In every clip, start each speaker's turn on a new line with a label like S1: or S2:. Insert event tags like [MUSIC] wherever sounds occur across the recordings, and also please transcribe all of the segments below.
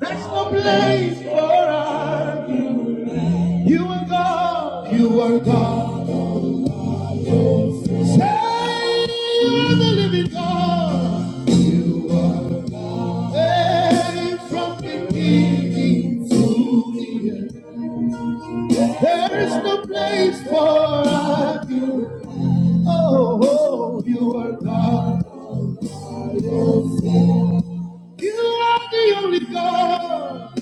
S1: There's no place for us. You are God. You are God. Say you are the living God. Say from beginning to the end. There is no place for us. Oh, oh, you are God. You are the only God.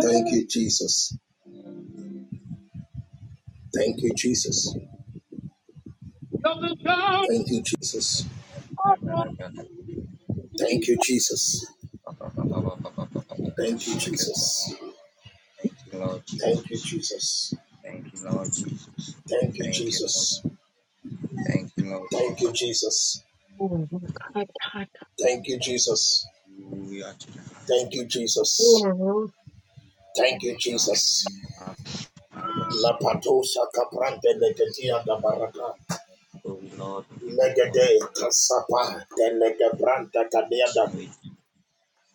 S2: Thank you, Jesus. Thank you, Jesus. Thank you, Jesus.
S3: Thank
S2: Thank you, Jesus. Thank you, Jesus.
S3: you, Lord
S2: Thank you,
S3: Jesus.
S2: Jesus.
S3: Thank you, Lord Jesus.
S2: Thank you,
S3: Thank you, Lord.
S2: Jesus.
S3: Thank you, Lord
S2: Thank
S3: Jesus.
S2: you, Jesus. Thank you, Jesus.
S3: We are to the
S2: Thank you, Jesus. Thank you, Jesus.
S3: Father.
S2: La patosa caprante legedia da baraka.
S3: Oh Lord, we give you all the glory. we give you all the
S2: Legede casapa de legebranta cadiada.
S3: We give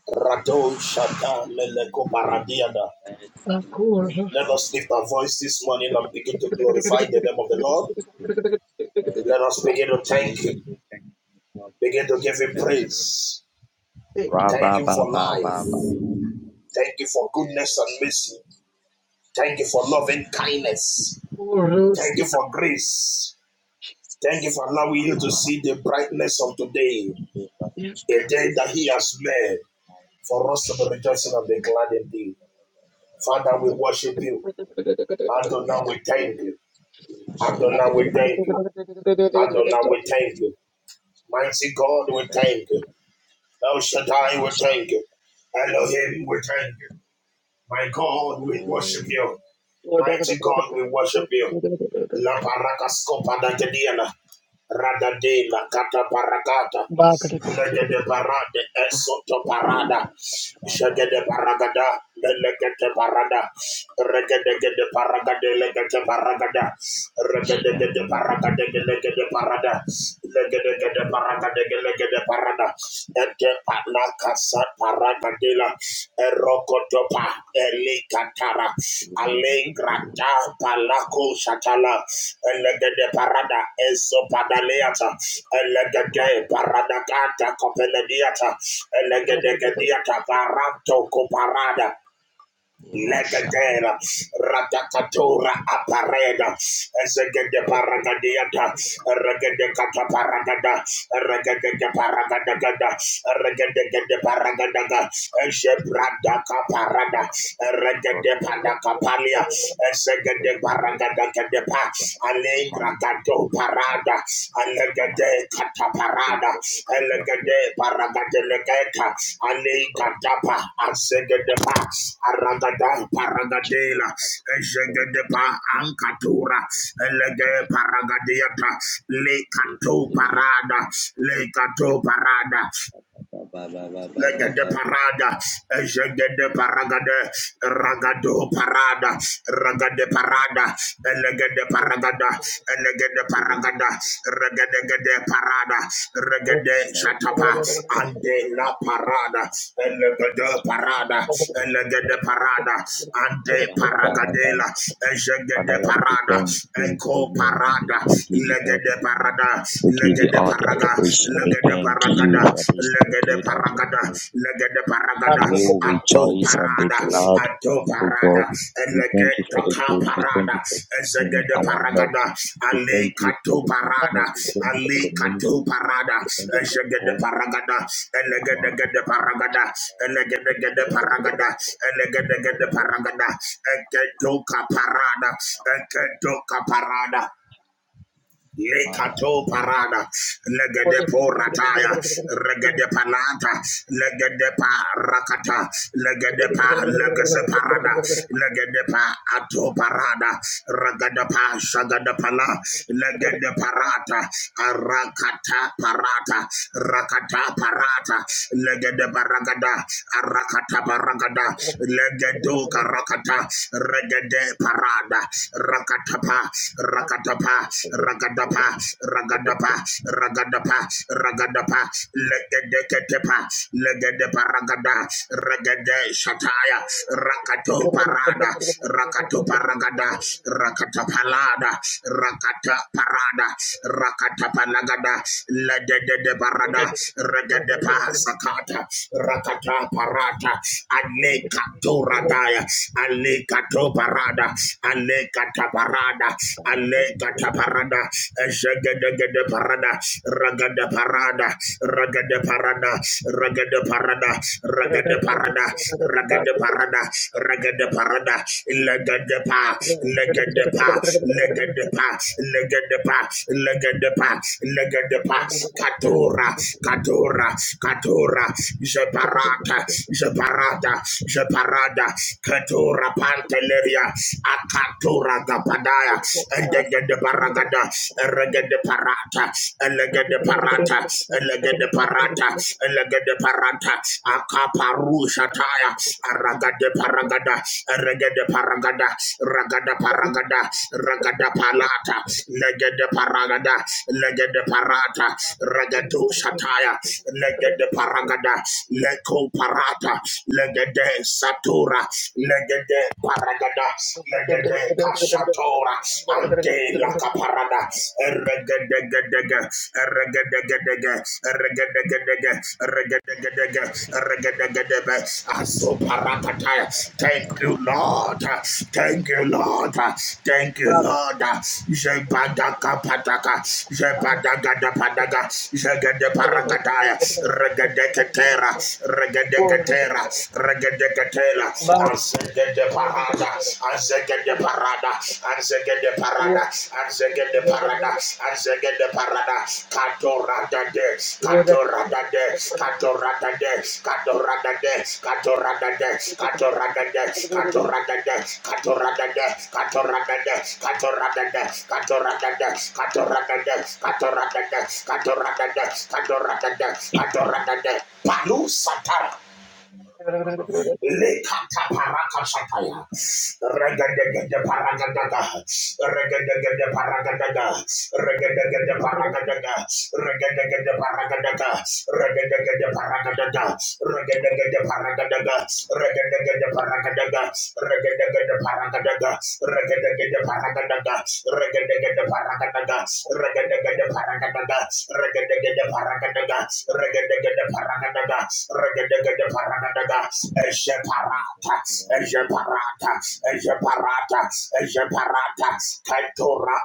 S2: Rado shata meleko
S3: you great
S2: paradiada.
S3: and mighty, O
S1: Say,
S2: Let
S3: God.
S2: us lift our voice this morning and begin to glorify the name of the Lord.
S3: Lord,
S2: Let us begin to thank
S3: Jesus,
S2: Him.
S3: we thank you for our
S2: Begin to
S3: mercy.
S2: give Him
S3: Amen, amen, amen.
S2: praise.
S3: Ra,
S2: Thank
S3: ba,
S2: Him
S3: ba,
S2: for
S3: ba, ba, ba.
S2: life. Thank you for goodness and
S3: Yes,
S2: mercy.
S3: yes,
S2: Thank you for
S3: Jesus
S2: loving
S3: Christ.
S2: kindness. Thank you for grace. Thank you for allowing you to see the brightness of today, a day that He has made for us to be rejoicing and be glad indeed. Father, we worship you. Adonai, we thank you. Adonai, we thank you. Adonai, we thank you. Mighty God, we thank you. El Shaddai, we thank you. Elohim, we thank you. My God, we worship you. Mighty God, we worship you. La parakaskopa da gediana. Rada de la cata paracata. Lega de parade esoto parada. Shaga de paragada. Lega de parada. Rega de paragade. Lega de paragada. Rega de paragade. Lega de parada. Lega de paragade. Lega de parada. Ete pa casa paragadela. Erokotopa elekatara alengrada palako shatala elegede parada eso padaleata elegede parada kata kopelediata elegede kediata parato koparada Legadera, Ratakatora Apareda, Ezegede Paragadiata, Regede Kata Paragada, Regede paragada, Regede Paragadaga, Ezebrada Caparada, Regede Pandacapalia, Ezegede paragada de Pa, Alengra Gato Parada, and Elegade kataparada. Elegade paragadelegeka. Alegadapa azegedepa. Aragada paragadela. Ezegedepa ankatura. Elege paragadiata. Lekato
S3: Check
S2: parada. Le Lekato parada
S3: Father Lord, we
S2: legede parada, ejegede paragade, ragado parada, ragade parada, elegede paragada, elegede paragada, regedegede parada, regede shatapa, ande la parada, elegede parada, elegede parada, ande paragadela, ejegede parada,
S3: thank you, we
S2: eco
S3: give you all the
S2: parada,
S3: glory, we give you all
S2: legede
S3: the honor,
S2: parada,
S3: we give you
S2: legede
S3: all the
S2: parada paraga,
S3: adoration, we
S2: legede
S3: thank you
S2: paragada,
S3: for this
S2: legede
S3: day that you
S2: paragada,
S3: have made,
S2: legede
S3: and
S2: paragada,
S3: we will
S2: ato
S3: rejoice and be
S2: parada,
S3: glad, in
S2: ato
S3: you, O God.
S2: parada,
S3: We thank
S2: legede
S3: you for the
S2: toka
S3: grace, we thank
S2: parada,
S3: you for sustaining
S2: ezegede
S3: our health,
S2: paragada,
S3: we
S2: ali
S3: thank you for
S2: kato
S3: the
S2: parada,
S3: forgiveness, we thank you for the
S2: ali
S3: ministry,
S2: kato parada,
S3: we thank you
S2: ezegede
S3: for
S2: paragada, elegede
S3: all
S2: gede paragada, elegede gede paragada, elegede gede paragada, eketo kaparada, eketo kaparada.
S3: the
S2: Lekato parada, legede porataya, regede palata, legede pa rakata, legede pa legese parada, legede pa ato parada, regede pa shagada pala, legede parata, arakata parata, rakata parata, legede baragada, arakata baragada, legedo karakata, regede parada, rakata pa. Rakadapa, Rakadapa, Rakadapa, Rakadapa, Rakadapa, Legedeketepa, Legedepa Ragada, Regede Shataya, Rakato Parada, Rakato Paragada, Rakata Palada, Rakata Parada, Rakata Palagada, Legede Parada, Regedepa Sakata, Rakata Parata, Aneka Toradaya, Aneka Toparada, Aneka parada, alegata parada, ejegedegede parada, ragada parada, ragada parada, ragada parada, ragada parada, ragada parada, ragada parada, legede pa, legede pa, legede pa, legede pa, legede pa, legede pa, katora, katora, katora, jeparata, jeparata, jeparada, katora panteleria Kapeya, Akatura Gapadaya, Endegede Paragada, Eregede Parata, Elegede Parata, Elegede Parata, Elegede Parata, Akaparusha Taya, Aragade Paragada, Eregede Paragada, Ragada Paragada, Ragada Palata, Legede Paragada, Legede Parata, Ragado Shataya, Legede Paragada, Leko Parata, Legede Satura, legede paragada, legede kashatora, ante la caparada, erregedegedege, erregedegedege, erregedegedege, erregedegedege, erregedegedebe, azoparakataya. Thank you, Lord. Thank you, Lord. Thank you, Lord. Jebadaka pataka, jebadagada padaga, jegede paragadaya, regedeketera, regedeketera, regedeketera de Catela, Azeke de Parada, Azeke de Parada, Azeke de Parada, Azeke de Parada, Azeke de Parada, Catora da de, Catora da de, Catora da de, Catora da de, Catora da de, Catora da de, Catora da de, Catora da de, Catora da de, Catora da de, Catora da de, Catora da de, Catora da de, Catora da de, Catora da de, Catora da de, Palu Satara. Lekata paraka sataya. Regadagada paragadaga. Regadagada paragadaga. Regadagada paragadaga. Regadagada paragadaga. Regadagada paragadaga. Regadagada paragadaga. Regadagada paragadaga. Regadagada paragadaga. Regadagada paragadaga. Regadagada paragadaga. Regadagada paragadaga. Regadagada paragadaga. Regadagada paragadaga. Ejeparata,
S3: man.
S2: Ejeparata, Ejeparata, Ejeparata, Katora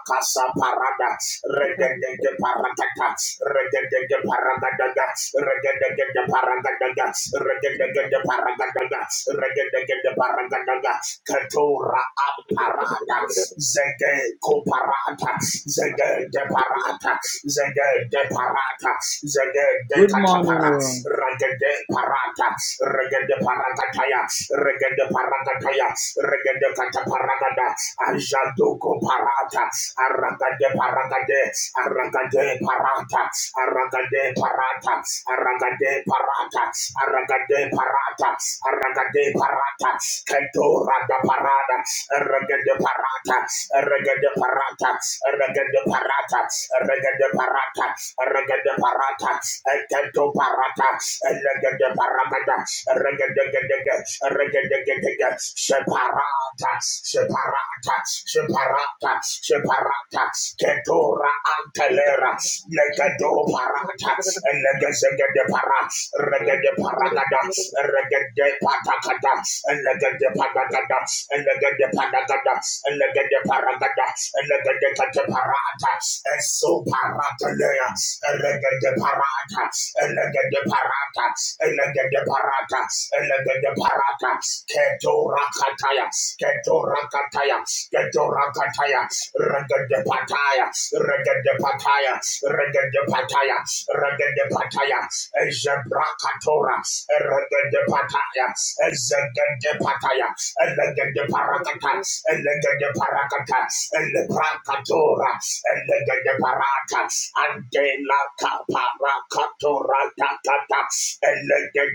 S2: Parada, Regedege Paratata, Regedege Paragadaga, Regedege Paragadaga, Regedege Paragadaga, Regedege Paragadaga, Katora Aparada, Zege Coparata, Zege de Parata, Zege de Parata, Zege de Regede
S3: Good morning,
S2: katapara,
S3: Lord.
S2: regede parata, regede parakataya, regede parakataya, regede kataparagada, ajadoko parata, aragade paragade, aragade parata, aragade parata, aragade parata, aragade parata, aragade parata, ketora da parada, regede parata, regede parata, regede parata, regede parata, regede parata, eketo parata, elegede paragada, regedegedege, regedegedege, separata, separata, separata, separata, ketora antelera, legedo parata, elegezegede para, regede paragada, regede patakada, elegede paragada, elegede paragada, elegede paragada, elegede parata, Esuparatelea, Elegede Parata, Elegede Parata, Elegede Parata, Elegede Parata, Ketorakataya, Ketorakataya, Ketorakataya, Regede Pataya, Regede Pataya, Regede Pataya, Regede Pataya, Ezebrakatora, Regede Pataya, Ezegede Pataya, Elegede Parakata, Elegede Parakata, el bracatora, el de barata, ante la caparacatora tatata, el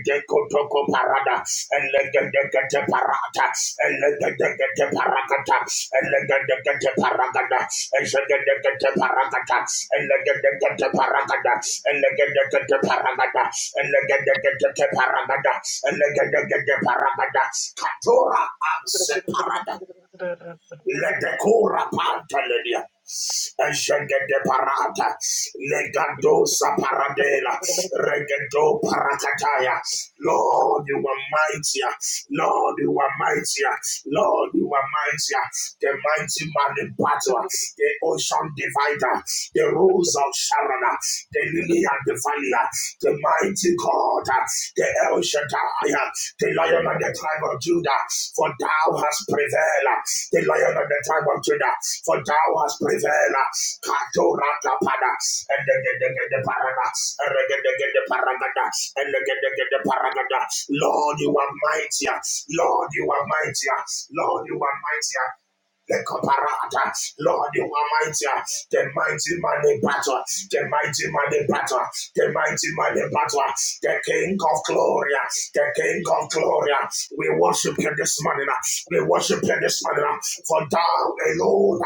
S2: de cotoco parada, el de parata, el de paracata, el de paragada, el de paragada, el de paragada, el de paragada, el de paragada, el de paragada, catora and separada. Ledekura pantaledia. Eshengede parata. Legado saparadela. Regedo parakataya. Lord, you are mightier. Lord, you are mightier. Lord, you are mightier. The mighty man in battle. The ocean divider. The rose of Sharon. The lily and the valley. The the mighty God, uh, the El Shaddai, uh, the lion of the tribe of Judah, for thou hast prevailed, uh, the lion of the tribe of Judah, for thou hast prevailed, uh, Katorakapada, and the the the the paradox, and the the the the paragadax, and the the the the paragadax. Lord, you are mightier. Lord, you are mightier. Lord, you are mightier. The Koparata, Lord, you are mightier. The mighty man in battle. The mighty man in battle. The mighty man in battle. The King of glory. The King of glory. We worship you this morning. We worship you this morning. For thou alone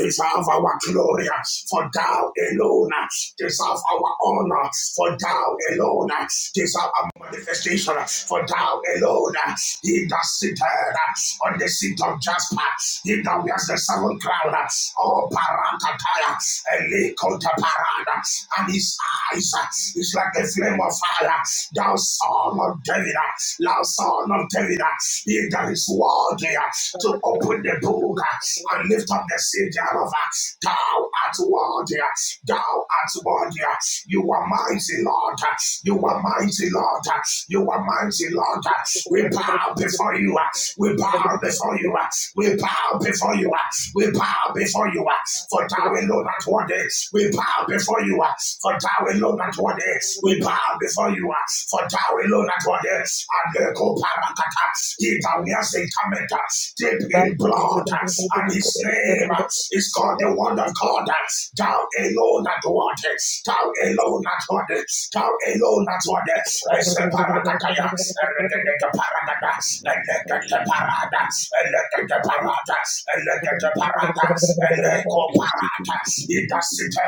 S2: deserve our glory. For thou alone deserve deserve our honor, for thou alone uh, deserve our manifestation, uh, for thou alone, uh, he that sitteth uh, on the seat of Jasper, he that wears the seven crown, uh, oh Parakataya, Elikota Parada, and his eyes uh, is like a flame of fire, thou son of David, uh, thou son of David, uh, he that is worthy uh, to open the book uh, and lift up the seal thereof. uh, Thou art worthy, uh, thou art worthy. uh, You are mighty, Lord. uh, You are mighty, Lord. uh, You are mighty, Lord. uh, We bow before you. uh, We bow before you. uh, We bow before you. uh, we bow before you, uh, for thou alone art worthy. We bow before you, uh, for thou alone art worthy. We bow before you, uh, for thou alone art worthy. And the Parakata, he thou hast encountered, uh, deep in blood, uh, and his name uh, is called the Word of God. uh, Thou alone art worthy. Thou alone art worthy. Thou alone art worthy. As the Parakataya, a parakata paradas, elegante paradas, elegante paradas, elegante paradas, eleco paradas, in the city,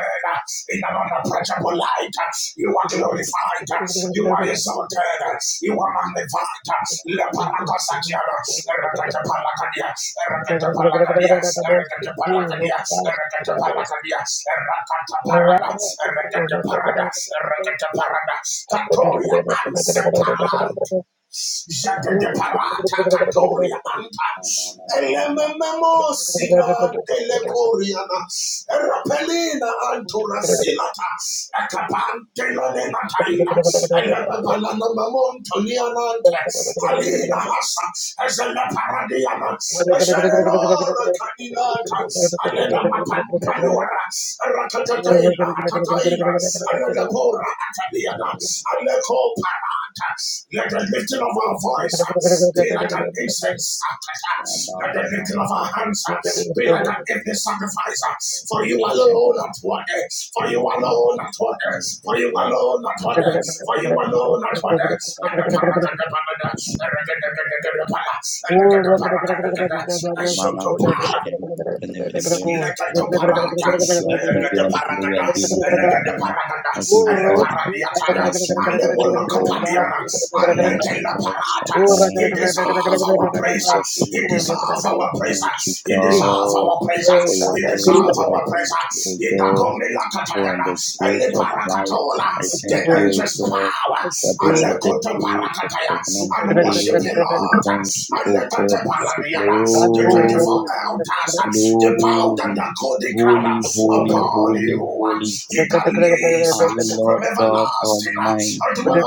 S2: in an unapproachable light, you are glorified, you are exalted, you are magnified, le paracosatianas, elegante palacadias, elegante palacadias, elegante palacadias, elegante palacadias, elegante paradas, elegante paradas, elegante paradas, Catoria and Sepalant. Jagadeparata Katoria Anta Elememo Sina Telecoriana Rapelina Antura Silata Acapantela de Mataina Elebalana Mamontolianante Alina Hassa Ezela Paradiana Ezenelora Cadinata Alena Mapan Palura Ratatataila Atataila Aradabora Ataliana, Aleko Parata. Let the lifting of our voice uh, be like an incense. uh, uh, uh. Let the lifting of our hands uh, be like an empty sacrifice. uh, For you alone at
S3: Jesus.
S2: one day. for you alone at one day. for
S3: Yes,
S2: you alone at one day. for you alone at one day. And the
S3: Lord.
S2: Paracatapana, And the paracatapana. And the
S3: Father Lord, I
S2: paracatapana. I shall to para. Legate parata,
S3: thank you. I give you
S2: legate
S3: all the glory. I
S2: paragada,
S3: give you all the
S2: legate
S3: honor.
S2: paragada,
S3: I give
S2: and
S3: you
S2: the
S3: all the adoration.
S2: paradiatala,
S3: I thank
S2: and the
S3: you, Jehovah.
S2: monocopadiana,
S3: I
S2: and
S3: thank
S2: the
S3: you,
S2: la
S3: God
S2: parata.
S3: Shaddai.
S2: He
S3: I
S2: deserves
S3: thank
S2: our
S3: you,
S2: praise.
S3: Prince of
S2: He
S3: Peter.
S2: deserves
S3: I
S2: our praise.
S3: thank you,
S2: He deserves
S3: God,
S2: our praise.
S3: for your
S2: He
S3: Holy
S2: deserves
S3: Spirit. I
S2: our praise.
S3: thank you, O
S2: He
S3: God,
S2: dagome la
S3: for in
S2: catagana,
S3: the
S2: and the
S3: gift of life.
S2: paracatola,
S3: I
S2: the
S3: thank you, O
S2: angels
S3: God,
S2: power,
S3: that
S2: and
S3: this
S2: the
S3: is the day, the
S2: cotoparakataya,
S3: covenant
S2: and
S3: day.
S2: worship the
S3: We
S2: Lord,
S3: thank you,
S2: and
S3: O
S2: the
S3: God, and say,
S2: Catapaladiana the 24
S3: Glory,
S2: elders, they bowed and
S3: glory,
S2: they called crown
S3: holy, holy,
S2: upon you.
S3: holy, holy
S2: He that lives
S3: are you,
S2: from
S3: Lord God
S2: everlasting unto
S3: Almighty.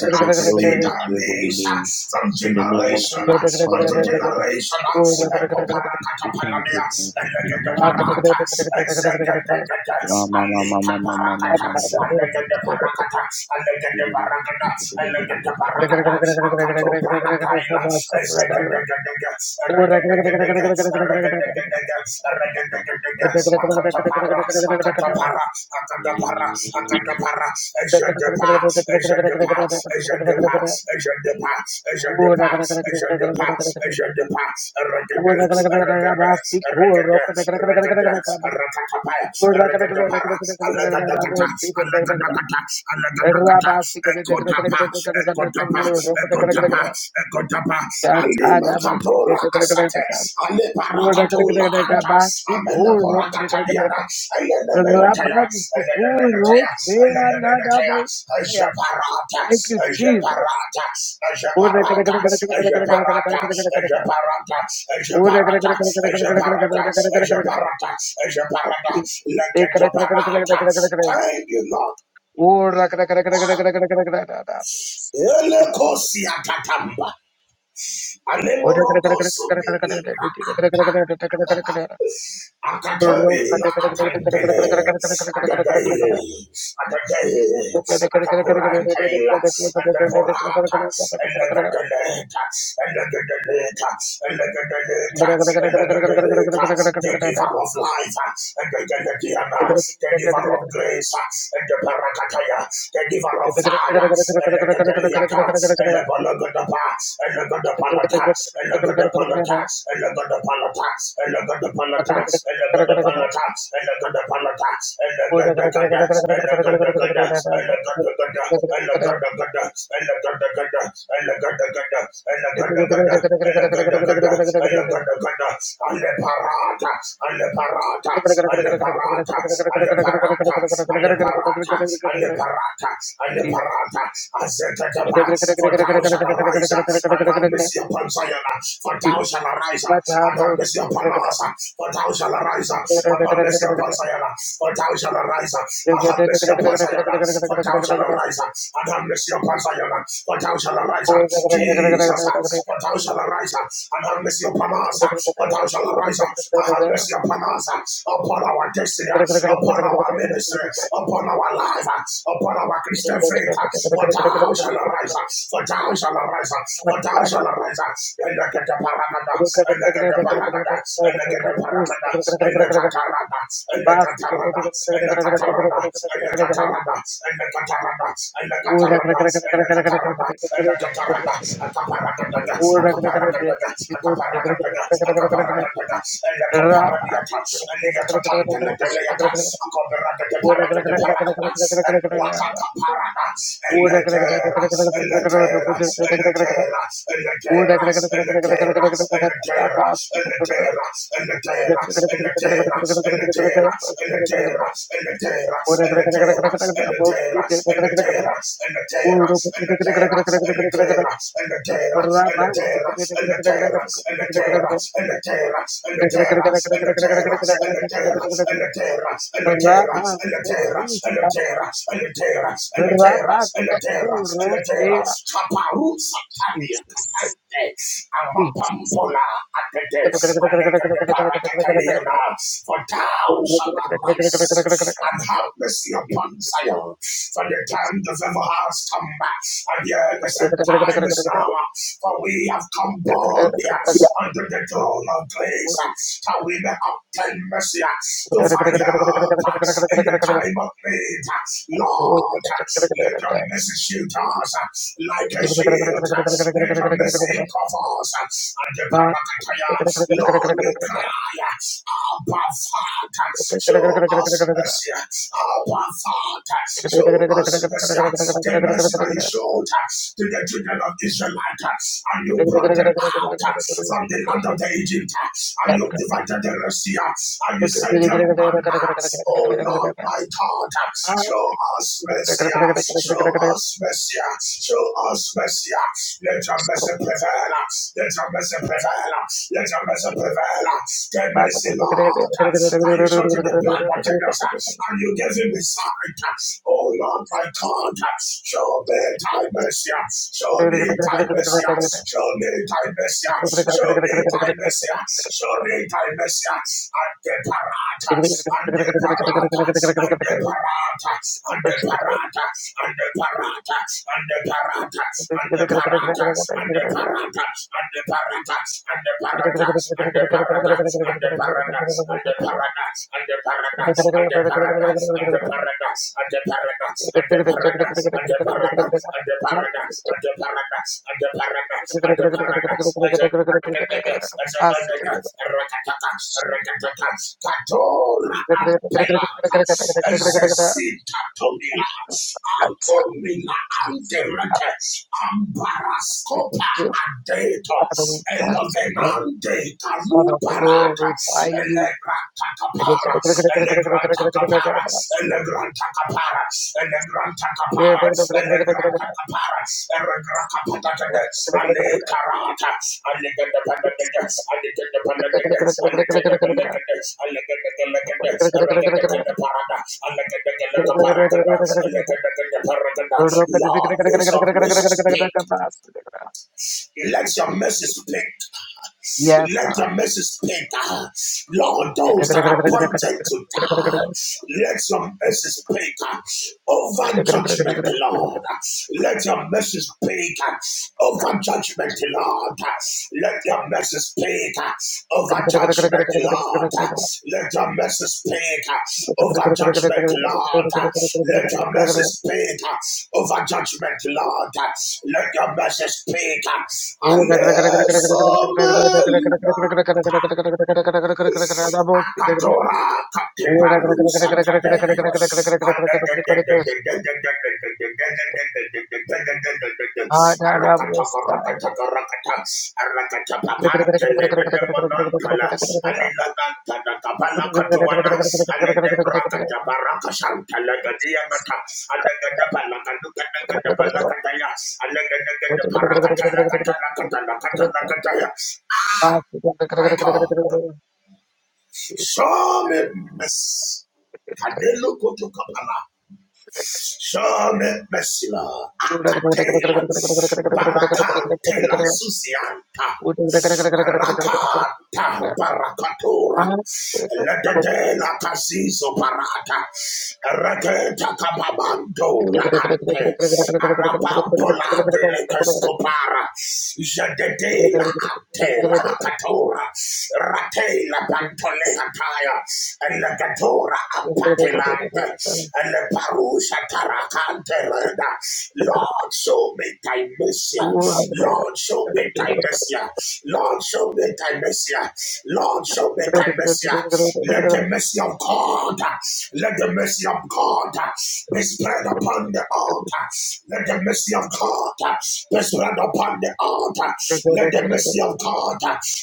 S3: We say,
S2: he
S3: Glory be
S2: that
S3: to your holy
S2: lives
S3: name.
S2: from
S3: In the name of
S2: generation
S3: Jesus, Father,
S2: unto
S3: Lord, we thank you.
S2: generation.
S3: O God.
S2: Echo parakata
S3: We thank
S2: panania,
S3: you, Prince of Peace.
S2: elegende parata, exegegegege,
S3: Rama, Mama,
S2: alika
S3: Mama, Mama, Mama,
S2: parakata,
S3: Mama,
S2: elegende
S3: Mama.
S2: parakata, elegende parakata,
S3: Mana
S2: elegende parakata, akato parakata. Ataila, Ezegegegege, Eregegegege, Eregegegege, Eregegegege, Akatapara, Akatapara, Akatapara, Akatapara, Ezegepa, Ezegepa, Ezegepa, Ezegepa, Ezegepa, Ezegepa, Ezegepa, Eregege, Eregege, Eregege, Eregege, Erekatapa, Eregegepara, Alegadagata, Alegadagata, Alegadagata, Ekotapa, Ekodapa, Ekodapa, Ekodapa, Alima Kapora Asate, Ale Parakatola Anta, Amela Porakatadiana, Elemenataya, Elemenataya, Elemenataya, Ejeparata, Ejeparata, Ejeparata, Ejeparata, Ejeparata, Ejeparata, Ejeparata, Ejeparata, Ejeparata, Leketoparata. Thank you, Lord. Elekosiatatamba. Alemorokosobelika. Akakabela atandele. Agadaye. Agadaye. Agapurantaila. Agapurata. Elegadeleta. Elegadeleta. Elegadeleta. Elegadeleta. The giver of life. Elegadeliana. The Gadiana, the giver of grace. Elegadelakataya. The Parakataya, the giver of fire. and The Gadeliata and The Elegadeliata. Elegadeliata. Elegadeliata the Panatas, the look at the Panatas, and look at the Panatas, and look at the Panatas, and look at the Panatas, and look at the Gadats, and look at the Gadats, and look at the Gadats, and look at the Gadats, and look at the Gadats, and look at the Gadats, and look at the Gadats, and look at the Gadats, and look at the Gadats, and the Paratas, and the Paratas, and the Paratas, and the Paratas, and the Paratas, and the Paratas, and the Paratas, and the Paratas, for thou shalt arise and have mercy upon Zion, for thou shalt arise and have mercy upon us, for thou shalt arise and have mercy upon Zion, for thou shalt arise and have mercy upon Zion, for thou shalt arise and have mercy upon Zion, for thou shalt arise, Jesus, for thou shalt arise and have mercy upon us, for thou shalt arise and have mercy upon us, upon our destiny, upon our ministry, upon our life, upon our Christian faith. For thou shall arise, for thou shall arise, for thou shall arise, and look at the paragada, and look at the paragada, and look at the paragada, and look at Tarada, and look at Tarada, and look at Tarada, and look at Tarada, and look at Tarada, and look at Tarada, and look at Tarada, and look at Tarada, at the paragada, at the paragada, at the paragada, at the paragada, and look at Paradiata, and the terra, and the terra, and the terra, and the terra, and the terra, and the terra, and the terra, and the terra, and the terra, and the terra, and the terra, and the terra, Kaparu Satavia Kapante, Amapampola Apetes, and the Parakataliana, for thou shalt arise and have mercy upon Zion, for the time of ever has come, back, and yea, the set time is now, for we have come born boldly unto the throne of grace uh, that we may obtain mercy uh, to find help uh, in the time of need. uh. Lord, uh, let your mercy shield us uh, like a shield. uh. Let your mercy cover us. uh, And the parakataya, Lord, we cry, uh, Abba Father, show us mercy. uh, Abba Father, show us mercy. uh, The mercy that you showed uh, to the children of Israel, and you brought them out from the land of the Egypt, and you divided the Red Sea, and you sent them manna. Oh Lord, my God, show us mercy, show us mercy, show us mercy. Let your mercy prevail, let your mercy prevail, let your mercy prevail. The mercy, Lord, that you showed to the blood of Jesus and you gave him his spirit. Oh Lord, my God, show me thy mercy, show me thy mercy, show me thy mercy, show me thy mercy, show me thy mercy, and the parata, and the parata, and the parata, and the parata, and the parata, and the parata, and the parata, and the Parata and the Parata and the Parata and the Parata and the Parata and the Parata and the Parata and the Parata and the Parata and the Parata and the Parata and the Parata and the Parata and the Parata and the Parata and the Parata and the Catora Ampelata, Zezita Tomila, Ankomina Anderete, Ambarascopa, Adeto, Elovenande, Caluparata, Elegratacapara, Elegratacapara, Elegratacapara, Elegratacapara, Elegratacapara, and the Taratas, and the Pandagadas, and the Pandagadas, and the Pandagadas, and the Pandagadas, and the Paradas, and the Paragadas, and the Paragadas. Lord, let your mercy speak. Let your mercy speak. Let your mercy speak. Lord, those that are appointed to die, let your mercy speak over judgment, Lord. Let your mercy speak over judgment, Lord. Let your mercy speak speak over judgment, Lord. Let your mercy speak over judgment, Lord. Let your mercy speak over judgment, Lord. Let your mercy speak. Alleluia. Akatora katebaru satade. Arakatoko rakatoko rakata. Arakatapa pantelene nemonantala. Alilaganta da kabala katuana. Alede brakata baraka shantala gadia mata. Alegede balakaduka negede balakataya. Alegede negede parakatala katala katala katala kataya. Michael. Some mess. Kadelo koto kapala. Shame Messina Akatela Barakantela Susianta Rakata Barakatura Ledadela Casizo parata Regeta Cababando La Ante Arabambola de Lecescopara Jededela Antela Acatora Ratela Bantolecataya Elegatora Apatelanda and the Lord, show me thy mercy. Lord, show me thy mercy. Lord, show me thy mercy. Lord, show me thy mercy. Let the mercy of God, let the mercy of God be spread upon the altar. Let the mercy of God be spread upon the altar. Let the mercy of God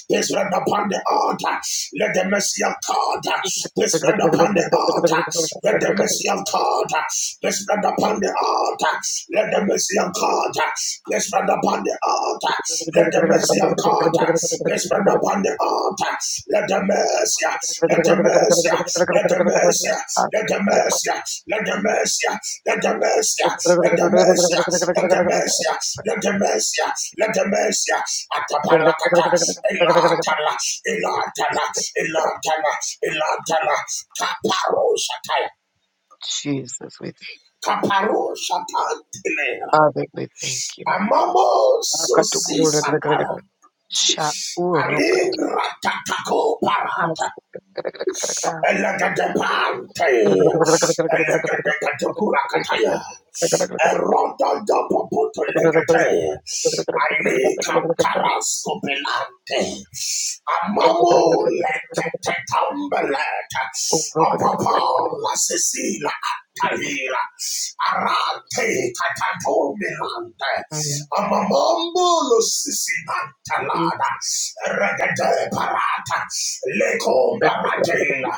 S2: be spread upon the altar. Let the mercy of God be spread upon the altar. Let the mercy mercy of God be spread upon the altar. Let the mercy of God be spread upon the altar. Let the mercy of God be spread upon the altar. Let the mercy, let the mercy, let the mercy, let the mercy, let the mercy, let the mercy, let the mercy, let the mercy, let the mercy, let the mercy, Atapalakata, Elatala, Elatala, Elatala, Elatala, Kaparoshatai. Kaparo Shatantile, Amamo Sosi Satara, Allegra Tataco Parata, Elegante Pante, Elegante Catacurakataya. Erondondopopotolegete. Alikataraskopelante. Amamo letetetambelete. Apopo la Cecilia Atalira. Arate katatomelante. Amamambo lo sisimantalada. Regede parata. Leko baradela.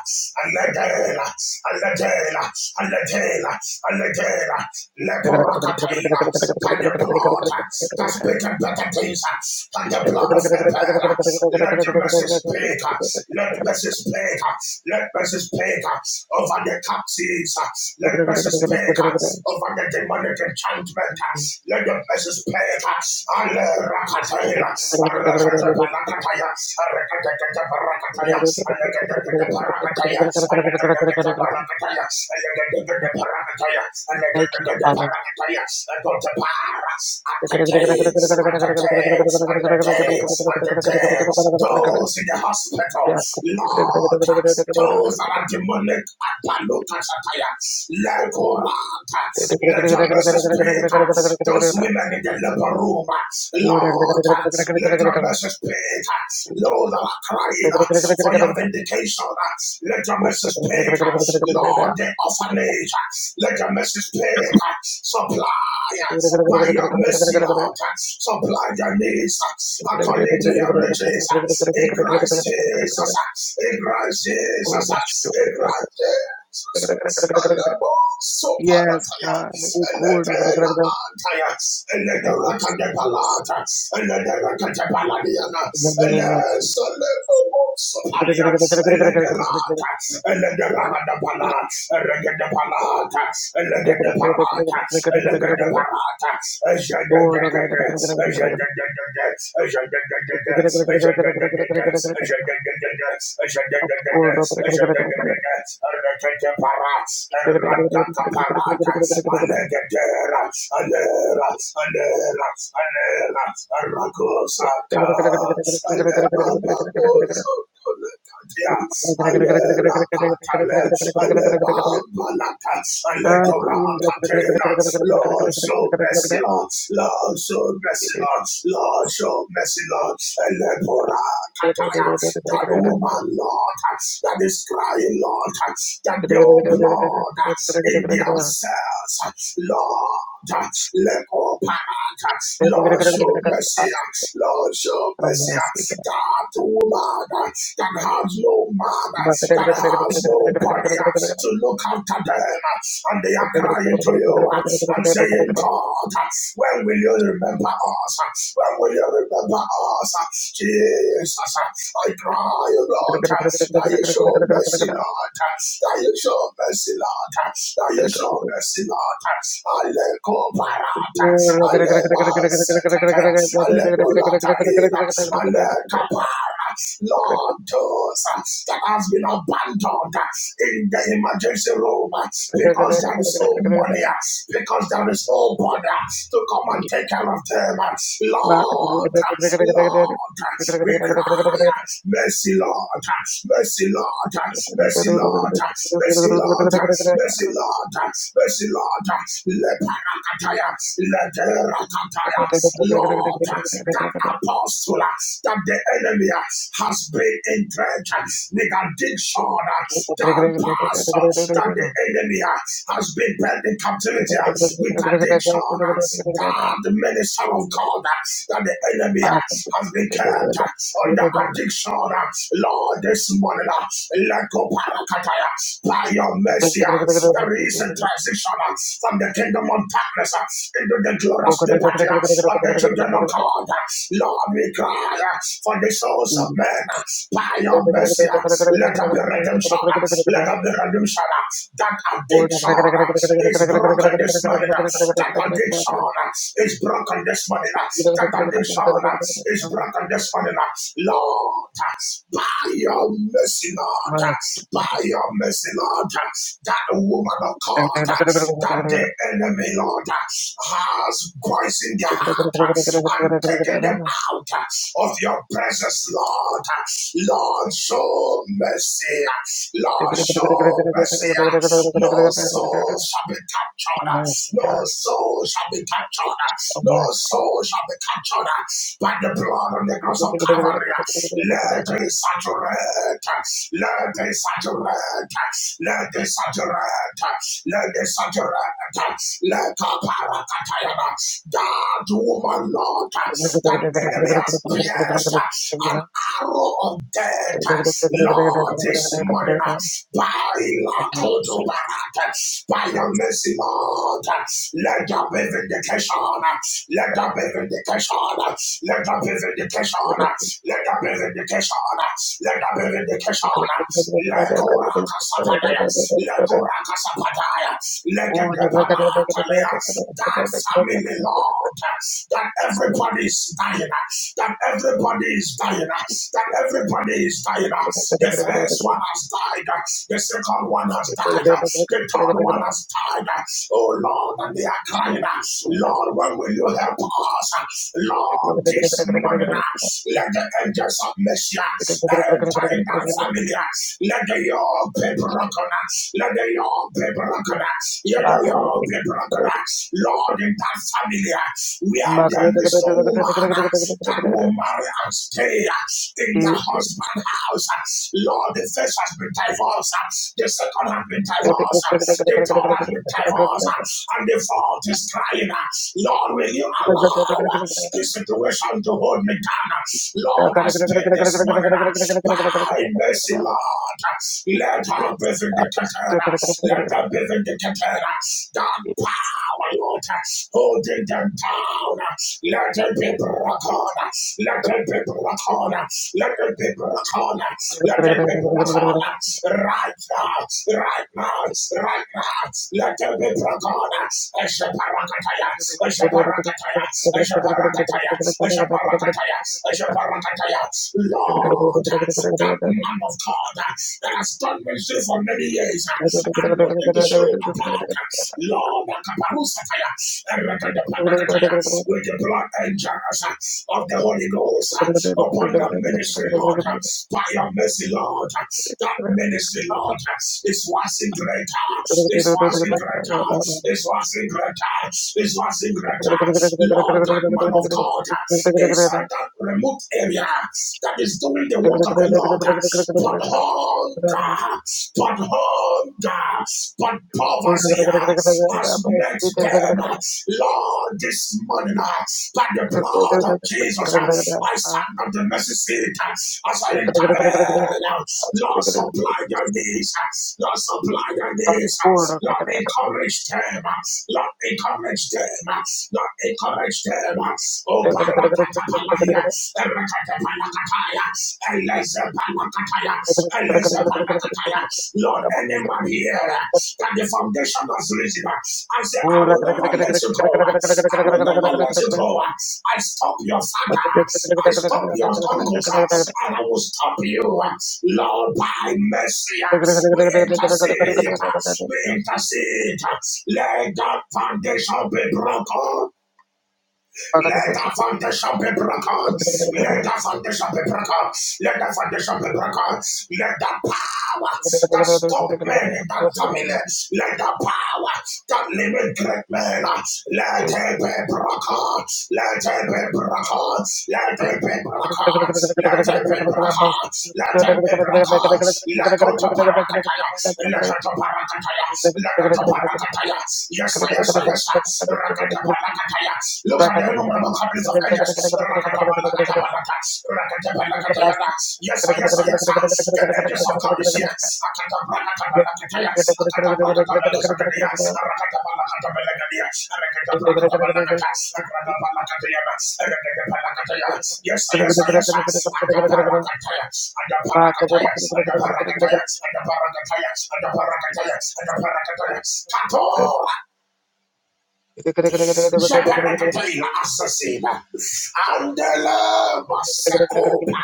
S2: Alegela. Aletela, Aletela, Aletela, Leporakataila, by the blood that speaketh better things than the blood of Abel. Let the message speak, let message speak, let message speak over the captives, let message speak over the demonic enchantment, let the message speak. Alerakataila, Arakatapanakataya, Arakataparakataya, those in the hospital, Lord, those that are demonic at Palukataya, Legorata, let your mercies speak. Those women in the labor room, Lord, let your mercies speak. Lord, that are crying uh, for your vindication. uh, Let your message speak. uh, Lord, the orphanage. uh, Let your message speak. uh, Supply uh, by your mercy, Lord. uh, Supply your needs uh, according to your riches. uh, In Christ Jesus. uh, In Christ Jesus. uh, In Christ Jesus. Uh, Alebo so parataya. eletela, Tayats, Elederakandepalata, Elederakatepaladiana, Eleselemomosopalia, Elederata, Elederadapala, Eregedepalata, Elegedeparata, Elegedeparata, Ejegegege, Ejegege, Ejegege, Ejegege, Ejegege, Lord, show mercy, Lord. Lord, show mercy, Lord. Lord, show mercy, Lord. Elebora, that woman, Lord, that is crying, Lord, that your blood in their cells, Lord. Let all power, Lord, show mercy, Lord, show mercy. That woman that has no man, that has nobody to look after them, and they are crying to you and saying, God, when will you remember us? When will you remember us? Jesus, I cry, O Lord, that you show mercy, Lord, that you show mercy, Lord, that you show mercy, Lord. Aleko barata, alemas kakaya, alebolatalina, alekapara, Lord, those that has been abandoned in the emergency room because there is no money, because there is no border to come and take care of them. Lord, Lord, we cry Yes. Mercy, Lord. Mercy, Lord. Mercy, Lord. Mercy, Lord. Mercy, Lord. Mercy, Lord. Leparakataya. Leterakataya. Lord, that apostle that the enemy has been in church with addiction, that pastor that the enemy has been held in captivity uh, with addiction. uh, God, the minister of God, uh, that the enemy uh, has been kept uh, under addiction. uh, Lord, this morning, uh, let go by your mercy. uh, There is a transition uh, from the kingdom of darkness uh, into the glorious liberty uh, of the children of God. uh, Lord, we cry uh, for the souls of men uh, by your mercy. uh, let there be redemption. Let there be redemption. That addiction is broken this morning. That addiction is broken this morning. That addiction is broken this morning. Lord, by your mercy, Lord, by your mercy, Lord, that woman of God, that the enemy, Lord, has poisoned their heart and taken them out of your presence, Lord. Lord, show mercy. Lord, show mercy. No soul shall be captured. No soul shall be captured. No soul shall be captured by the blood on the cross of Calvary. Let it saturate. Let it saturate. Let it saturate. Let it saturate. Let the parakatayana. That woman, Lord, that enemy has pierced an arrow of death. Lord, this morning, by Lakodobarat, by your mercy, Lord, let there be vindication, let there be vindication, let there be vindication, let there be vindication, let there be vindication, Lekorakasapadaya, Lekorakasapadaya, let the Deparatelia, that family, Lord, that everybody is dying, that everybody is dying, that everybody is dying. The first one has died, the second one has died, the third one has died. Oh Lord, and they are crying, Lord, when will you help us? Lord, this morning, let the angels of mercy enter in that family. Let the your people recognize. Lord, in that family uh, where there is no woman uh, that will marry and stay uh, in their husband's house. uh, Lord, the first has been divorced, uh, the second has been divorced, uh, the third has been divorced, uh, and the fourth is crying. uh, Lord, will you allow uh, this situation to hold me down? uh, Lord, I speak this morning. Thy mercy, Lord. Let her be vindicated. Let her be vindicated. God, Lord, holding them down. Let it be broken. Let it be broken. Let it be broken. Let it be broken. Right now, right now, right now. Let it be broken. Eshaparakataya, eshaparakataya, eshaparakataya, eshaparakataya, eshaparakataya. Lord, that man of God that has done ministry for many years uh, and will take the show about. uh, Lord, Kaparusataya, Erekadapanakataya, with the blood angels uh, of the Holy Ghost uh, upon the ministry, Lord, uh, by your mercy, Lord, uh, that ministry, Lord, uh, is waxing greater, is waxing greater, is waxing greater, is waxing greater. Lord, that man of God it's a that remote area that is doing the work of the Lord. But hunger, but hunger, but poverty has met them. Lord, this morning, uh, by the blood of Jesus, uh, I stand on the mercy seat uh, as I intervene. uh, Lord, supply their needs. uh, Lord, supply their needs. uh, Lord, encourage them. uh, Lord, encourage them. uh, Lord, encourage them. uh, Oh, Barakatapalaya, Erakatapalakataya, Elezepalakataya, Lord, any man here uh, that the foundation was risen, uh, I say, I will never let you go. uh, I will never let you go. uh, I stop your father. uh, I stop your uncles, uh, and I will stop you. uh, Lord, by mercy, uh, we intercede. uh, We intercede. uh, Let that foundation be broken. Let the foundation be broken. Let the foundation be broken. Let the foundation be broken. Let the power that stop men in that family. Let the power that limit great men. Let it be broken. Let it be broken. Let it be broken. Let it be broken. Let it be broken. Let go to parakataya. Let go to parakataya. Let go to parakataya. Yes, yes, yes, yes, Look at the innumerable companies of angels. Yes, sir, yes, sir, yes, sir. The angels of God is here. Yes, sir, yes, sir, yes, sir. Jabarakatai la asasina. Andela masakopa.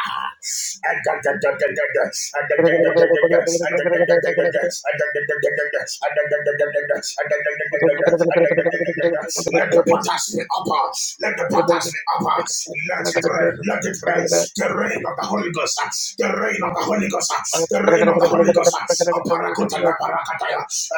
S2: Let the potters be upper. Let the potters be upper. Let it rain. Let it rain. The rain of the Holy Ghost. The rain of the Holy Ghost. The rain of the Holy Ghost. Aparakota la parakataya.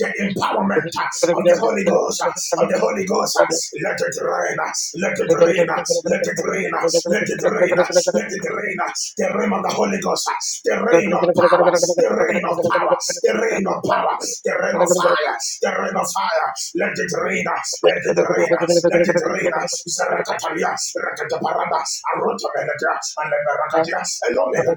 S2: The empowerment of the Holy Ghost, of the Holy Ghost. Let it rain, let it rain, let it rain, let it rain, let it rain. The rain of the Holy Ghost, the rain of power, the rain of power, the rain of power, the rain of fire, the rain of fire. Let it rain, let it rain, let it rain. Zarakatalia, Rakataparada, Arotamelata, and the Barakatia, and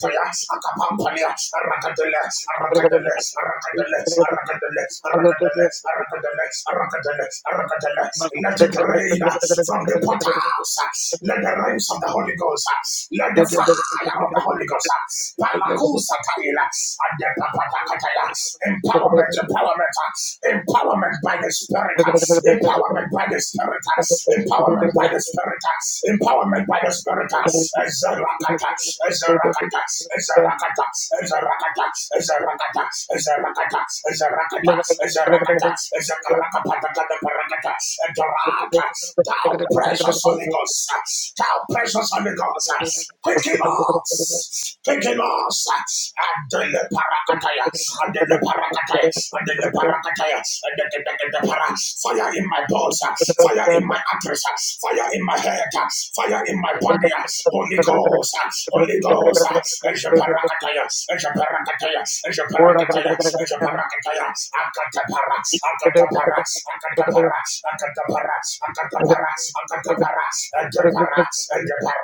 S2: let it rain uh, from the portals. uh, Let the rains of the Holy Ghost. uh, Let the fire of the Holy Ghost. uh, Palakusa Kaila, and the Papatakataya. Empowerment, empowerment, uh, empowerment by the Spirit. uh, Empowerment by the Spirit. uh, Empowerment by the Spirit empowerment by the Spirit. a a a a a rakata, as a rakata. rakata. rakata. as a rakata. as a rakata. as a rakata. as a rakata. Ezerakata, a Ezerakata, Ezerakata, Ezerakata, Ezerakata, Ezerakata, Ezerakata, Thou precious Holy Ghost, thou precious Holy Ghost, quicken us, quicken us, and the parakataya, and the parakataya, and the parakataya, and the parakataya, fire Fire in my bones, ah. fire in my address, ah. fire in my head, ah. fire in my body. ah. Holy Ghost, ah. Holy Ghost. ah. Eshaparakataya, eshaparakataya, eshaparakataya, eshaparakataya. Akatapara, akatapara, akatapara, akatapara, akatapara, akatapara, akatapara, akatapara, akatapara, akatapara,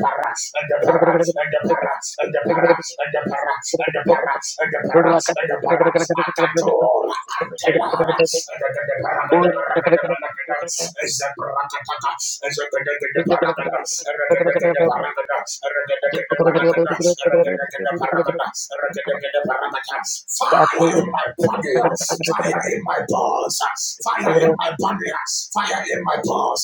S2: akatapara, akatapara, akatapara, akatapara, akatapara, Adapara, Adapara, Adapara, Akatora, Antelara, Adapara, Adapara, Adapara, Zabrakatakata, Zakadakadaparakata, Rakadakadaparakata, Rakadakadaparakata, Rakadakadaparakata, Rakadakadaparakata. Fire in my body, yes. fire in my balls, fire in my body, yes. fire in my balls.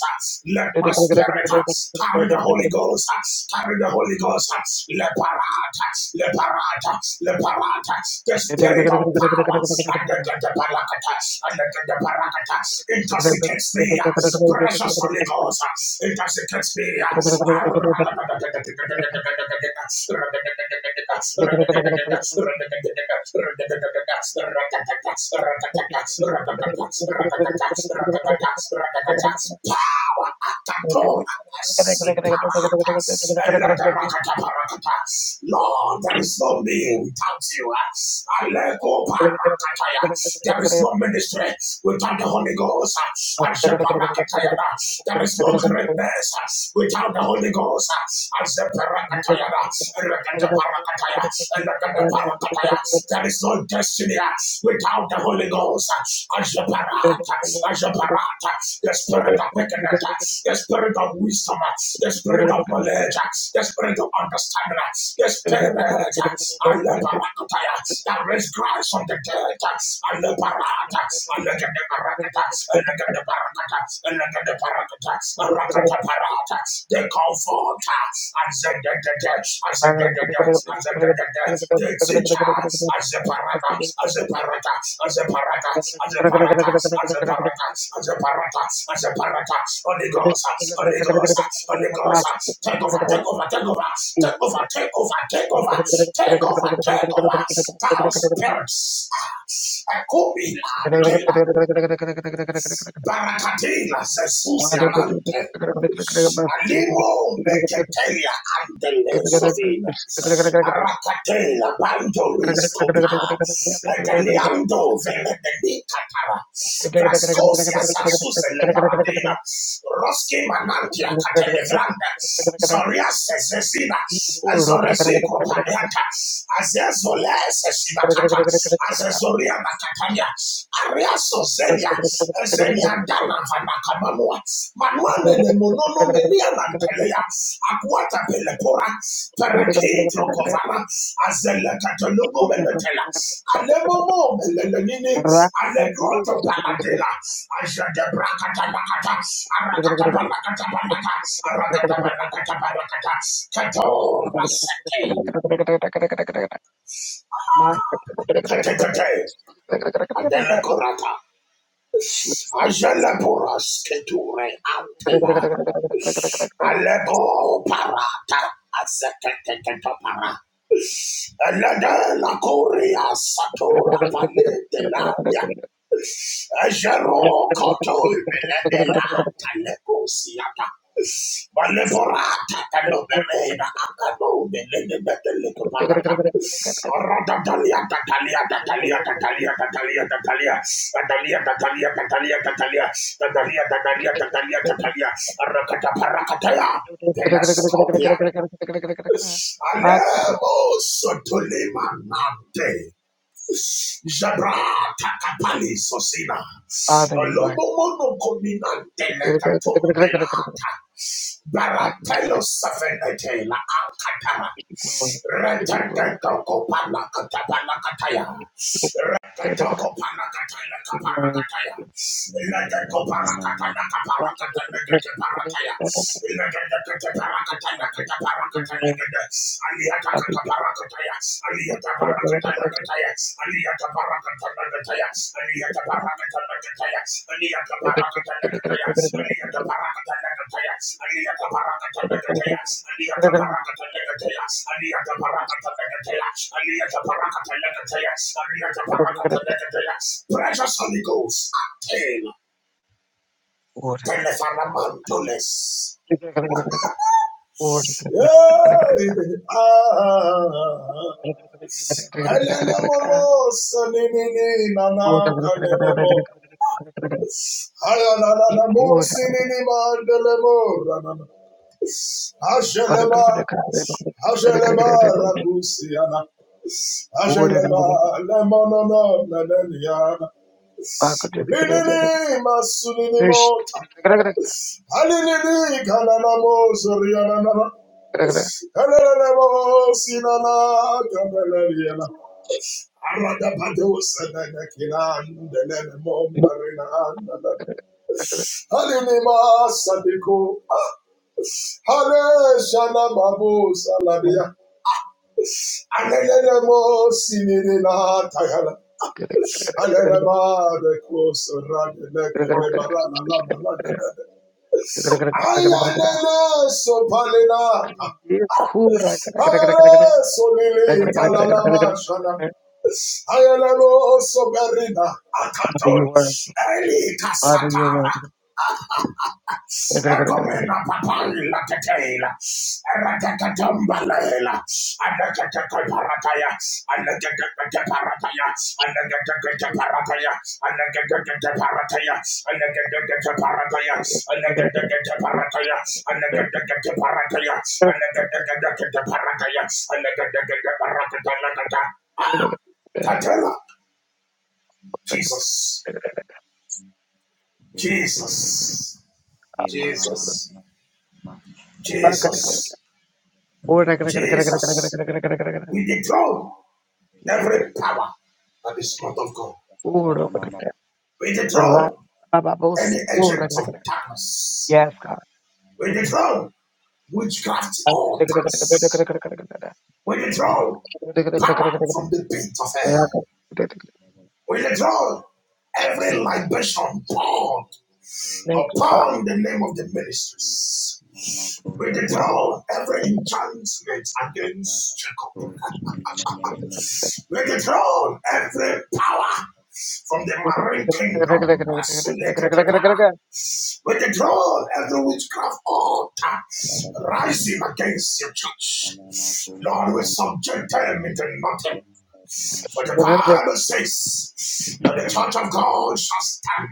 S2: Let my spirit yes, carry the Holy Ghost, yes. Carry the Holy Ghost. Leparata, leparata, leparata. The spirit of power. And the parakata, and the parakata. Intoxicates me. Precious Holy Ghost. Intoxicates me. Power. Lord, there is no me without you. Aleko parakataya. There is no ministry without the Holy Ghost. Asheparakataya. There is no greatness without the Holy Ghost. Asheparakataya. Rekataparakataya. Elekataparakataya. There is no destiny without without the Holy Ghost. As the the spirit of wickedness, the spirit of wisdom, the spirit of knowledge, the spirit of understanding, the spirit and the parakataya that raised Christ from the dead. And the parata, and the parakata, and the comforter, as the death, as the death, as the death, the teachers, as the paradox, as the paradox, as the paradox, as the paradox, as the paradox, as the paradox, as the paradox, Holy Ghost, Holy Ghost, Holy Ghost, take over, take over, take over, take over, take over, take over, take over, take over, thou spirits, Akubila, Tela, Barakatela, Jesus, Alimo meketelia andele sovina. Arakatela bando ristopa. Adeliando veledeni katara. Kraskosia sasuse le paradina. Roski manantia katelevranda. Zoria sesesina. Zoreziko paniata. Azezo le sesina kata. Azezoria nakatania. Riaso Zenia, Zenia Dana Vanakamanua, Manuane de Monono Menia Nantelea, Aquata Pelepora, Parakin Trokovana, Azela Catalogo Menetela, Alemomo Melenini, Alegroto Paladela, Ajada Bracatamakata, Arakata Balakata Balakata, Arakata Balakata Balakata, Catora Sete, Catate, Adela Corata. Ajalaboras keture antela. Alego parata azeketeketopara. Elede la korea satora palete la ya. Ajaro koto ibeledela taleko siata. Maleborata talobereda akado belelebe teleko palata. Rada talia talia talia talia talia talia talia talia talia talia talia talia talia talia Rakata parakataya. Telescopia. Alemo sotolima nante. Jabra takapani sosina. Olomomono kominante lekatumbelata. Baratelo safenete la akatara. Retentetoko panakatapana kataya. Retentetoko panakataya kaparakataya. Ledeko parakatana kaparakatana kaparakataya. Ledeko parakatana kaparakatana Precious Holy Ghost, attain benefit amandoles. Yeah. Ah. Elenemo sanini nana kanenemo. Ayalanamo sinini mandelemo ranana. Asheleba, Asheleba rakusiana. Asheleba lemonono naneniana. Linini masunini mota. Alinini kananamo zoriana. Elenemo sinana kaneleliana. Arada padosa nana kinan delemo marina Halinima Sadiko, Hale Shalamabu Saladia, Anelemo Sinina Tayala, Anelema de Koso Radelek de Barana Lamalade, Ayanele Sopalina, Hale Solili Talalama Shana, Ayelemo Soberina, Akaton, Eli Kasata. Egomena papali la tetela, ratatatambalela, anagagatagarataya, anagagatagarataya, anagagatagarataya, anagagatagarataya, anagagatagarataya, anagagatagarataya, anagagatagarataya, anagagatagarataya, anagagatagarataya. Katela, Jesus, Jesus, Jesus, Jesus, Jesus. We dethrone every power that is not of God. We dethrone any agent of darkness. We dethrone witchcraft altars. We dethrone power from the pit of hell. We dethrone every libation poured upon the name of the ministers.
S3: Cool.
S2: We dethrone every enchantment against
S3: cool, and then
S2: We dethrone every power from the marine kingdom. We
S3: Amen.
S2: dethrone every witchcraft altar rising against your church. Lord, we subject them into nothing. For the Bible says that the church of God shall stand,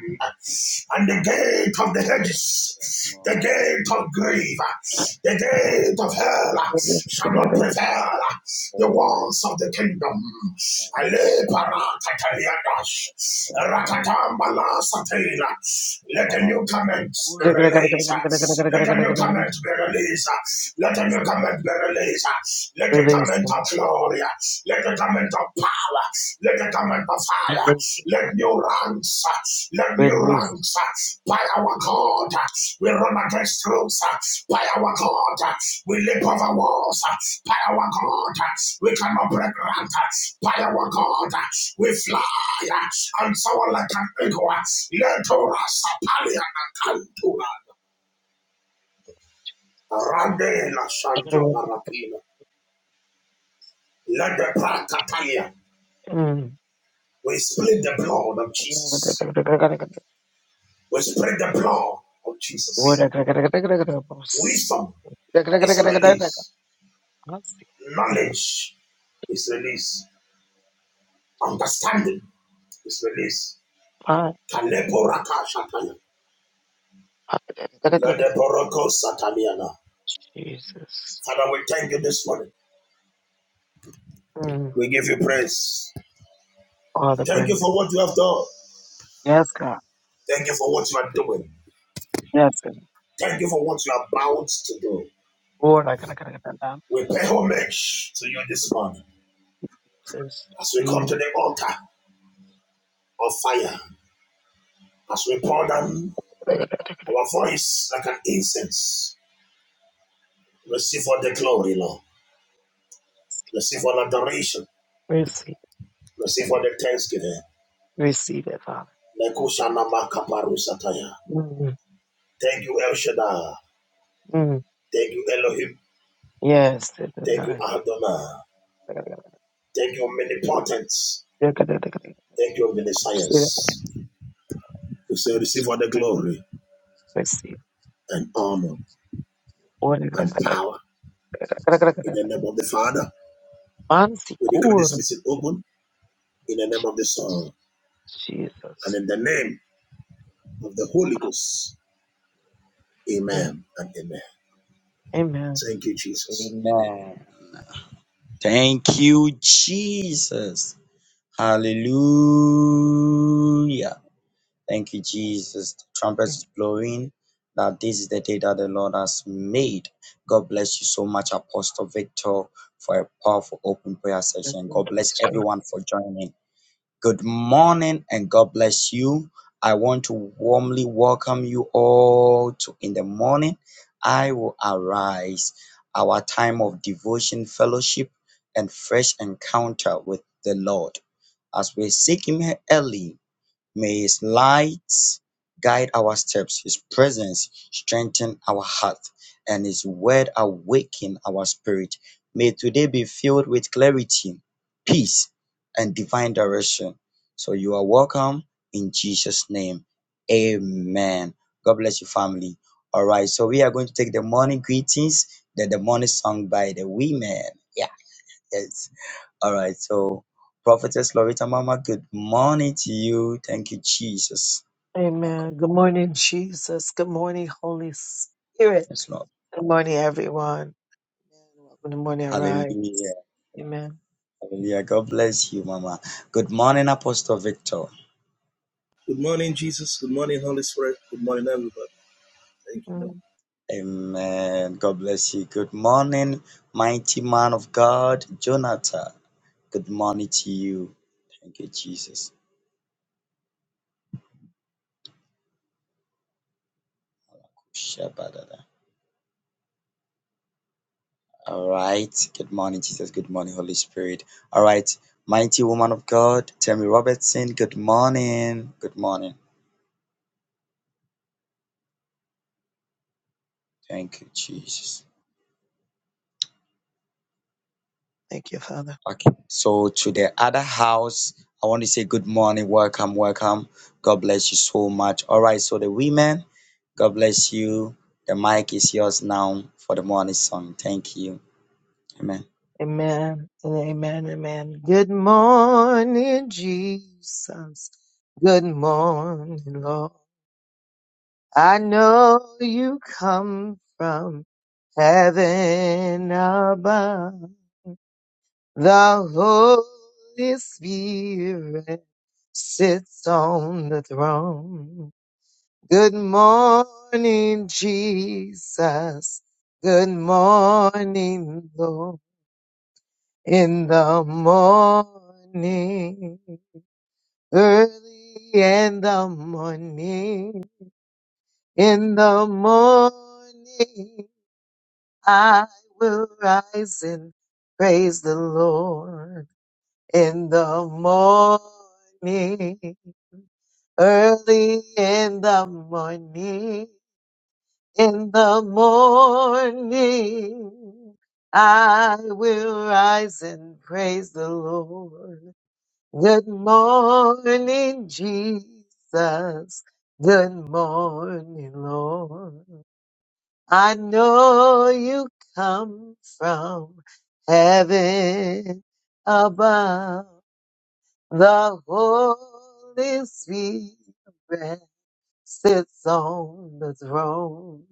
S2: and the gate of the hedges, the gate of grave, the gate of hell shall not prevail. The walls of the kingdom. Ale parakataliadas, rakatambalasateira. Let the new comments be released. Let the new comments be released. Let the new comments be released. Let the comment of glory. Let it come into power. Let it come into fire. Let new ranks. uh, Let new ranks. uh, By our God, uh, we run against rules. uh, By our God, uh, we leap over walls. uh, By our God, uh, we cannot break rank. uh, By our God, uh, we fly. uh, And soar like an eagle. uh, Let us Sapalian and Cantura. Randela Shanto Barakina. Let the Prakatalia. We split the blood of Jesus. We spread the blood of Jesus. Wisdom is released. Knowledge is released. Understanding is released. Kalebo raka shataya. Lede Father, we thank you this morning. We give you praise. Thank you for what you have done. Thank you for what you are doing. Thank you for what you are about to do. We pay homage to you this morning as we come to the altar of fire, as we pour down our voice like an incense Receive all the glory, Lord. Receive all adoration. Receive all the thanksgiving. Nekushana makaparusataya. Thank you, El Shaddai. Thank you, Elohim. Thank you, Adonai. Thank you, omnipotent. Thank you, omniscience. We say, receive all the glory and honor and power in the name of the Father. We decree this meeting open in the name of the Son and in the name of the Holy Ghost. Amen and amen. Thank you, Jesus.
S3: Thank you, Jesus. Hallelujah. Thank you, Jesus. The trumpet is blowing. That this is the day that the Lord has made. God bless you so much, Apostle Victor, for a powerful open prayer session. God bless everyone for joining. Good morning and God bless you. I want to warmly welcome you all to in the morning. I will arise our time of devotion, fellowship, and fresh encounter with the Lord as we seek Him early. May His light guide our steps, His presence strengthen our heart, and His word awaken our spirit. May today be filled with clarity, peace, and divine direction. So you are welcome in Jesus' name. Amen. God bless you, family. All right, so we are going to take the morning greetings, then the morning song by the women. Yeah, yes. All right, so Prophetess Lorita Mama, good morning to you. Thank you, Jesus. My God,
S1: Amen. Good morning, Jesus. Good morning, Holy Spirit.
S3: Yes, Lord.
S1: Good morning, everyone. Welcome to Morning Arise.
S3: Hallelujah.
S1: Amen.
S3: Hallelujah. God bless you, Mama. Good morning, Apostle Victor.
S2: Good morning, Jesus.
S3: Amen. God bless you. Good morning, mighty man of God, Jonathan. Good morning to you. Thank you, Jesus. Shabadada. All right. Good morning, Jesus. Good morning, Holy Spirit. All right. Mighty woman of God, Tammy Robertson. Good morning. Good morning. Thank you, Jesus. Okay. So to the other house, I want to say good morning, welcome, welcome. God bless you so much. All right. So the women, God bless you. The mic is yours now for the morning song. Thank you. Amen.
S1: Amen. Amen. Good morning, Jesus. Good morning, Lord. I know you come from heaven above. The Holy Spirit sits on the throne. Good morning, Jesus. Good morning, Lord. In the morning, early in the morning, in the morning, I will rise and praise the Lord. In the morning, Early in the morning, in the morning, I will rise and praise the Lord. Good morning, Jesus. Good morning, Lord. I know you come from heaven above. The Holy Spirit sits on the throne.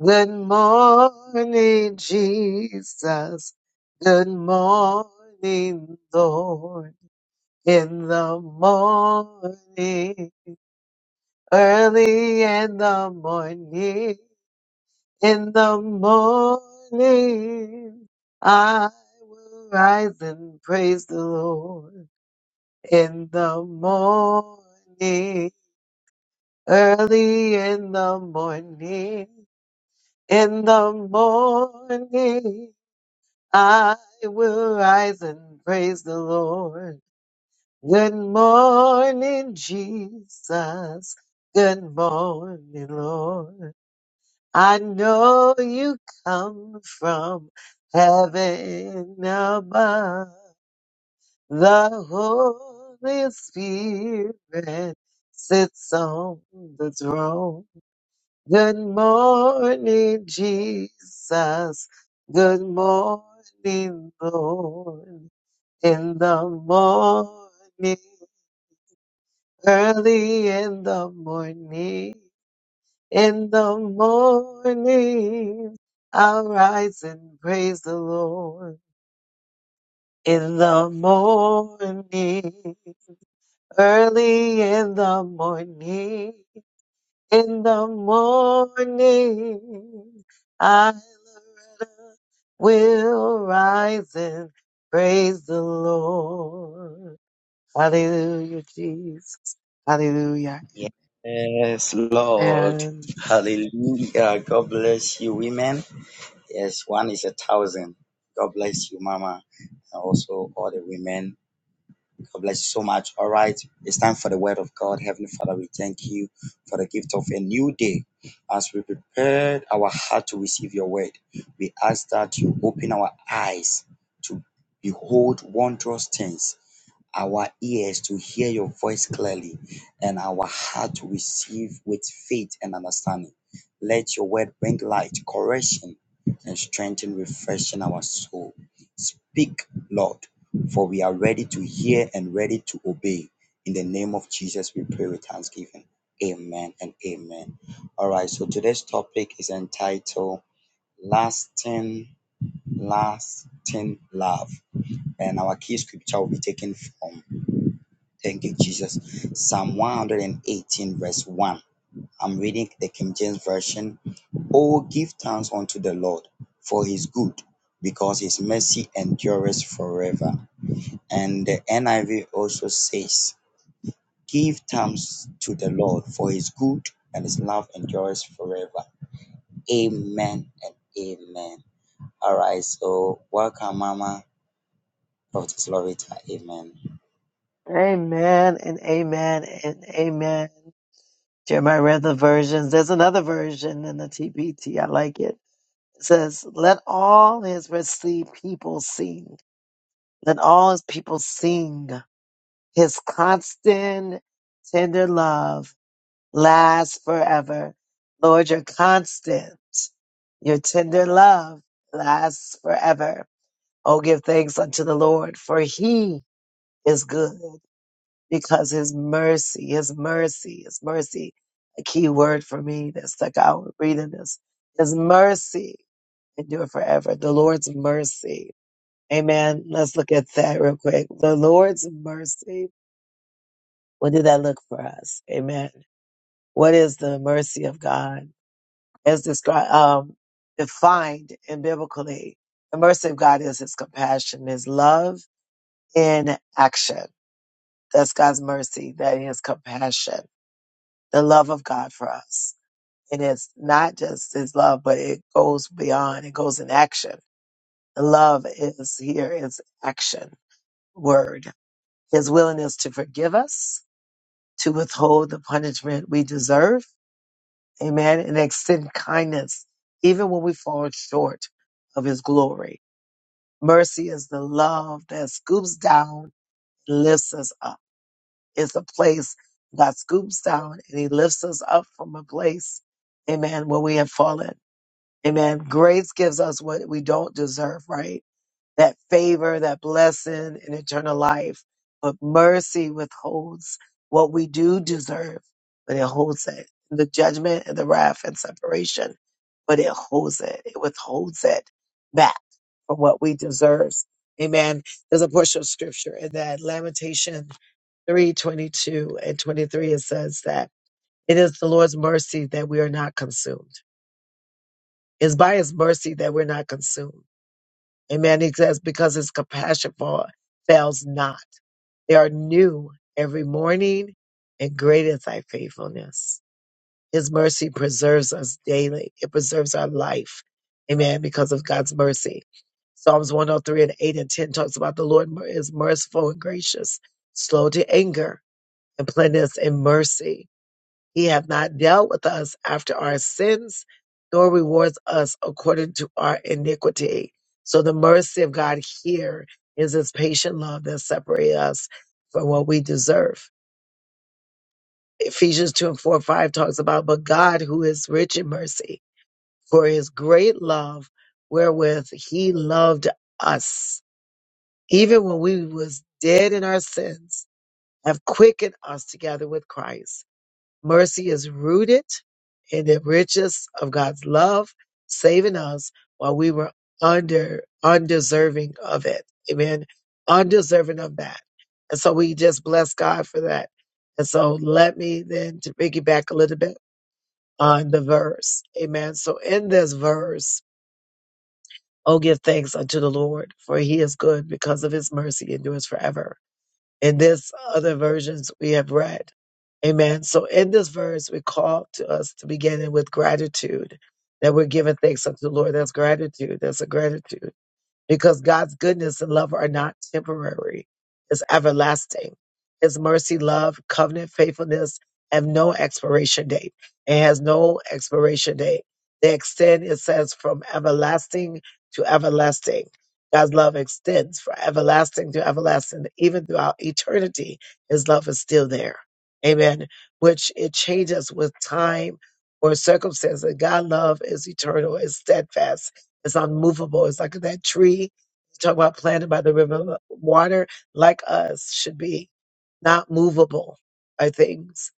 S1: Good morning, Jesus. Good morning, Lord. In the morning, early in the morning, in the morning, I will rise and praise the Lord. In the morning, early in the morning, In the morning I will rise and praise the Lord. Good morning, Jesus. Good morning, Lord. I know you come from heaven above. The Holy Spirit sits on the throne. Good morning, Jesus. Good morning, Lord. In the morning, early in the morning, in the morning, I'll rise and praise the Lord. In the morning, early in the morning, In the morning, I, Loretta, will rise and praise the Lord. Hallelujah, Jesus. Hallelujah.
S3: Yes, Lord.
S1: Amen.
S3: Hallelujah. God bless you, women. Yes, one is a thousand. God bless you, Mama, and also all the women. God bless you so much. All right. It's time for the word of God. Heavenly Father, we thank you for the gift of a new day. As we prepared our heart to receive your word, we ask that you open our eyes to behold wondrous things our ears to hear your voice clearly and our heart to receive with faith and understanding. Let your word bring light, correction, and strengthen, refreshing our soul. Speak, Lord, for we are ready to hear and ready to obey. In the name of Jesus, we pray with thanksgiving. Amen and amen. All right, so today's topic is entitled Lasting, Lasting Love. And our key scripture will be taken from Thank you, Jesus. Psalm 118, verse 1. I'm reading the King James Version. Oh, give thanks unto the Lord for his good, because his mercy endureth forever. And the NIV also says, Give thanks to the Lord for his good, and his love endureth forever. Amen and amen. All right, so welcome, Mama, Prophetess Lorita. Amen.
S1: Amen and amen and amen. Jeremiah read the versions. There's another version in the TPT. I like it. It says, let all his Red Sea people sing. Let all his people sing. His constant, tender love lasts forever. Lord, you're constant. Your tender love lasts forever. Oh, give thanks unto the Lord, for he is good because his mercy, his mercy, his mercy, a key word for me that stuck out reading this. His mercy endure forever. The Lord's mercy. Amen. Let's look at that real quick. The Lord's mercy What did that look for us? Amen. What is the mercy of God as described, um, defined in biblically? The mercy of God is his compassion, his love in action. That's God's mercy. That is compassion, the love of God for us. And it's not just his love, but it goes beyond. It goes in action. The love is here is action word. His willingness to forgive us, to withhold the punishment we deserve Amen. And extend kindness even when we fall short of his glory. Mercy is the love that scoops down and lifts us up. It's a place God scoops down and he lifts us up from a place, amen, where we have fallen. Amen. Grace gives us what we don't deserve, right? that favor, that blessing, and eternal life. But mercy withholds what we do deserve, but it holds it. The judgment and the wrath and separation, but it holds it. It withholds it back from what we deserve. Amen. There's a portion of scripture in that Lamentation 3:22 and 23. It says that it is the Lord's mercy that we are not consumed. It's by his mercy that we're not consumed. Amen. He says, because his compassion for fails not. They are new every morning, and great is thy faithfulness. His mercy preserves us daily. It preserves our life. Amen. Because of God's mercy. Psalms 103 and 8 and 10 talks about the Lord mer- is merciful and gracious, slow to anger, and plenteous in mercy. He hath not dealt with us after our sins, nor rewards us according to our iniquity. So the mercy of God here is his patient love that separates us from what we deserve. Ephesians 2 and 4 and 5 talks about, but God who is rich in mercy, for his great love wherewith he loved us, even when we was dead in our sins, have quickened us together with Christ Mercy is rooted in the riches of God's love, saving us while we were under undeserving of it. Amen. Undeserving of that. And so we just bless God for that. And so let me then to piggyback a little bit on the verse. Amen. So in this verse, oh give thanks unto the Lord, for he is good because of his mercy endures forever in this other versions we have read. Amen. So in this verse, we call to us to begin with gratitude that we're giving thanks unto the Lord. That's gratitude. That's a gratitude because God's goodness and love are not temporary. It's everlasting. His mercy, love, covenant, faithfulness have no expiration date. It has no expiration date. They extend, it says, from everlasting to everlasting. God's love extends from everlasting to everlasting. Even throughout eternity, his love is still there. Amen. Which it changes with time or circumstances. God's love is eternal, is steadfast it's unmovable. It's like that tree. Talk about planted by the river of water, like us, should be not movable by things.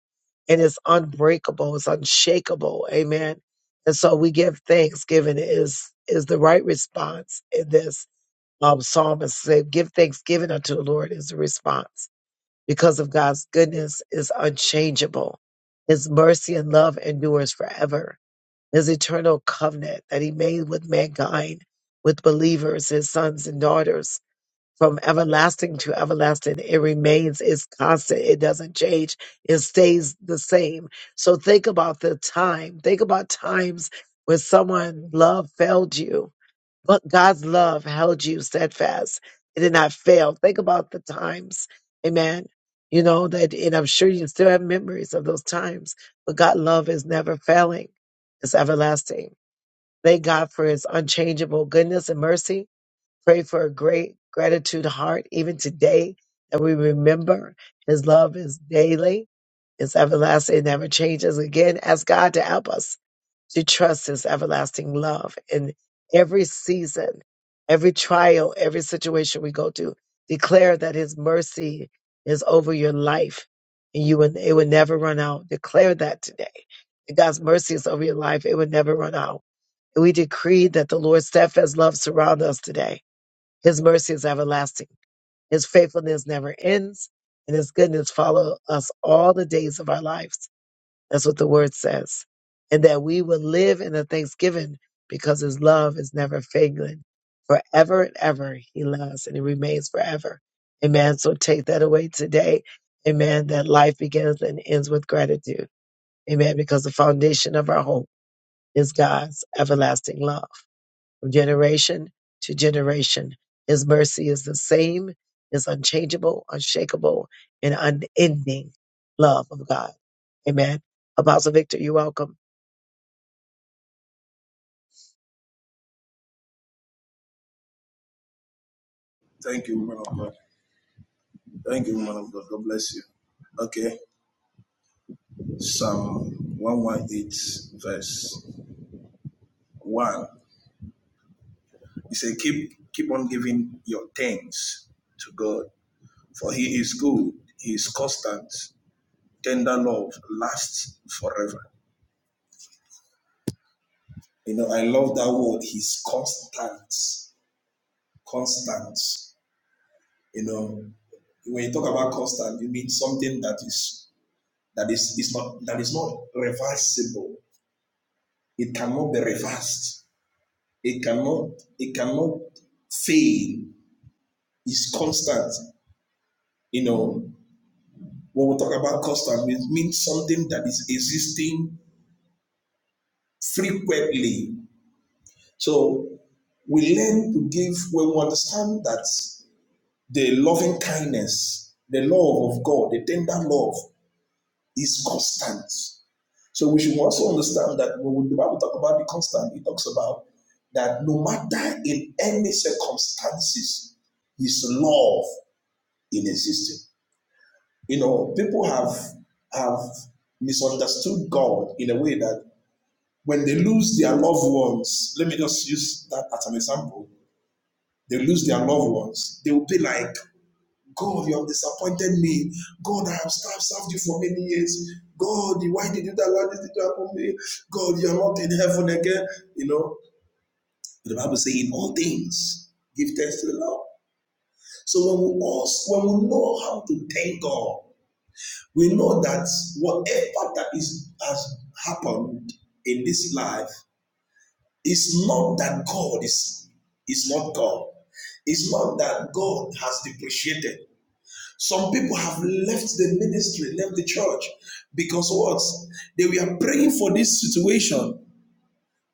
S1: And it's unbreakable. It's unshakable. Amen. And so we give thanksgiving is is the right response in this. Um, psalmist said, "Give thanksgiving unto the Lord" is the response because of God's goodness is unchangeable. His mercy and love endures forever his eternal covenant that he made with mankind, with believers, his sons and daughters. From everlasting to everlasting, it remains, it's constant, it doesn't change, it stays the same. So think about the time, think about times when someone love failed you, but God's love held you steadfast. It did not fail. Think about the times. Amen. You know that, and I'm sure you still have memories of those times, but God's love is never failing. It's everlasting. Thank God for his unchangeable goodness and mercy. Pray for a great gratitude heart, even today, that we remember his love is daily. It's everlasting, it never changes. Again, ask God to help us to trust his everlasting love in every season, every trial, every situation we go through. Declare that his mercy is over your life and you will, it will never run out. Declare that today. That God's mercy is over your life. It will never run out. And we decree that the Lord's steadfast love surround us today. His mercy is everlasting. His faithfulness never ends and his goodness follow us all the days of our lives that's what the word says. And that we will live in a thanksgiving because his love is never failing. Forever and ever he loves and he remains forever. Amen. So take that away today. Amen. That life begins and ends with gratitude. Amen. Because the foundation of our hope is God's everlasting love from generation to generation. His mercy is the same, is unchangeable, unshakable, and unending love of God. Amen. Apostle Victor, you're welcome.
S2: Thank you, man of God. Thank you, man of God. God bless you. Okay. Psalm 118, verse 1. He said, Keep keep on giving your thanks to God, for he is good, he is constant, tender love lasts forever. You know, I love that word, he's constant. Constant. You know, when you talk about constant, you mean something that is that is, is not that is not reversible. It cannot be reversed It cannot it cannot fail. It's constant. You know, when we talk about constant, it means something that is existing frequently. So we learn to give when we understand that the loving kindness, the love of God, the tender love is constant. So we should also understand that when the Bible talks about the constant, it talks about that no matter in any circumstances, His love in existing. You know, people have have misunderstood God in a way that when they lose their loved ones, let me just use that as an example. They lose their loved ones, they will be like, God, you have disappointed me. God, I have served you for many years. God, why did you allow this to happen to me? God, you are not in heaven again. You know, but the Bible says, in all things, give thanks to the Lord. So when we all, when we know how to thank God, we know that whatever that is has happened in this life is not that God is is not God. It's not that God has depreciated. Some people have left the ministry, left the church, because what they were praying for this situation,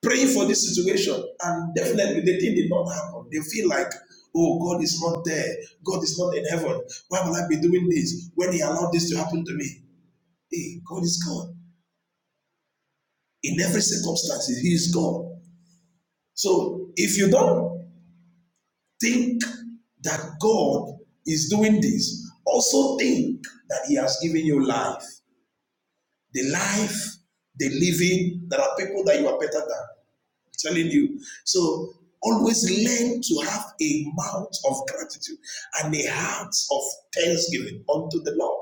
S2: praying for this situation, and definitely the thing did not happen. They feel like, oh, God is not there. God is not in heaven. Why will I be doing this when He allowed this to happen to me? Hey, God is God. in every circumstance. He is God. So if you don't think that God is doing this, also think that He has given you life. The life, the living, there are people that you are better than. I'm telling you. So always learn to have a mouth of gratitude and a heart of thanksgiving unto the Lord.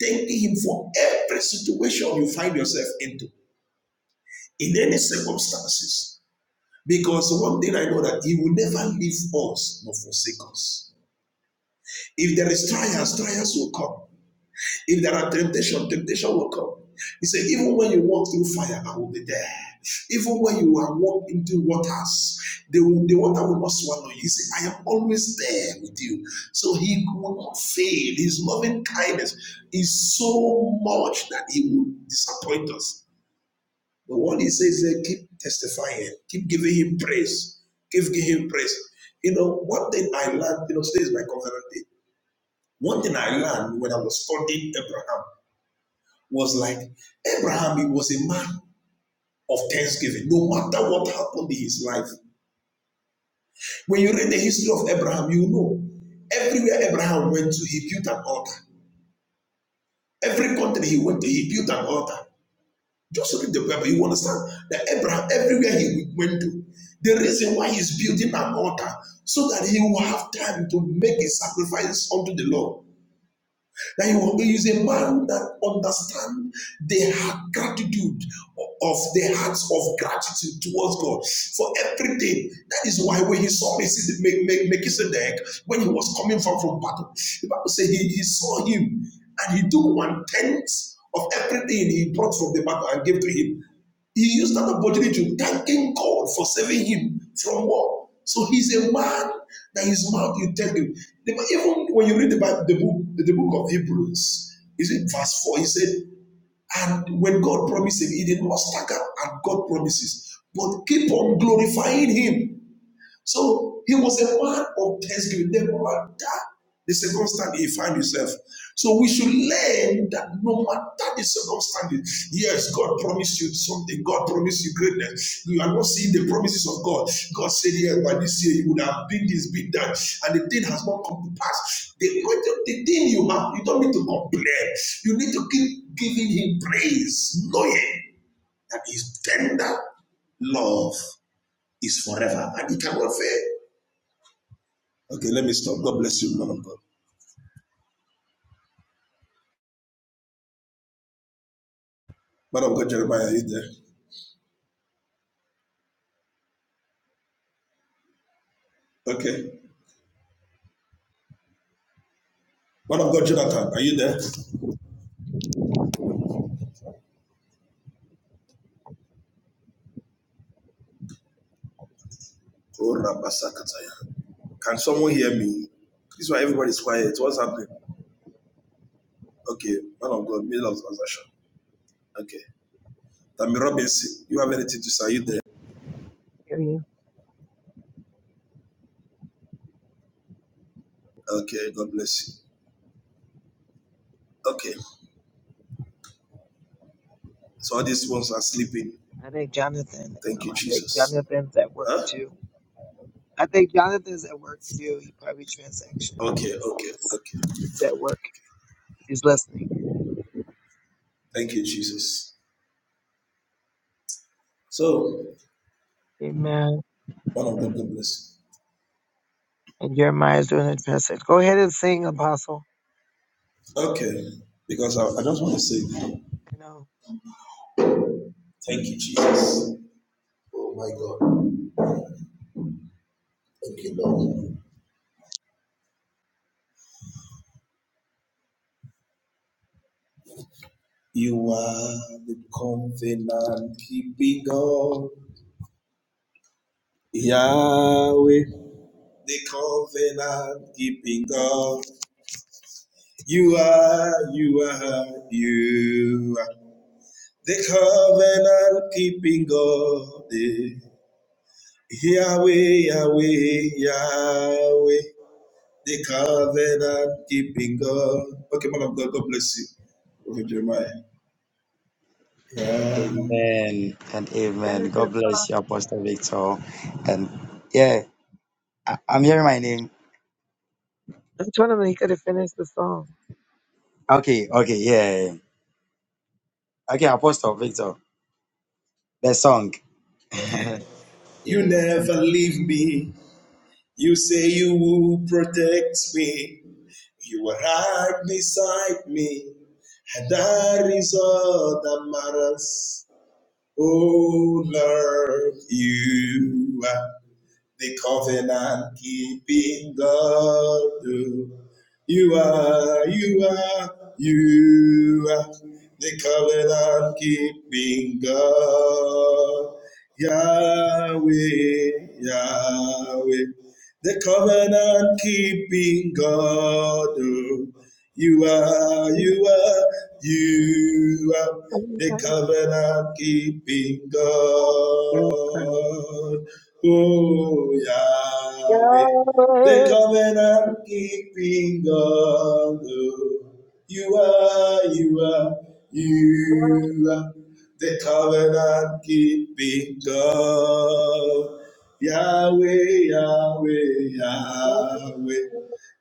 S2: Thank Him for every situation you find yourself into, in any circumstances Because one thing I know that He will never leave us nor forsake us. If there is trials, trials will come. If there are temptation, temptation will come. He said, even when you walk through fire, I will be there. Even when you are walk into waters, the, the water will not swallow you. He said, I am always there with you. So he will not fail. His loving kindness is so much that he will disappoint us. But what he says is keep testifying, keep giving him praise, keep giving him praise. You know, one thing I learned, you know, today is my covenant day. One thing I learned when I was studying Abraham was like Abraham, he was a man of thanksgiving, no matter what happened in his life. When you read the history of Abraham, you know everywhere Abraham went to, he built an altar. Every country he went to, he built an altar. Just read the Bible. You understand that Abraham, everywhere he went to, the reason why he's building an altar so that he will have time to make a sacrifice unto the Lord. That he will he is a man that understands the gratitude of the hearts of gratitude towards God for everything. That is why when he saw Mesi- Me- Me- Melchizedek, when he was coming from, from battle, the Bible says he, he saw him and he took one tenth of everything he brought from the battle and gave to him. He used that opportunity to thanking God for saving him from what? So he's a man that his mouth you tell him. Even when you read the Bible, the book, the book of Hebrews, is it verse 4? He said, and when God promised him, he did not stagger at God promises, but keep on glorifying him. So he was a man of thanksgiving, no matter the circumstance he found himself. So we should learn that no matter the circumstances, yes, God promised you something, God promised you greatness. You are not seeing the promises of God. God said, Yes, by this year you would have been this, been that, and the thing has not come to pass. The, the thing you have, you don't need to complain. You need to keep giving him praise, knowing that his tender love is forever and it cannot fail. Okay, let me stop. God bless you, man of God. Man of God, Jeremiah, are you there? Okay. Man of God, Jonathan, are you there? Oh, Rabasakataya. Can someone hear me? This is why everybody's quiet. What's happening? Okay, man of God, middle of transaction. Okay. Tammy Robinson, you have anything to say? Are you
S1: I
S2: there?
S1: hear you.
S2: Okay, God bless you. Okay. So all these ones are sleeping.
S1: I think Jonathan.
S2: Thank you,
S1: No, I think
S2: Jesus.
S1: Jonathan's at work
S2: Huh?
S1: too. I think Jonathan's at work too. He probably transaction
S2: Okay, okay, okay.
S1: is at work. He's listening.
S2: Thank you, Jesus. So,
S1: Amen.
S2: man of God, God bless
S1: And Jeremiah's doing a transaction. Go ahead and sing, Apostle.
S2: you. Okay. Because I, I just want to say
S1: I know.
S2: thank you, Jesus. My God. Thank you, Lord. You are the covenant keeping God. Yahweh, the covenant keeping God. You are, you are, you are the covenant keeping God. eh. Yahweh, Yahweh, Yahweh, the covenant keeping God. Okay, man of God, God bless you. Prophet Jeremiah. Yeah.
S3: Amen and amen.
S1: Finish
S3: God
S1: it.
S3: bless you, Apostle Victor. And yeah, I, I'm hearing my name.
S1: I told him he could have finished the song.
S3: Okay, okay, yeah. Okay, Apostle Victor, the song. [LAUGHS] yeah,
S2: You
S3: thank
S2: never leave me. You say you will protect me. You are right beside me. And that is all that matters. Oh Lord, you are the covenant keeping God. oh. You are, you are, you are the covenant keeping God. Yahweh, Yahweh, the covenant keeping God. You are, you are, you are the covenant keeping God. Oh, Yahweh, the covenant keeping God. Oh, you are, you are, you are the covenant keeping God. Yahweh, Yahweh, Yahweh.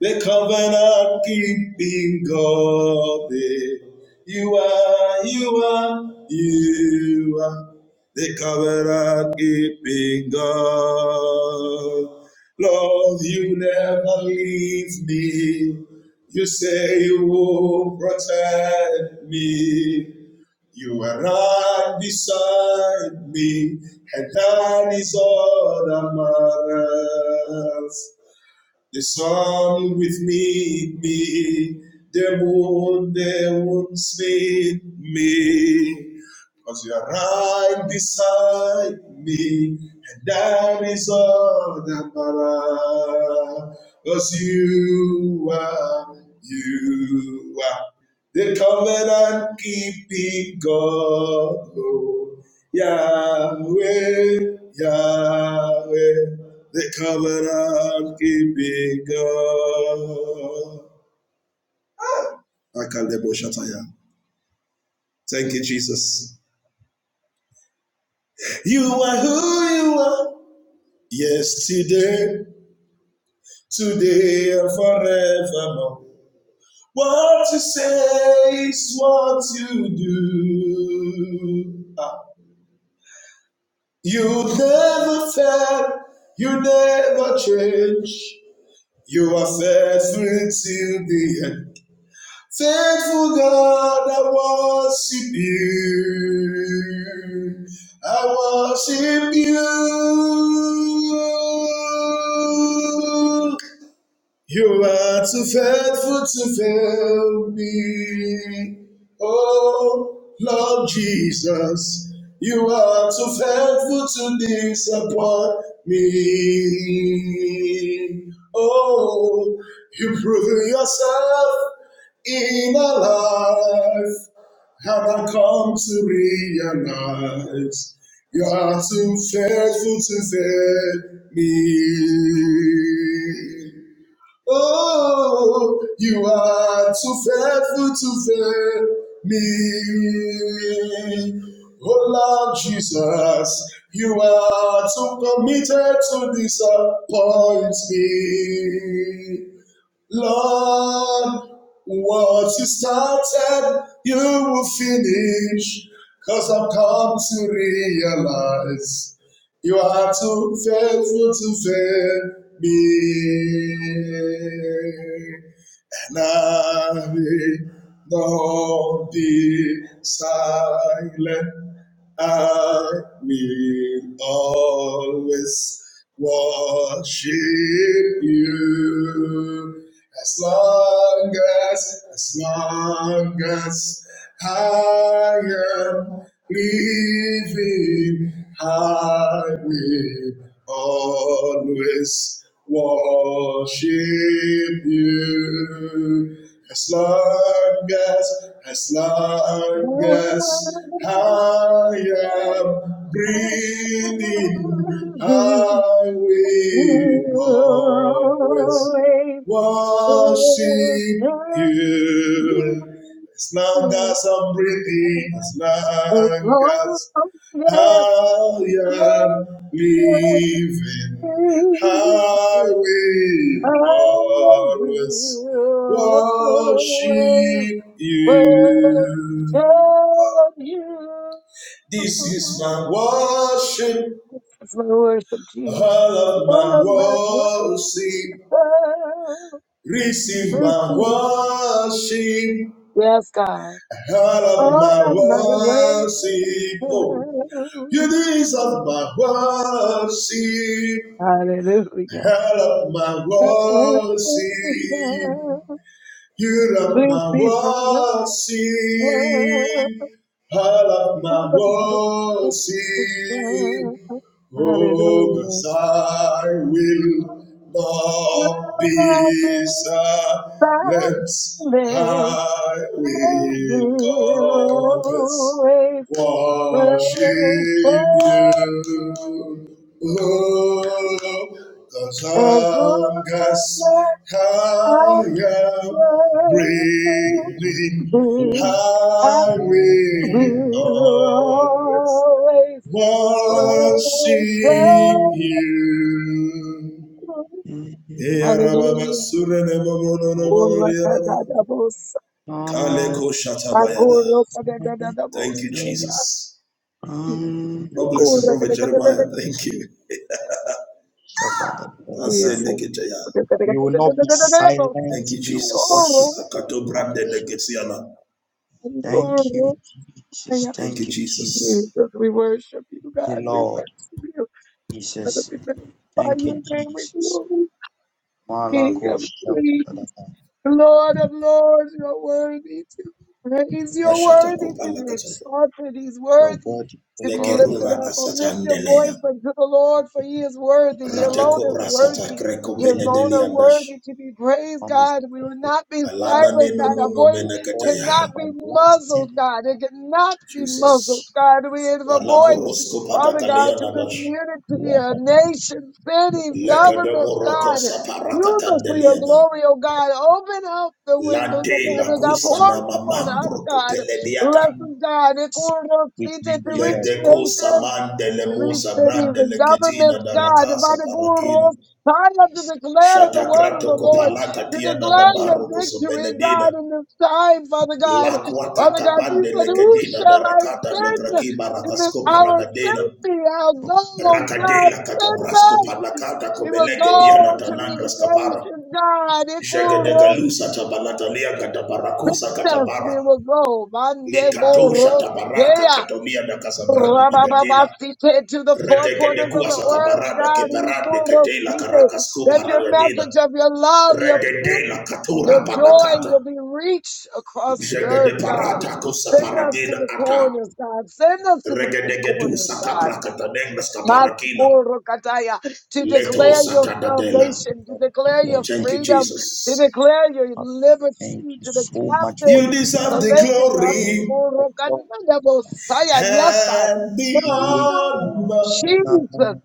S2: The covenant keeping God, eh. you are, you are, you are. The covenant keeping God. Lord, you never leave me. You say you will protect me. You are right beside me, and that is all that matters. The sun with me, me, the moon, the moon's with me. Cause you are right beside me, and that is all that matters. Cause you are, you are. The covenant keeping God, oh, Yahweh, Yahweh, the covenant keeping God. Akalebo Shataya. Thank you, Jesus. You are who you are, yesterday, today, and forevermore. What you say is what you do. Ah. You never fail, you never change. You are faithful till the end. Faithful God, I worship you. I worship you. You are too faithful to fail me. Oh, Lord Jesus, you are too faithful to disappoint me. Oh, you prove yourself in our life. Have I come to realize you are too faithful to fail me? Oh, you are too faithful to fail me. Oh Lord Jesus, you are too committed to disappoint me. Lord, what you started, you will finish. Cause I've come to realize you are too faithful to fail me. Nave, don't be silent. I will always worship you as long as, as long as I am living, I will always worship you. As long as, as long as I am breathing, I will always worship you. As long as I'm breathing, as long as I am living, I will always worship you. This is my worship, all of my worship. Receive my worship,
S1: God.
S2: all of my worship. Oh. You deserve my worship,
S1: Hallelujah.
S2: help my worship. You love my worship, help my worship. Oh, 'cause I will not be silent. I will always worship you. Oh, as long as I am
S3: you.
S2: breathing,
S1: I
S2: I will
S1: will
S2: always
S1: always
S2: worship
S1: worship.
S2: you. Eh, Arababa, Surene, Momo, no, no, no, no, no, no, no.
S1: Hallelujah.
S2: Kaleko Shatabayada.
S1: Bakoro
S2: Thank you, Jesus. God bless you, Prophet Jeremiah. Thank you. I say,
S3: We will not be
S2: Thank you,
S3: silent. We will worship
S2: Jesus. Akato
S3: God.
S2: brande neketiana.
S3: Thank you, Jesus. Thank you, Jesus. Thank
S2: Jesus.
S3: you, Lord. Jesus. Thank you, Jesus. Malako Shabbatadaka. Thank you,
S2: Ashata
S3: Father.
S2: kopala kataya.
S3: Your word, O God, we
S2: Lekeruna asatandeleya.
S3: thank you. It's-
S2: Rate kobra sata kreko
S3: We thank you.
S2: benedeliandash.
S3: We promise to
S2: Alana ne no no no
S3: fulfill God for
S2: meneketaya.
S3: everlasting life. Oh,
S2: Jesus.
S3: Jesus.
S2: Alako rosko pata kaleana dash. Lekedemo roko saparakata deliana. Lante la kusa na mamambro kopelediata.
S3: Jesus. We thank you, Lord.
S2: Ledekosa mande
S3: Thank
S2: lemosa brande leketina da rakasa parakina. Shatakrato kopalaka tiana da baroko so beledina. Lakwata kapande lekedina da rakata legrakima rakasko paragadena. Rakadela katabrasco palakata komelege diana tanandras kapara. Jagadegalusa tabalatalia katabarakosa katabara.
S1: Mande
S2: Likatosha tabaraka
S1: Borosea.
S2: katolia da kasabranda legedina.
S1: Rabababasite to the four
S2: Redegede
S1: corners of
S2: kuasa
S1: the earth,
S2: kabarada
S1: God,
S2: kebarande kedela
S1: Ikorosite,
S2: karakasku
S1: that your
S2: paradina.
S1: message of your love, your peace,
S2: Rededela
S1: your
S2: katura
S1: joy
S2: panakata.
S1: will be reached across the
S3: you.
S1: earth,
S2: Jegede
S1: God.
S2: parata kusa
S1: Send us to
S2: paradina
S1: the
S2: ata.
S1: corners, God. Send us to the four
S2: Regedegedu
S1: corners, God.
S2: sakapra katanengas kaparakina.
S1: Masikorokataya, To
S2: Leto
S1: declare your
S3: Yes,
S2: satadadela.
S1: salvation, to
S3: Lord.
S1: declare your
S3: Lord, Thank
S2: Thank
S3: you
S2: you,
S1: freedom, to
S2: Jesus.
S1: declare your
S3: Father.
S1: liberty.
S3: Thank you so much for
S2: You
S3: your
S2: deserve the glory
S3: love.
S2: and the
S3: We
S2: honor.
S3: honor you.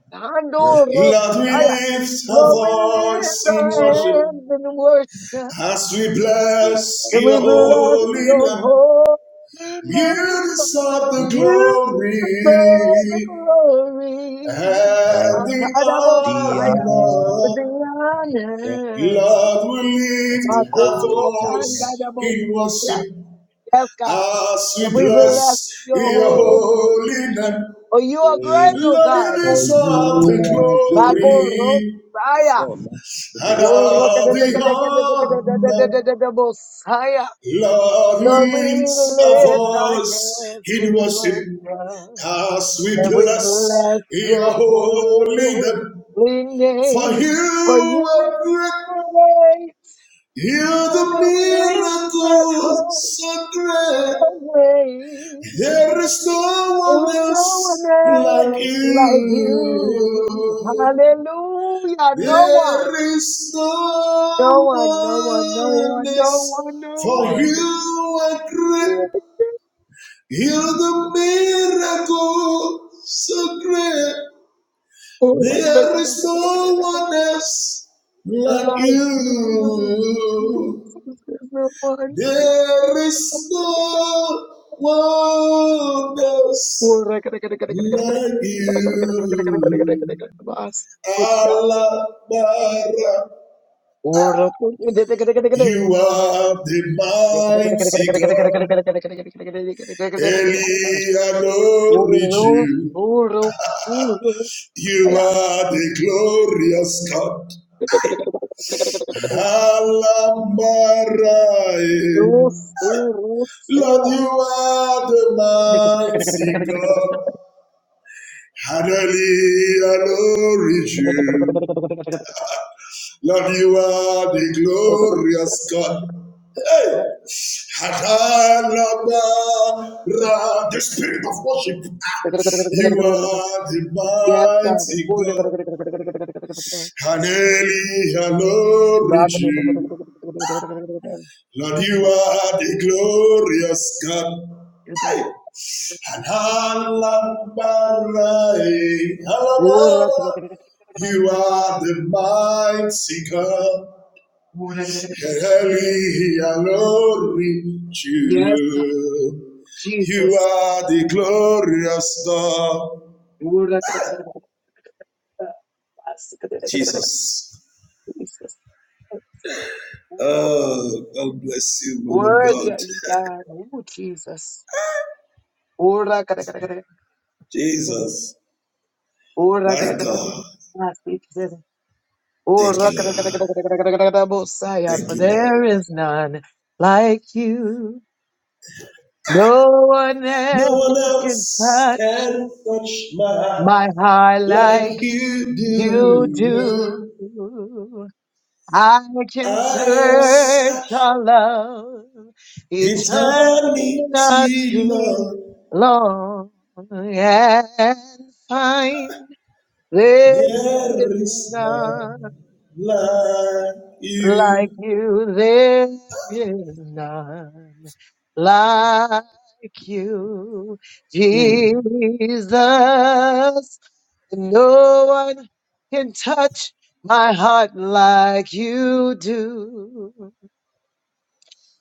S3: Yes, Lord.
S2: Lord, we lift our
S3: We
S2: voice in
S3: Thank
S2: worship as we
S3: you,
S2: bless your
S3: Christ, your
S2: holy
S3: holy
S2: name.
S3: name.
S2: You deserve the glory and
S3: And
S2: the
S3: the
S2: honor.
S1: Yeah,
S3: honorable
S2: Lord, we lift
S1: my God,
S2: our
S1: I'm so
S3: commandment
S1: glad
S2: voice
S1: I'm on
S2: in
S1: this
S2: worship
S1: side.
S2: as we
S1: And we bless
S2: bless
S1: Your
S2: your
S3: of
S1: holy.
S2: holy name.
S1: Oh, You are great,
S3: faith.
S1: O
S2: Lord, you
S1: God.
S3: For you
S2: deserve the
S3: are the
S1: My
S3: Lord.
S1: God, I'm so
S2: glory
S1: high.
S2: and
S3: within
S1: Oh, I'm so glad
S2: all the honor.
S1: I'm on this side.
S2: Lord, we
S1: And we
S2: lift our
S1: lift our
S2: voice
S1: hands
S2: in
S1: in
S2: worship
S1: worship.
S2: as we
S1: And we
S2: bless
S1: bless
S2: your
S1: Your
S2: holy
S1: holy.
S2: name. For you are great, you said yes. There are wonders for you are great, you're the miracle so great. There is no one else like you. There is no one else like you. Allah Bara.
S1: Oh,
S2: You are the mighty God. Eli adored you. You are the glorious God. Allah Bara. eh. Lord, you are the mighty God. Hallelujah, glory to you. Lord, you are the glorious God. Hallelujah, The spirit of worship. Ah, You are the mighty God. Hallelujah, glory to you. Lord, you are the glorious God. Alabarai, alabara. You are the mighty God, Heli Alori Jew. You
S1: Jesus,
S2: are the glorious God,
S1: goodness. Oh,
S2: Jesus.
S1: Jesus,
S2: Oh, God bless you, man of
S1: worthy
S2: God.
S1: are You, God. Oh, Jesus. Ora kada kada kada kada.
S2: Jesus,
S1: Ora kada
S2: my
S1: kada kada kada.
S2: God.
S1: Ah, Speak says, it.
S2: Thank
S1: Ora
S2: you,
S1: kada kada
S2: Lord.
S1: kada kada kada kada kada. Messiah,
S2: Thank
S1: for
S2: you, Lord.
S1: there is none like you. No one
S2: No one
S1: else can
S2: else
S1: touch
S2: can touch my heart.
S1: my heart
S2: like
S1: like
S2: you
S1: you
S2: do.
S1: do. I can
S2: I have
S1: search
S2: such
S1: all of
S2: eternity
S1: eternity
S2: lost
S1: long and find There is
S2: love
S1: none
S2: like
S1: like
S2: you.
S1: you. There is none like you, Jesus. No one can touch my heart like you do.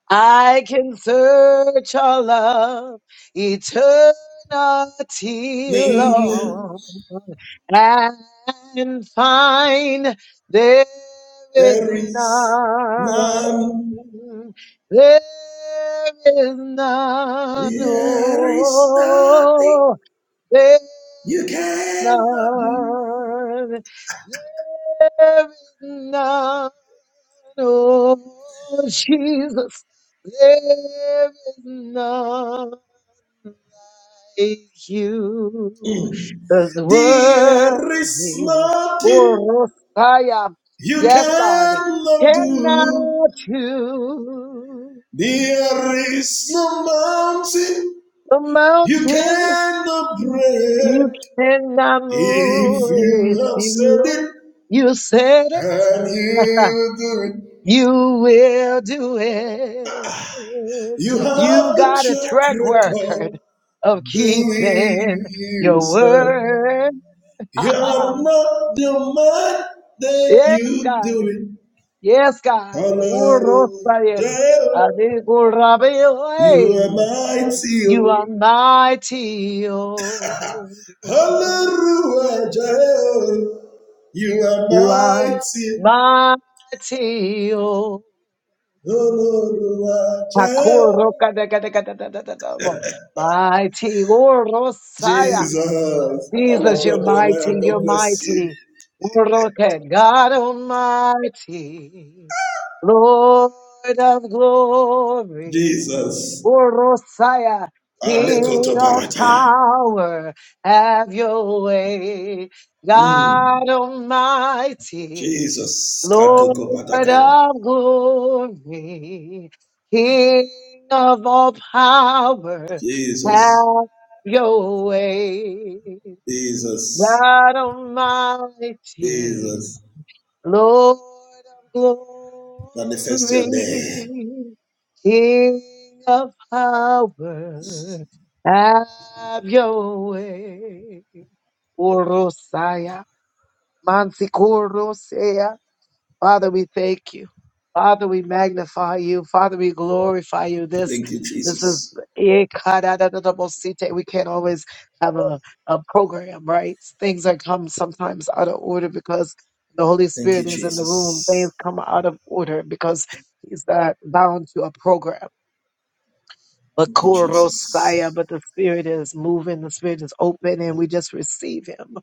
S1: I can search all of eternity long and find there is
S2: There is
S1: none.
S2: none,
S1: There is none.
S2: there is nothing
S1: Oh, there is
S2: you cannot do.
S1: none. There is none, oh Jesus, there is none like you. Cause
S2: There is
S1: worthy,
S2: nothing
S1: oh Rosaya,
S2: you
S1: yes God,
S2: cannot do.
S1: cannot you?
S2: There is no mountain
S1: The
S2: you
S1: mountain
S2: cannot
S1: you
S2: break.
S1: cannot
S2: If
S1: move.
S2: you have said
S1: You,
S2: it
S1: you said it.
S2: and you do it,
S1: You will do it.
S2: you
S1: You
S2: have the
S1: got a track
S2: track
S1: record
S2: record
S1: of keeping
S2: doing you,
S1: your
S2: sir.
S1: word.
S2: You're
S1: Ah,
S2: not the man that
S1: Yes,
S2: you
S1: God.
S2: do it.
S1: Yes, God.
S2: Hallelujah,
S1: Urosayen.
S2: you
S1: Adikurabiwe.
S2: are mighty.
S1: You
S2: oh.
S1: are mighty. oh.
S2: Hallelujah, you are
S1: You are
S2: mighty.
S1: mighty. oh.
S2: Hallelujah,
S1: Mighty. Urosaya.
S2: Jesus, I love
S1: Jesus, you're
S2: God, Jeremiah.
S1: mighty, you're
S2: God bless you.
S1: mighty. Uroke, God Almighty, Lord of glory.
S2: Jesus.
S1: Urosaya, King of
S2: Alekotoparataya.
S1: power, have your way.
S2: Mm.
S1: God Almighty,
S2: Jesus.
S1: Lord
S2: Katokopatakaya.
S1: of glory, King of all power,
S2: Jesus.
S1: have your way.
S2: Jesus.
S1: God Almighty,
S2: Jesus.
S1: Lord of glory,
S2: Manifest your name.
S1: King of power, have your way. Orosaya, Mansikorosea. Father, we thank you. Father, we magnify you. Father, we glorify you. This this is eh, kadadadadabosite. we can't always have a, a program, right? Things that come sometimes out of order because the Holy Spirit is in the room. Things come out of order because he's not bound to a program. But
S2: Thank you,
S1: korosaya,
S2: Jesus.
S1: but the Spirit is moving, the Spirit is open, and we just receive him.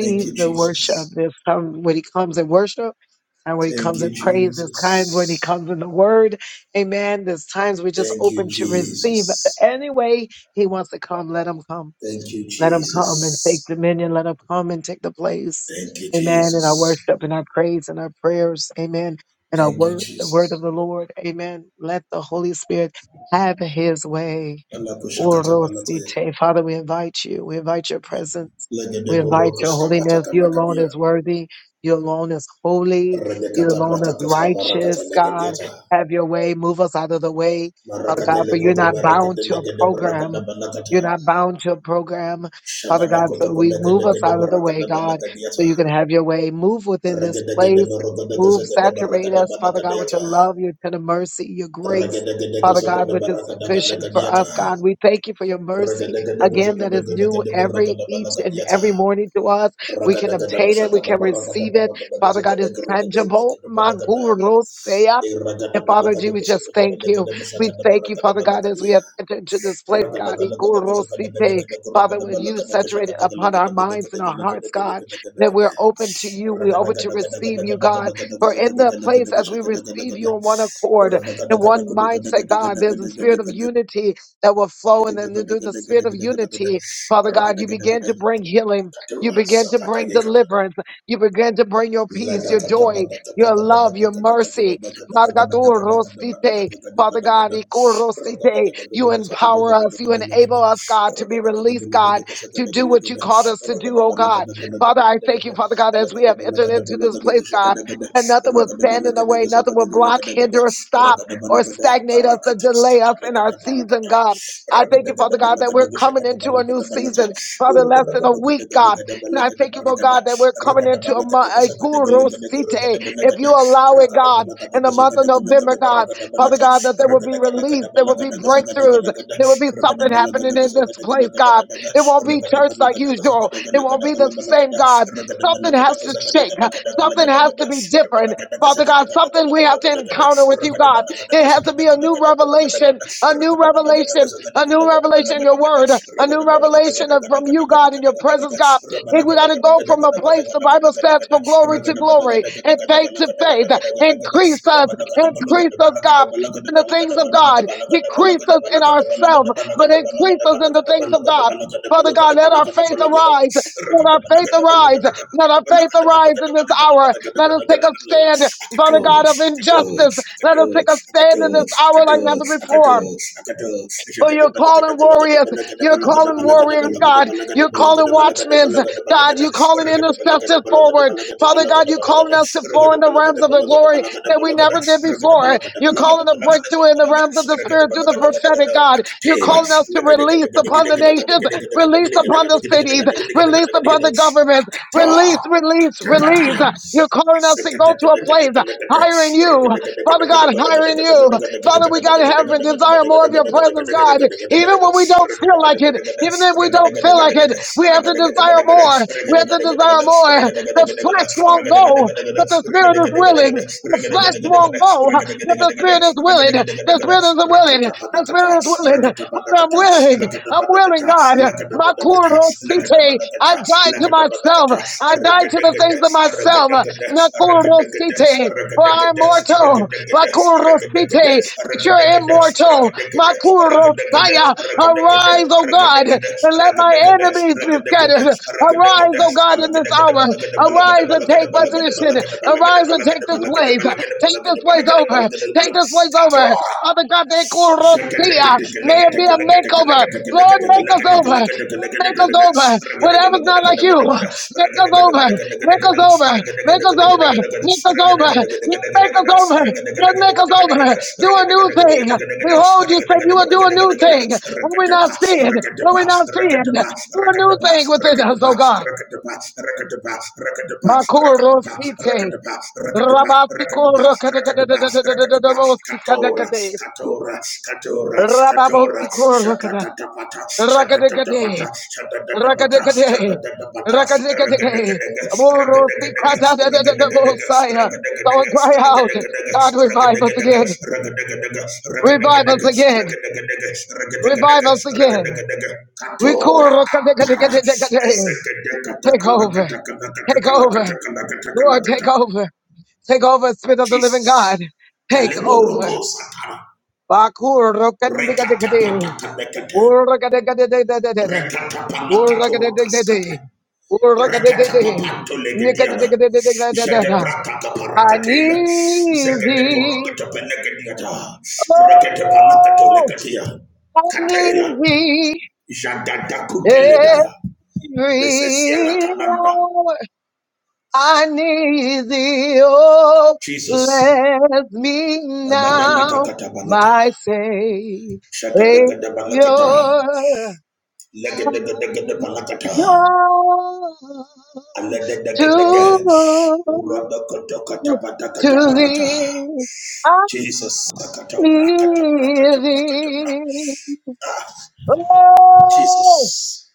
S2: Thank you,
S1: the
S2: Jesus.
S1: worship. If some when he comes and worship. And when he
S2: Thank
S1: comes
S2: you,
S1: in praise, there's times when he
S2: Jesus.
S1: comes in the word. Amen. There's times we just
S2: Thank you,
S1: open to receive. But
S2: Jesus.
S1: anyway, he wants to come. Let him come.
S2: Thank you,
S1: Let him come and
S2: Jesus.
S1: take dominion. Let him come and take the place.
S2: Thank you,
S1: Amen. In our
S2: Jesus.
S1: worship in our praise in our prayers. Amen. In our
S2: Thank you,
S1: word, the word of
S2: Jesus.
S1: the Lord. Amen. Let the Holy Spirit have his way.
S2: Alakoshakatabalataya.
S1: Orosite. Father, we invite you. We invite your presence. We invite your holiness. You alone
S2: Legedegorokoskapatakanakadia.
S1: is worthy. You alone holy. You
S2: Renekata
S1: alone as
S2: Bratakoska Barakata
S1: righteous, God.
S2: Legadiata.
S1: Have your way. Move us out of the way. God, for
S2: Marakadele
S1: you're
S2: Koto
S1: not bound to
S2: Barakadele
S1: a
S2: Gede
S1: program.
S2: Barakada
S1: You're
S2: Banakata.
S1: not bound to a program, Father
S2: Shadada
S1: God. So
S2: Kotoko
S1: we
S2: Legade
S1: move us
S2: Gede
S1: out of the way,
S2: Barakada
S1: God.
S2: Banakadiata.
S1: You can have your way. Move within this
S2: Regede Gede
S1: place.
S2: Barakada
S1: Move,
S2: Gazagada
S1: saturate
S2: Barakada Banakadiata. Regede Gede Gazagada Barakada Galagadiata. Regede Gede Gazagada Galagade Barakada Banakadiata. Ragada Gada Boshakada Barakada Banakada Gazagada Gregade Gede Banakada. Iragada Banakada Gazagada Banakada Boshakada Barakada Banakadia.
S1: open to you. We open to receive you, God. For in the place as we receive you in one accord, in one mindset, God, there's a spirit of
S2: Ragada
S1: unity that will flow. And then through the spirit of unity, Father God, you begin to bring healing. You begin to bring deliverance. You begin to bring your peace, your joy, your love, your mercy. Father oh, Rosite, Father God, Ikorosite, you empower us, you enable us, God, to be released, God, to do what you called us to do, oh God. Father, I thank you, Father God, as we have entered into this place, God, that nothing will stand in the way, nothing will block, hinder, or stop, or stagnate us or delay us in our season, God. I thank you, Father God, that we're coming into a new season, Father, less than a week, God. And I thank you, Lord
S2: Ragada
S1: God, that we're coming into a month, a
S2: Rakadabalagadagasagadagalagada,
S1: kurosite, if you allow it, God, in the month of
S2: rakadabalagadagasagadagalagada,
S1: November, God, Father God, that there will be release, there will be breakthroughs,
S2: rakadabalagadagasagadagalagada,
S1: there will be something happening in
S2: Ragada
S1: health, but Uh, Father God, let our faith arise. Let our faith arise. in this hour. Let us take a stand, Father God, of injustice. Let us take a stand in this hour like never
S2: Ragada
S1: before.
S2: Rakatela
S1: Oh, you're calling warriors. You're calling warriors, God. You're calling watchmen, God. You're calling intercessors forward. Father God, you're calling us to flow in the realms of the glory that we never did before. You're calling a breakthrough in the realms of the spirit through the prophetic, God. You're calling us to release upon the nations, release upon the cities, release upon the government, release, release, release.
S2: Rakata
S1: You're calling us to go to a place higher in you. Father God, higher in you. Father, we got to have and desire more of your presence, God. Even when we don't feel like it, even if we don't feel like it, we have to desire more. We have to desire more. The flesh won't go, but the spirit is willing. The flesh won't go, but the spirit is willing. The spirit is willing. The spirit is willing. Father, I'm willing. I'm willing, God. My
S2: Lakata,
S1: kurosite. I
S2: Lakadabadakata,
S1: died to myself.
S2: Lakadabadakata,
S1: I died to the things
S2: Ragadagada,
S1: of myself.
S2: Ragadagada, Ragadagada,
S1: My
S2: Ragadagada,
S1: kurosite.
S2: Ragadagada,
S1: For I am
S2: Ragadagada,
S1: mortal.
S2: Ragadagada,
S1: Bakurosite,
S2: Ragadagada,
S1: but
S2: Ragadagada,
S1: you're immortal.
S2: Ragadagada, Ragadagada,
S1: Makurosaya, arise, O God,
S2: Ragadagada,
S1: and let my enemies be
S2: Ragadagada,
S1: scattered. Arise,
S2: Ragadagada,
S1: O God, in this
S2: Balagadagada,
S1: hour.
S2: Balagada,
S1: Arise and
S2: Balagada,
S1: take
S2: Balagada, Balagada, Balagada,
S1: position. Arise
S2: Balagada,
S1: and
S2: Balagada,
S1: take this
S2: Balagada,
S1: place.
S2: Balagada,
S1: Take this place
S2: Balagada,
S1: over.
S2: Balagada, Balagada,
S1: Take
S2: Balagada,
S1: this place over.
S2: Katora.
S1: Father God, they
S2: Rakatapa, rakatapa,
S1: call Rosia. May it be a makeover. Lord, make us over. Lord, make us over. Whatever's not like you, make us over. Make us over. Make us over. Make us over. Lord, make us over. Lord, make us over. Do a new thing. Behold, you said you will do a new thing. When we not see it, when we not see it, do a new thing within us, oh
S2: rakatapa,
S1: God.
S2: rakatapa, rakatapa, rakatapa, Rakadapa,
S1: Makurosite.
S2: rakadapa, rakadapa, rakadapa, rakadapa, rakadapa, katora,
S1: Rabatikorokadegadegadagadegadagadegadagadegade.
S2: katora, katora, katora,
S1: Rababotikorokada.
S2: shatatatapata,
S1: Rakadegade.
S2: shatatatapata, shatatatapata,
S1: Rakadegade.
S2: shatatatapata,
S1: Rakadegade.
S2: ragadagadaga, ragadagadaga, ragadagadaga,
S1: Morosikadadadadadabosaya. So I
S2: ragadagadaga,
S1: cry out,
S2: ragadagadaga,
S1: God, revive us
S2: ragadagadaga,
S1: again.
S2: ragadagadaga,
S1: Revive us
S2: ragadagadaga,
S1: again.
S2: ragadagadaga,
S1: Revive us
S2: ragadagadaga,
S1: again.
S2: ragadagadaga.
S1: We Take over. Take over. Lord, take over. Take over, Spirit of the Living God. Take over. Bakur rokandigadegade. Urakadegadegade. Urakadegadegade. Urakadegadegade. Yekadegade. I
S2: Ishila,
S1: need thee.
S2: Rakete panakato
S1: Oh,
S2: lekatia.
S1: I need
S2: Katela.
S1: thee
S2: Jadada kuteledaya. Nesesiana
S1: every
S2: kalanda.
S1: hour. I need thee, oh,
S2: Jesus.
S1: bless me
S2: Ananata
S1: now,
S2: katabalata.
S1: my Savior,
S2: Shadadagada balakata.
S1: come
S2: Legadagadaga balakata. Aladadagadaga.
S1: to,
S2: Radakata katabata
S1: to
S2: katabarata.
S1: thee, I
S2: Jesus. Sakata brakata
S1: need
S2: brakata brakata bra.
S1: thee, oh,
S2: Jesus.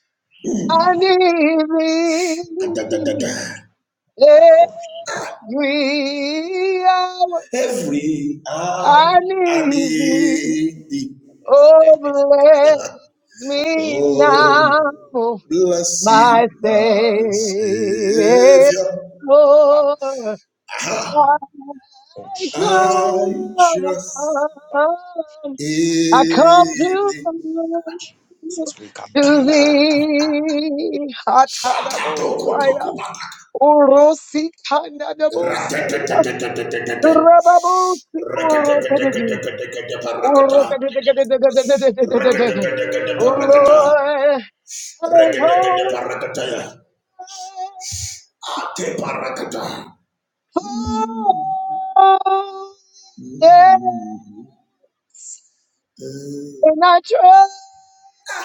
S1: I
S2: Mm.
S3: Amako,
S1: need thee
S2: Kadadadada.
S3: Amako,
S1: every hour.
S2: every
S1: I
S2: hour and
S1: need thee.
S2: day.
S1: Oh,
S3: Lepe,
S1: bless me now,
S2: Oh, blessed
S1: my
S2: my
S1: Savior.
S2: Savior.
S3: Amako,
S1: I
S2: Aha.
S3: Sheket,
S2: I
S1: come,
S2: trust
S1: I come
S2: in
S1: to
S2: thee.
S1: to
S3: O,
S1: thee. Hatadabosaya, Urosikandadabosaya,
S2: Ratatatatatatatata.
S1: Rababosikorokanegi. Oh
S4: Hallelujah
S1: Lord, I hope
S2: Mm.
S1: and I trust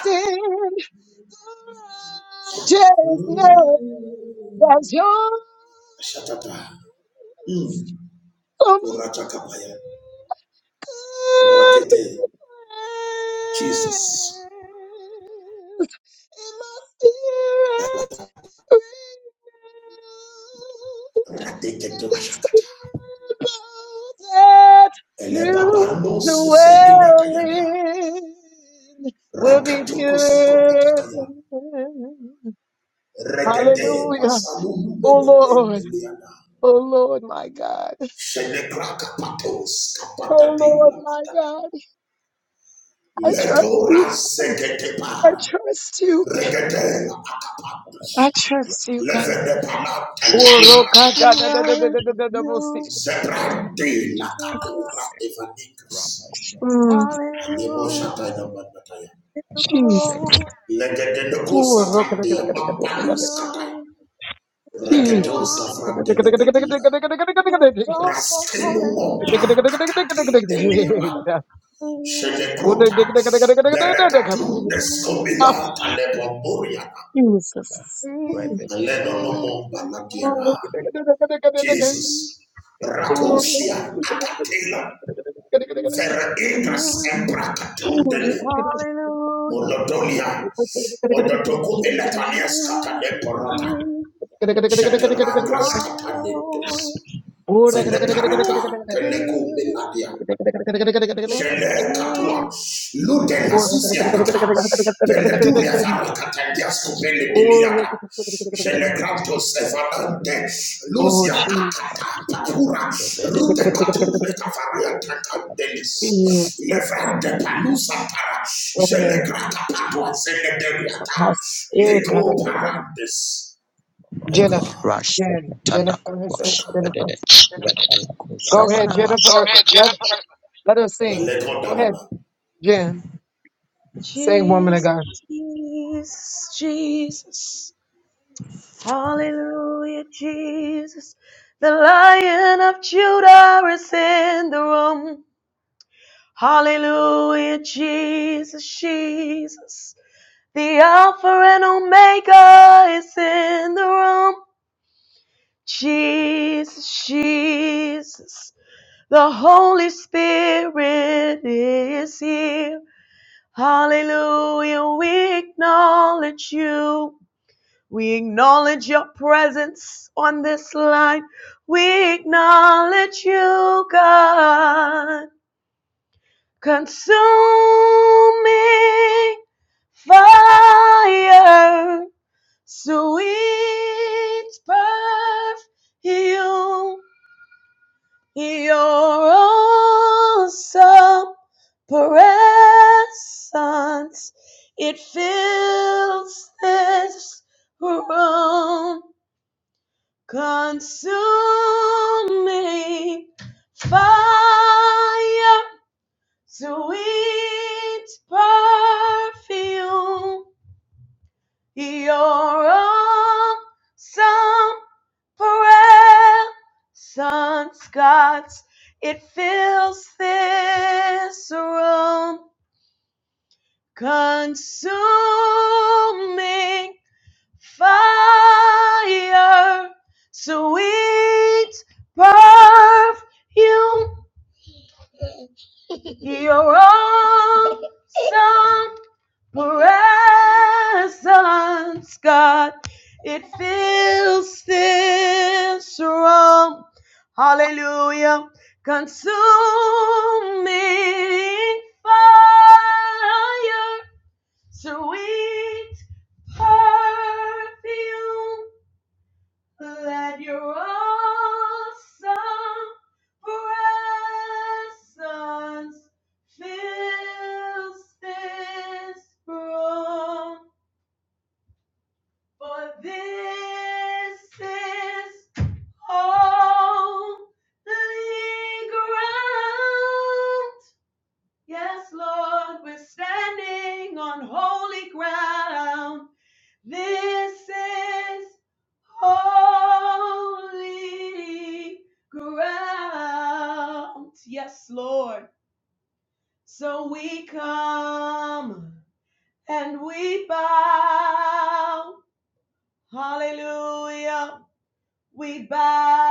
S1: in I just know
S2: Eh.
S1: that you're
S2: Shatata. Mm. Kurachakapaya. Ratete. Jesus.
S1: in my spirit renewed
S2: Ratete
S1: and this
S2: Rashaka.
S1: temple that you
S2: Elebabano suseni
S1: dwell
S2: batayana.
S1: in will be
S2: Rakatoko soko
S1: pure.
S2: patakaya. Regede
S1: Hallelujah.
S2: basalulu
S1: Oh
S2: benete
S1: Lord.
S2: deliana.
S1: Oh Lord, my God.
S2: Shenekraka patos
S1: Oh Lord,
S2: kapatadila
S1: my
S2: atada.
S1: God. I trust you,
S2: Letora
S1: God.
S2: segete
S1: I
S2: para.
S1: trust you. God.
S2: Regede
S1: I
S2: akapandos.
S1: trust you, God.
S2: Levene palata
S1: Oh,
S2: lekura
S1: roka da
S2: akata.
S1: da da da da
S4: to
S1: da da
S4: you,
S1: da da bo si.
S4: Lord.
S2: Zebrande la katura evanicus. Lemo
S4: Hallelujah
S2: shatai na mandataya.
S4: to you
S1: Jesus.
S4: glory,
S2: Legededeko
S1: Oh, roka da da da
S2: satandea
S1: da da da da da
S2: mambalu skatai.
S4: Lord. Give you
S2: Regedo
S4: all
S2: savrande legedina.
S4: the glory,
S2: Raskemo
S1: da. Jesus.
S4: hallelujah.
S2: mompa akate deliama.
S1: [LAUGHS]
S4: Jesus,
S2: Shenekruta. Berekatum
S4: Jesus,
S1: Oh,
S2: deskomila talebo muriana.
S1: Jesus.
S3: Rebe,
S4: Jesus,
S2: Aleno no
S4: Jesus,
S2: momba ladiana. Jesus.
S3: Rebe, Bo,
S4: Jesus,
S2: Rakosia akatela. Vera
S4: Jesus.
S2: indras embrakatundele.
S1: Oh,
S4: Hallelujah,
S2: Molodolia.
S1: Jennifer,
S2: Modotoku milatania skatale
S4: Jesus,
S2: porota.
S4: Jesus.
S2: Sheteragras
S4: Hallelujah,
S2: kapanetos.
S4: Jesus,
S2: Feleparata. Telekume
S4: Jesus,
S2: labia.
S3: Shep,
S2: Shele
S4: yeah,
S2: katua. Lude la susia nata. Peleturia farakata diasco pele deliada. Shele
S3: Sheket,
S2: grantos evanante. Lucia akata patura.
S3: Rebe,
S2: Rute katu le kavaria taka delis. Levrante palusa para. Shele grata patua. Sele deriata. Lego parantes. My
S1: Jen-
S2: God.
S3: Rush
S1: Jennifer,
S3: Tanakuba
S1: is
S2: my
S1: it
S2: God.
S1: Jennifer.
S3: Shabede Rapanaku
S1: Go
S4: Yes,
S1: ahead,
S4: ma'am.
S3: Shabanaba
S4: Go
S1: Jennifer.
S4: ahead,
S1: Let
S4: Jennifer.
S1: let her sing. Go ahead,
S2: Malekodaraba.
S1: Jen. Sing, woman of
S4: Jesus,
S1: God.
S4: Jesus, Jesus. Hallelujah, Jesus. The Lion of Judah is in the room. Hallelujah, Jesus, Jesus. The Alpha and Omega is in the room. Jesus, Jesus. The Holy Spirit is here. Hallelujah. We acknowledge you. We acknowledge your presence on this line. We acknowledge you, God. Consuming fire, sweet perfume. You're awesome presence. It fills this room, consuming fire, sweet perfume. Your awesome presence, God, it fills this room. Consuming fire, sweet perfume. Your awesome presence, God, it fills this room. Hallelujah. Consuming fire, sweet perfume. Let your awesome presence fill this room. For this is holy ground. Yes, Lord, we're standing on holy ground. This is holy ground. Yes, Lord. So we come and we bow. Hallelujah. We bow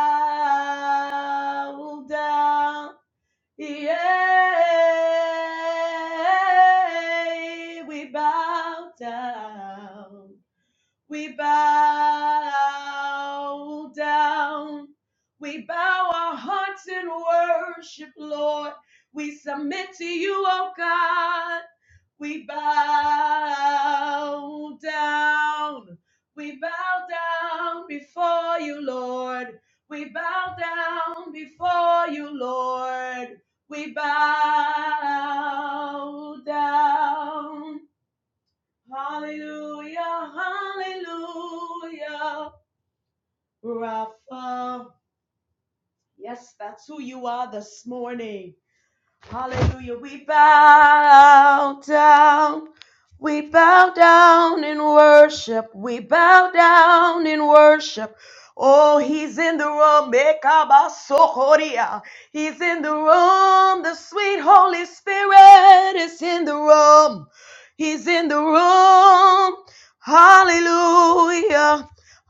S4: down. Yeah, we bow down We bow down. We bow our hearts in worship, Lord. We submit to you, O God. We bow down. We bow down before you, Lord. We bow down before you, Lord. We bow down. Hallelujah, hallelujah, Rapha. Yes, that's who you are this morning. Hallelujah. We bow down. We bow down in worship. We bow down in worship. Oh, he's in the room. Ekabasokoria. He's in the room. The sweet Holy Spirit is in the room. He's in the room. Hallelujah.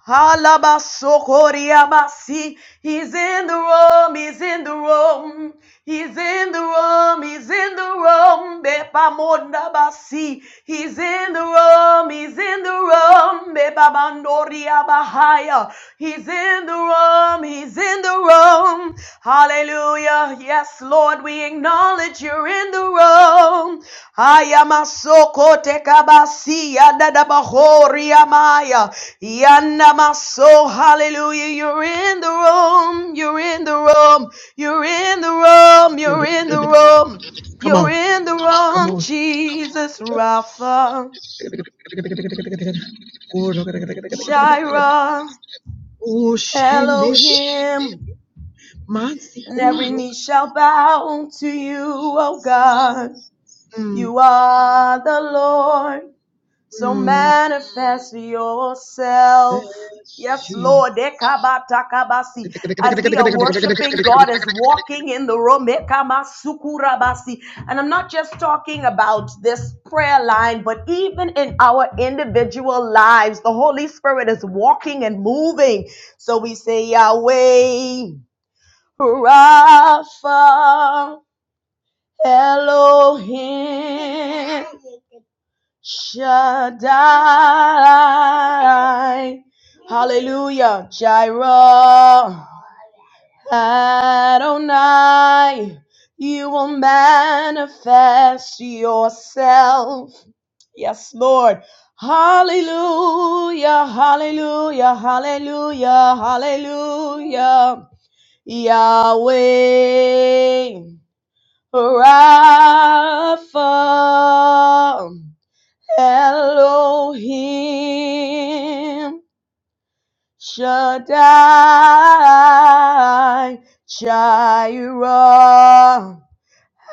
S4: Halabasokoriabasi. He's in the room, he's in the room, he's in the room, he's in the room, Bepamondabasi. He's in the room, he's in the room, Bepamandoriabahaya. He's in the room, he's in the room. Hallelujah. Yes, Lord, we acknowledge you're in the room. Haya masoko tekabasi yadadabahori amaya yana maso hallelujah you're in the room you're in the room you're in the room you're in the room you're in the room Jesus Rapha Shira Elohim and every knee shall bow to you oh God you are the Lord So manifest yourself. Yes, Lord. Ekabatakabasi. As we are worshiping, God is walking in the room. Ekamasukurabasi. And I'm not just talking about this prayer line, but even in our individual lives, the Holy Spirit is walking and moving. So we say, Yahweh, Rapha, Elohim. Shaddai. Hallelujah. Jireh. Adonai. You will manifest yourself. Yes, Lord. Hallelujah. Hallelujah. Hallelujah. Hallelujah. Yahweh. Rapha. Elohim Shaddai Jireh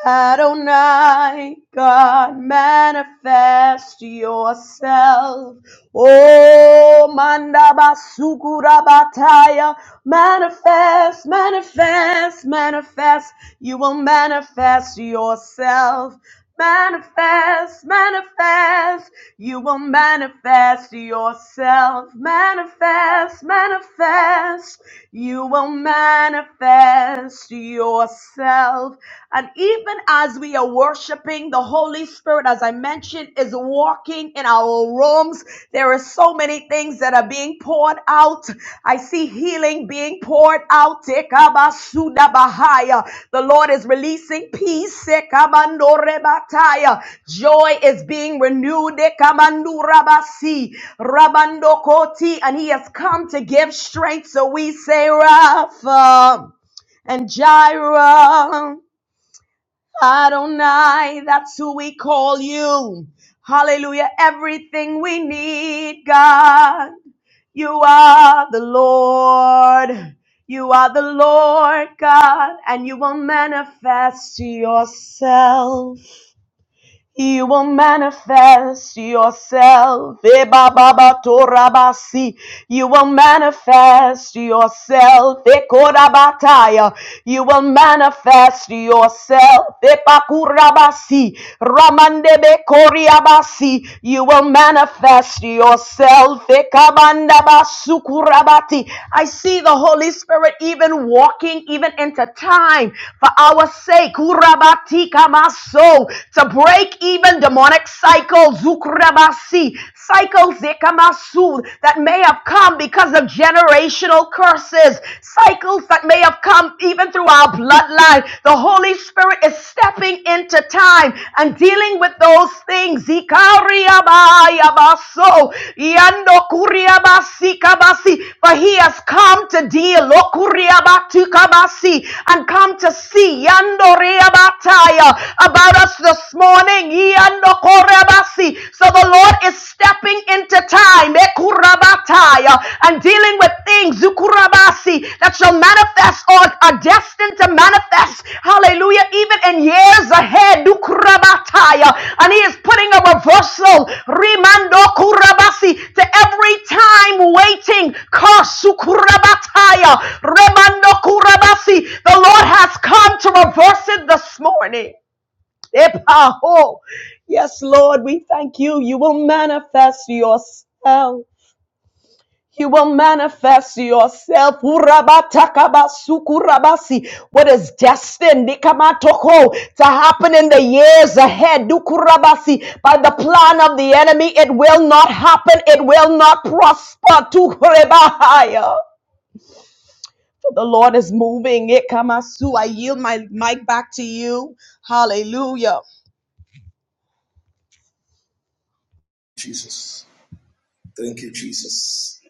S4: Adonai God manifest yourself Oh Mandabasukurabataya manifest manifest manifest you will manifest yourself Manifest, manifest. You will manifest yourself. Manifest, manifest. You will manifest yourself. And even as we are worshiping, the Holy Spirit, as I mentioned, is walking in our rooms. There is so many great things that are being poured out. I see healing being poured out. Tekabasudabahaya. The Lord is releasing peace. Sekabandorebataya. Joy is being renewed. Dekabandurabasi. Rabandokoti. And He has come to give strength. So we say, Rapha and Jireh, Adonai, that's who we call you. Hallelujah. Everything we need, God. You are the Lord. You are the Lord God, and you will manifest yourself. You will manifest yourself. Eh, ba, ba, si. You will manifest yourself. Eh, ko, You will manifest yourself. Eh, pa, ku, ra, si. be, ko, si. You will manifest yourself. Eh, ka, banda, I see the Holy Spirit even walking even into time for our sake. Kurabati kamaso to break even demonic cycles, zukrabasi, cycles zekamasu, that may have come because of generational curses, cycles that may have come even through our bloodline. The Holy Spirit is stepping into time and dealing with those things. Zikariabayabaso, yandokuriabasikabasi, For he has come to deal okuriabatukabasi, and come to see yandoreabataya, about about us this morning. Yandokorebasi. So the Lord is stepping into time ekurabataya, and dealing with things zukurabasi, that shall manifest or are destined to manifest. Hallelujah. Even in years ahead. dukurabataya. And He is putting a reversal rimando kurabasi, to every time waiting. kasukurabata. Remando Kurabasi. The Lord has come to reverse it this morning. Epaho. Yes, Lord, we thank you. You will manifest yourself. You will manifest yourself. What is destined nikamatoko, to happen in the years ahead? dukurabasi, By the plan of the enemy, it will not happen. It will not prosper. Tukurebahaya. For The Lord is moving. Ikamasu. I yield my mic back to you. Hallelujah.
S2: Jesus. Thank you, Jesus.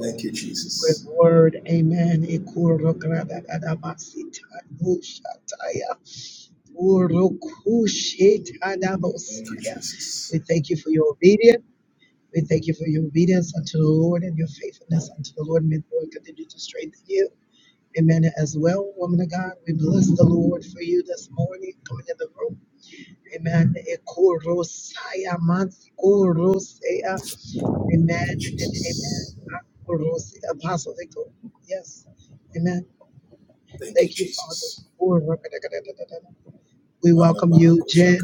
S2: Thank you, Jesus. Thank you, Jesus. Thank you, Jesus. Thank you, Jesus. Malabarakosha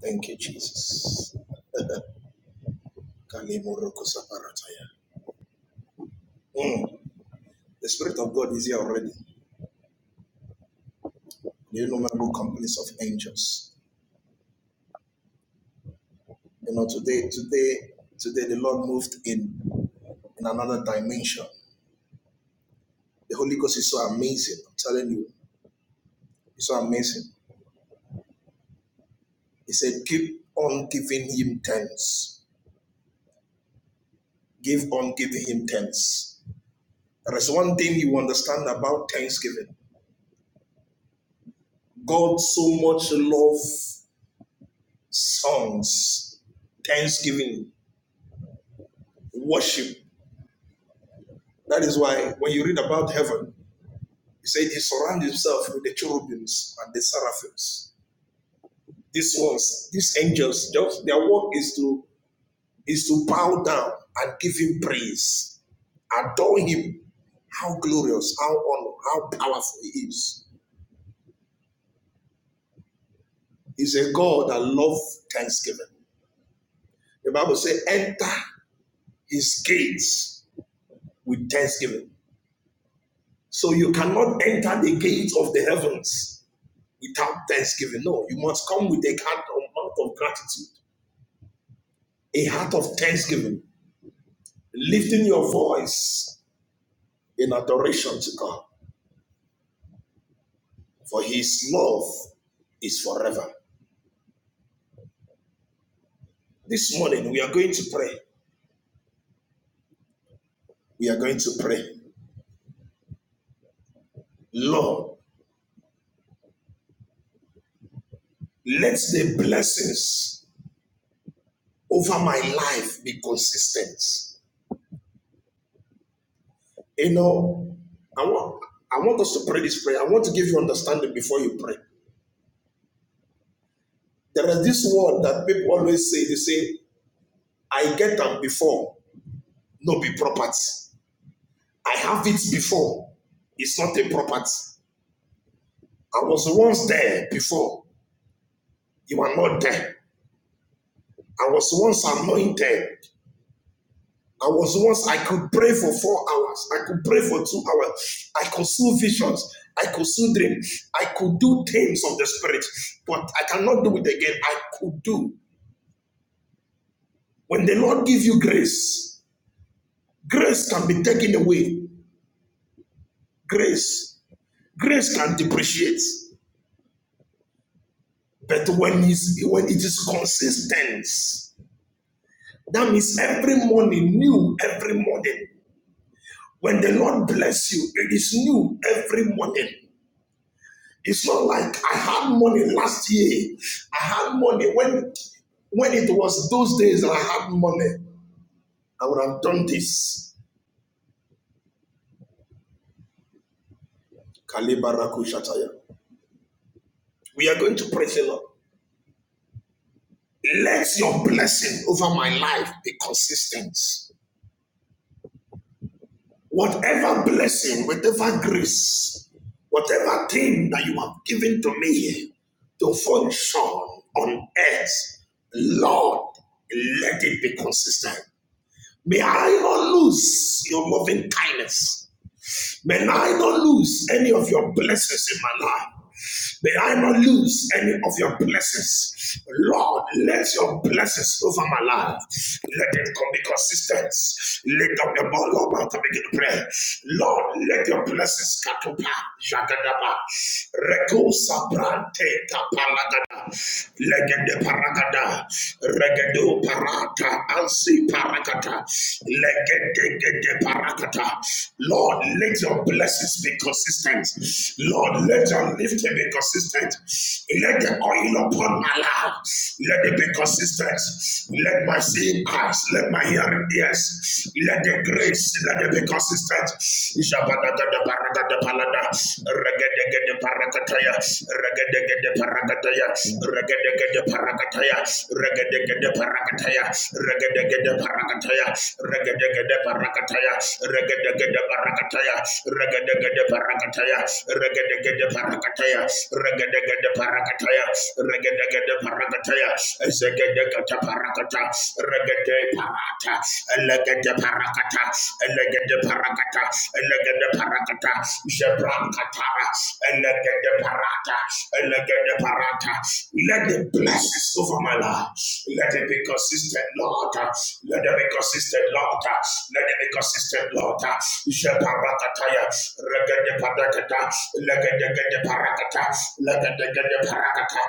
S2: Thank you, Jesus. [LAUGHS] Kalimorokosaparataya. Mm. The Spirit of God is here already. The innumerable companies of angels. You know, today, today, today, the Lord moved in in another dimension. The Holy Ghost is so amazing. I'm telling you, it's so amazing. He said, keep on giving him thanks. Give on giving him thanks. There is one thing you understand about thanksgiving. God so much loves songs, thanksgiving, worship. That is why when you read about heaven, he said he surrounds himself with the cherubims and the seraphims. These ones, these angels, just their work is to is to bow down and give him praise. Adore him. How glorious, how honor, how powerful he is. He's a God that loves thanksgiving. The Bible says, enter his gates with thanksgiving. So you cannot enter the gates of the heavens without thanksgiving. No, you must come with a heart of gratitude, a heart of thanksgiving, lifting your voice in adoration to God. For his love is forever. This morning, we are going to pray. We are going to pray. Lord, let the blessings over my life be consistent. You know, I want, I want us to pray this prayer. I want to give you understanding before you pray. There is this word that people always say, they say, I get them before, no be property. I have it before, it's not a property. I was once there before, you are not there. I was once anointed, I was once, I could pray for four hours. I could pray for two hours. I could see visions. I could see dreams. I could do things of the spirit, but I cannot do it again. I could do. When the Lord gives you grace, grace can be taken away. Grace, grace can depreciate, but when it's, when it is consistent, that means every morning, new every morning. When the Lord bless you, it is new every morning. It's not like I had money last year. I had money when when it was those days that I had money. I would have done this. We are going to praise the Lord. Let your blessing over my life be consistent. Whatever blessing, whatever grace, whatever thing that you have given to me to function on earth, Lord, let it be consistent. May I not lose your loving kindness. May I not lose any of your blessings in my life. May I not lose any of your blessings. Lord, let your blessings over my life. Let it come be consistent. Lift up your ball, Lord, to begin to pray. Lord, let your blessings katupa, jagadaba, rekosa brante kapalagada, legende paragada, regedo parata, ansi Parakata. Legedegede parakata. Lord, let your blessings be consistent. Lord, let your lifting be consistent. Let the oil upon my life, let it be consistent. Let my seeing eyes, let my hearing ears, let the grace, let it be consistent. Jabadagada paragada palada, regedegede parakataya, regedegede parakataya, regedegede parakataya, regedegede parakataya regedegede parakataya regedegede parakataya regedegede parakataya regedegede parakataya regedegede parakataya regedegede parakataya regedegede parakataya ezegedegede parakata regede parata elegede parakata elegede parakata elegede parakata, Jebrakatara, Elegede parata, Elegede parata. Let the blessings over my life. Let it be consistent, Lord. Let it be consistent, Lord. Let it be consistent, Lord. Jeparakataya, Regede parakata, Legede parakata, Legede parakata.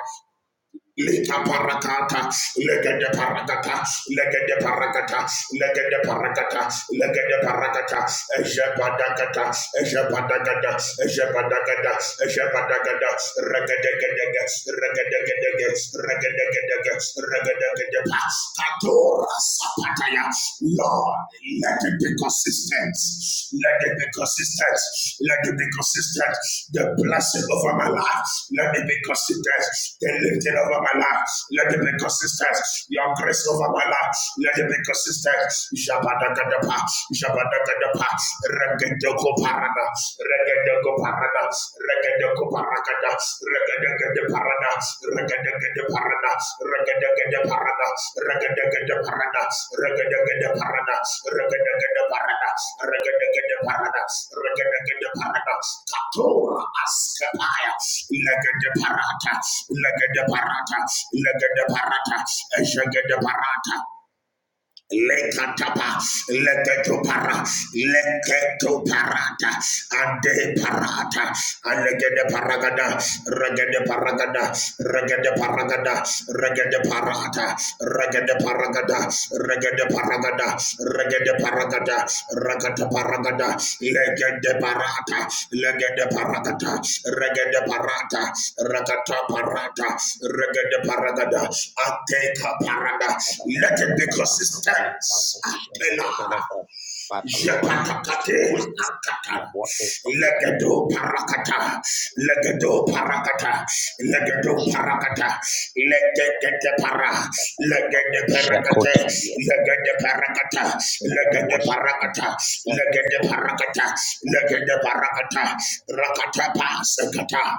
S2: Lika parakata, legede parakata, legede parakata, legede parakata, legede parakata, ejepadagada, ejepadagada, ejepadagada, ejepadagada, regedegedege, regedegedege, Lord, let it be consistent. Let it be consistent. Let it be consistent. The blessing over my life. Let it be consistent. The lifting over my life. Let it be consistent. Your grace over my life. Let it be consistent. Shabadakadapa. Shabadakadapa. Regedokoparada paradas, regadego paradas, regadego paradas, regadego paradas, regadego paradas, regadego paradas, regadego paradas, regadego paradas, regadego paradas, regadego paradas, katora askapaya, legede parata, legede parata, legede parata, ejegede parata, Lekatapa, leketopara, leketoparata, ande parata, alegede paragada, regede paragada, regede paragada, regede parata, regede paragada, regede paragada, regede paragada ragada paragada legede parata legede paragada regede parata ragata parata regede paragada ateka parada let it be consistent atelara Jepatakate akata.
S3: Warrior
S2: Legado parakata. Legado parakata. Legado parakata. Legade para. Legade parakate.
S3: Shakotani
S2: Legade parakata.
S3: in our
S2: Legade
S3: worship in our
S2: parakata.
S3: service
S2: Legade
S3: oh
S2: parakata.
S3: God
S2: Legade parakata. Rakata pasakata.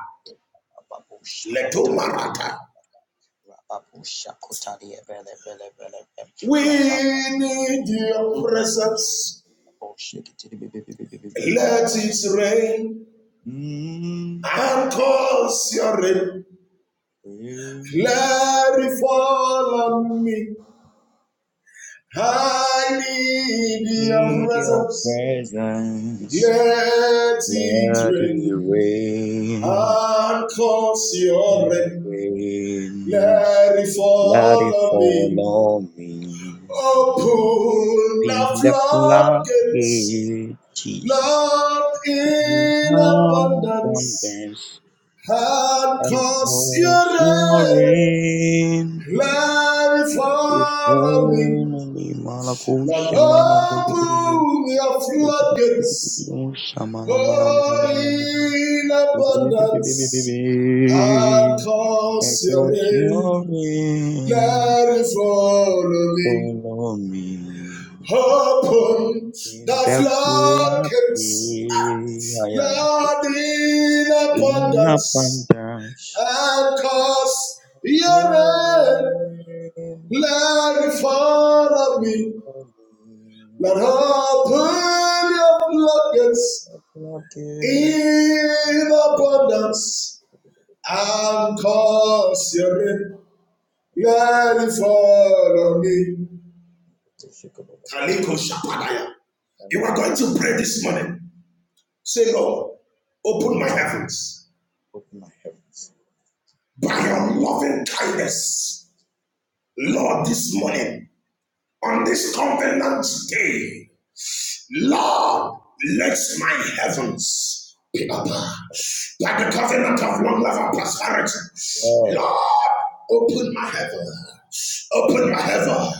S3: Babu
S2: Leto
S3: Shakotani
S2: marata.
S3: Babu Shakotani
S2: We need your presence.
S3: Shake it to the baby
S2: Let it rain and cause your rain
S3: We
S2: Glory fall on me. I need your
S3: Need your
S2: presence.
S3: presence
S2: Let it
S3: Let it
S2: rain
S3: rain,
S2: and cause your
S3: let it
S2: rain.
S3: rain,
S2: Glory
S3: let it
S2: fall on
S3: fall
S2: me.
S3: on me.
S2: Open
S3: In the
S2: the
S3: flood,
S2: floodgates,
S3: yeah, Jesus.
S2: Lord,
S3: In
S2: in abundance,
S3: abundance
S2: and
S3: and
S2: cause your
S3: cause your
S2: rain.
S3: rain.
S2: Let it
S3: If
S2: fall on me.
S3: only
S2: Lord,
S3: Malakusha Mana
S2: open your floodgates,
S3: Shamana Mana Mana
S2: oh,
S3: Mana
S2: in abundance, and
S3: Mana And
S2: cause your
S3: put
S2: rain.
S3: your name,
S2: Let it follow me.
S3: follow me.
S2: Open
S3: In the
S2: the floodgates,
S3: flaky ayalako.
S2: Lord, in
S3: In
S2: abundance,
S3: abundance.
S2: and cause your
S3: Your
S2: rain.
S3: name,
S2: Let it follow me.
S3: follow
S2: Lord,
S3: me.
S2: open your floodgates.
S3: Flaky
S2: in abundance. Kaliko Shapadaya. You are
S3: ayalako.
S2: going to pray this morning. Say, Lord, open my
S3: Lord,
S2: heavens
S3: open my heaven.
S2: by your loving kindness. Lord, this morning, on this covenant day, Lord, let my heavens be open
S3: Yes, Lord.
S2: like the covenant of one love and prosperity.
S3: Yeah.
S2: Lord, open my heaven. Open my heaven.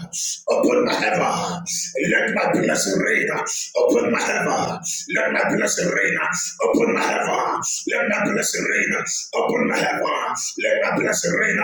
S2: Open my heaven. Let my blessing rain. Open my heaven. Let my blessing rain. Open my heaven. Let my blessing rain upon my heaven. Let my blessing rain.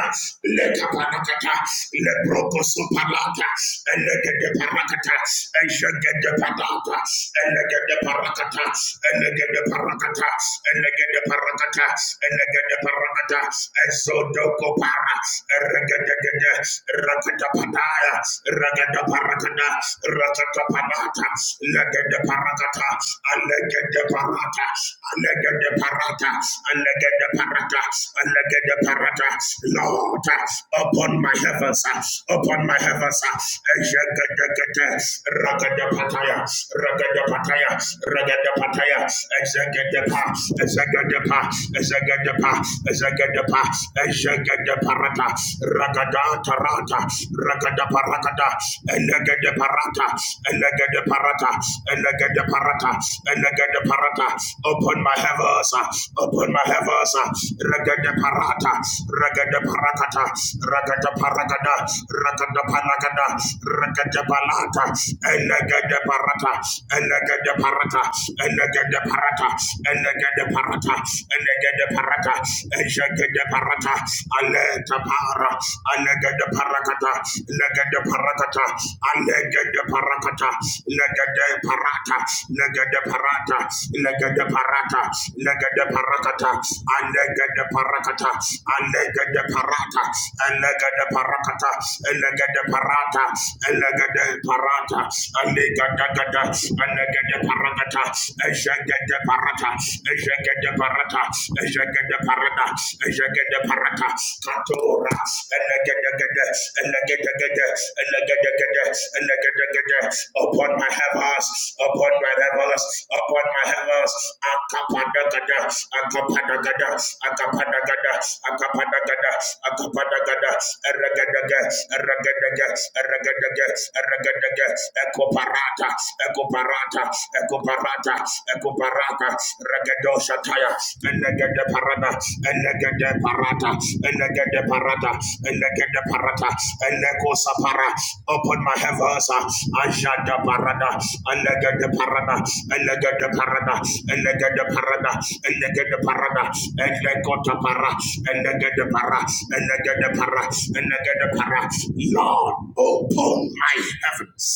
S2: Let Kapanakata. Let Brocosu Palata. And let the Parakata. And shall get the Padata. And let the Parakata. And let the Parakata. And let the Parakata. And let the Parakata. And so Doko Para. And Regadagada. Rakata Padaya. Ragada Parakada. Rakata Panata. Let the Parakata. And let the parata, alege de parata, alege de parata, alege de parata. Lord, upon my heavens, upon my heavens, allega de gete, raga de pataya, raga de pataya, raga Ejegedegede, ragedepataya, ragedepataya, ragedepataya, ezegedepa, raga ezegedepa, ezegedepa, ezegedeparata, ragadatarata, parata. allega de parata parata, elegede parata, elegede parata, elegede parata. Open my heavens, uh, open my heavens, uh, regede parata, regede parakata, regede paragada, regede palagada, regede palata, elegede parata, elegede parata, elegede parata, elegede parata, elegede parata, elegede parata, aleta para, anegede parakata legede parakata anegede parakata legede parata legede parata legede parata legede parakata anegede parakata anegede parata anegede parakata anegede parata anegede parata anegede gada anegede parakata anegede parata anegede parata Ejegede parada, ejegede parata, katora, elegedegede, elegedegede, elegedegede, elegedegede, upon my heavens, upon my heavens, upon my heavens, akapadagada, akapadagada, akapadagada, akapadagada, akapadagada, eregedege, eregedege, eregedege, eregedege, ekoparata, ekoparata, Ekuparata, Ekuparata, Ekuparata, Regadosha Taya, Enegade Parada, Enegade Parata, Enegade Parata, Enegade Parata, Enecosa Para, open my heavens, Ajada Parada, Enegade Parada, Enegade Parada, Enegade Parada, Enegade Parada, Enegota Para, Enegade Para, Enegade Para, Enegade Para, Lord, open my heavens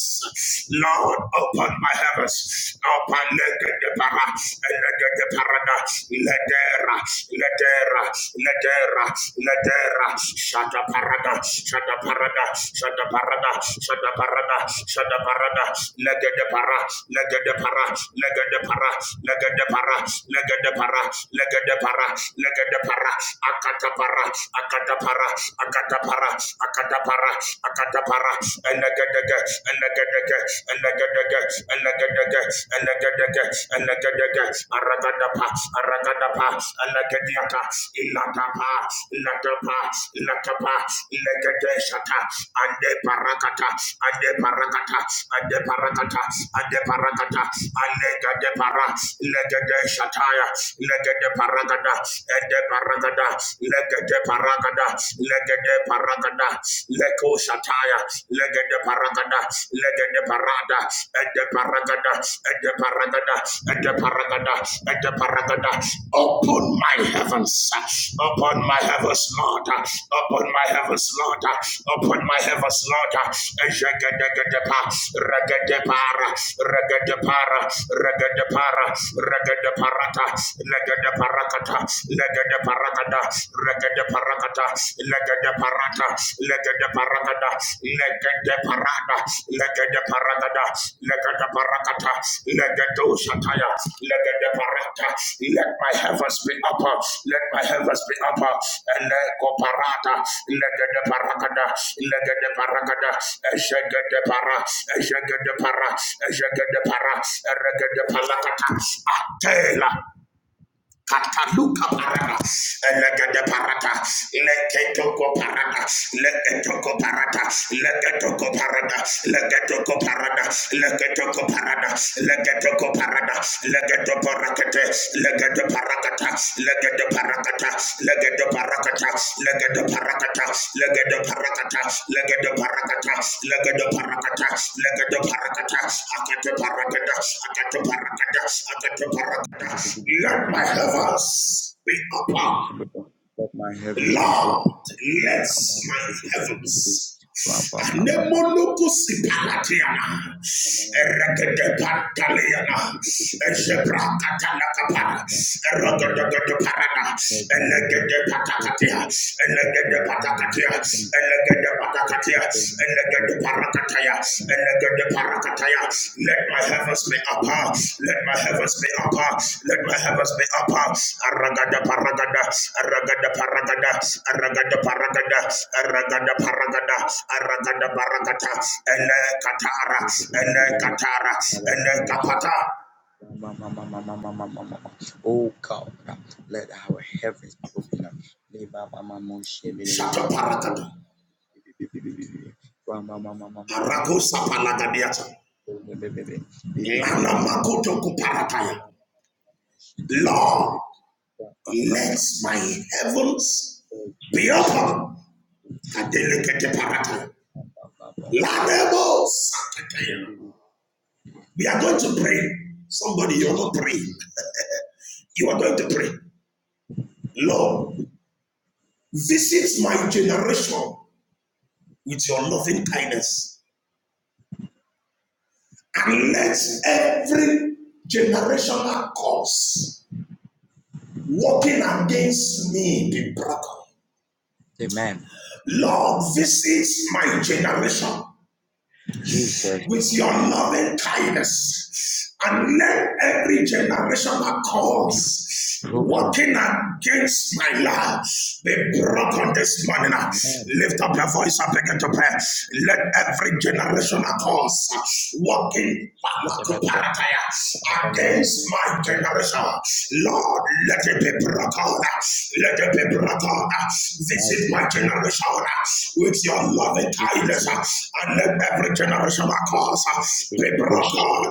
S2: Lord, open my heavens. Open legedepara, legedeparada, ledera, ledera, ledera, ledera, shadaparada, shadaparada, shadaparada, shadaparada, shadaparada, legedepara, legedepara, legedepara, legedepara, legedepara, legedepara, legedepara, akatapara akatapara akatapara akatapara akatapara akatapara anagadaga anagadaga anagadaga anagadaga anagadaga anagadaga aragadapa aragadapa anagadiaka inatapa inatapa inatapa inagadeshata ande parakata ande parakata ande de parakata, ade parakata, alega de para, lega de shataya, lega de paragada, ede paragada, lega de paragada, lega de paragada, leko shataya, lega de paragada, lega de parada, ede paragada, ede paragada, ede paragada, ede paragada. Open my heavens, upon my heavens, Lord upon my heavens, Lord, upon my heavens, Lord. Ejagadagadepa, ragadepara, ragadepara, ragadepara, ragadeparata, legadeparakata, legadeparakata, ragadeparakata, legadeparata, legadeparakata, legadeparada, legadeparada, de paragada, lega de paragata, lega do shataya, lega de parata. Let my heavens be upper, let my heavens be upper, and lego parata, lega de paragada, lega de paragada, eshega de para, eshega de para, eshega de para, erega de palakata, atela. Kataluka parada, elegede parada, leketoko parada, leketoko parada, leketoko parada, leketoko parada, leketoko parada, leketoko parada, legedo parakete, legedo parakata, legedo parakata, legedo parakata, legedo parakata, legedo parakata, legedo parakata, legedo parakata, legedo parakata, akete parakata, akete parakata, akete parakata, let my heavens be open.
S3: Let my head
S2: Lord,
S3: open. Lord.
S2: let
S3: I'm on
S2: my
S3: you.
S2: heavens.
S3: Ram, bam, bam, bam,
S2: Anemonokusipanatiana. Erekadepantaliana.
S3: bam. Canada,
S2: Ezebrakatanakapa.
S3: Oh Lord,
S2: Erogodogodoparana.
S3: that I am here
S2: Elegedepatakatia.
S3: open up, that in the morning I am
S2: Elegedepatakatia.
S3: open, that the day I am having
S2: Elegedepatakatia. Let my heavens be upper. Let my heavens be upper. Let my heavens be upper. Aragada paragada. Aragada paragada. Aragada paragada. Aragada paragada. Aragada paragata. Ele katara. Ele katara. Ele kapata.
S3: Oh God, let our heavens be open up. Le- ba- ba- be- be- be-
S2: Shata
S3: Oh,
S2: parakata.
S3: be- be- be-
S2: Arakusa palagadiata. Lana makuto kuparataya. Lord, let my heavens
S3: Oh,
S2: be open Kadelekete parata. Ladebo sakataya. We are going to pray. Somebody, you're not praying. You are going to pray. Lord, visit my generation with your loving kindness and let every generational curse working against me be broken.
S3: Amen.
S2: Lord, visit my generation with your loving kindness and let every generation that
S3: Be
S2: calls
S3: broken.
S2: working against my life be broken this morning.
S3: Amen.
S2: Lift up your voice and begin to pray. Let every generation that calls working
S3: Let the word of our Lord be
S2: against my
S3: proclaimed.
S2: generation, Lord, let it be broken. Let the people
S3: Let
S2: of
S3: the
S2: God
S3: light
S2: visit
S3: be
S2: my
S3: broken.
S2: generation with your
S3: My
S2: love and kindness
S3: iniquity.
S2: and let every generation across people of
S3: Ghost.
S2: God,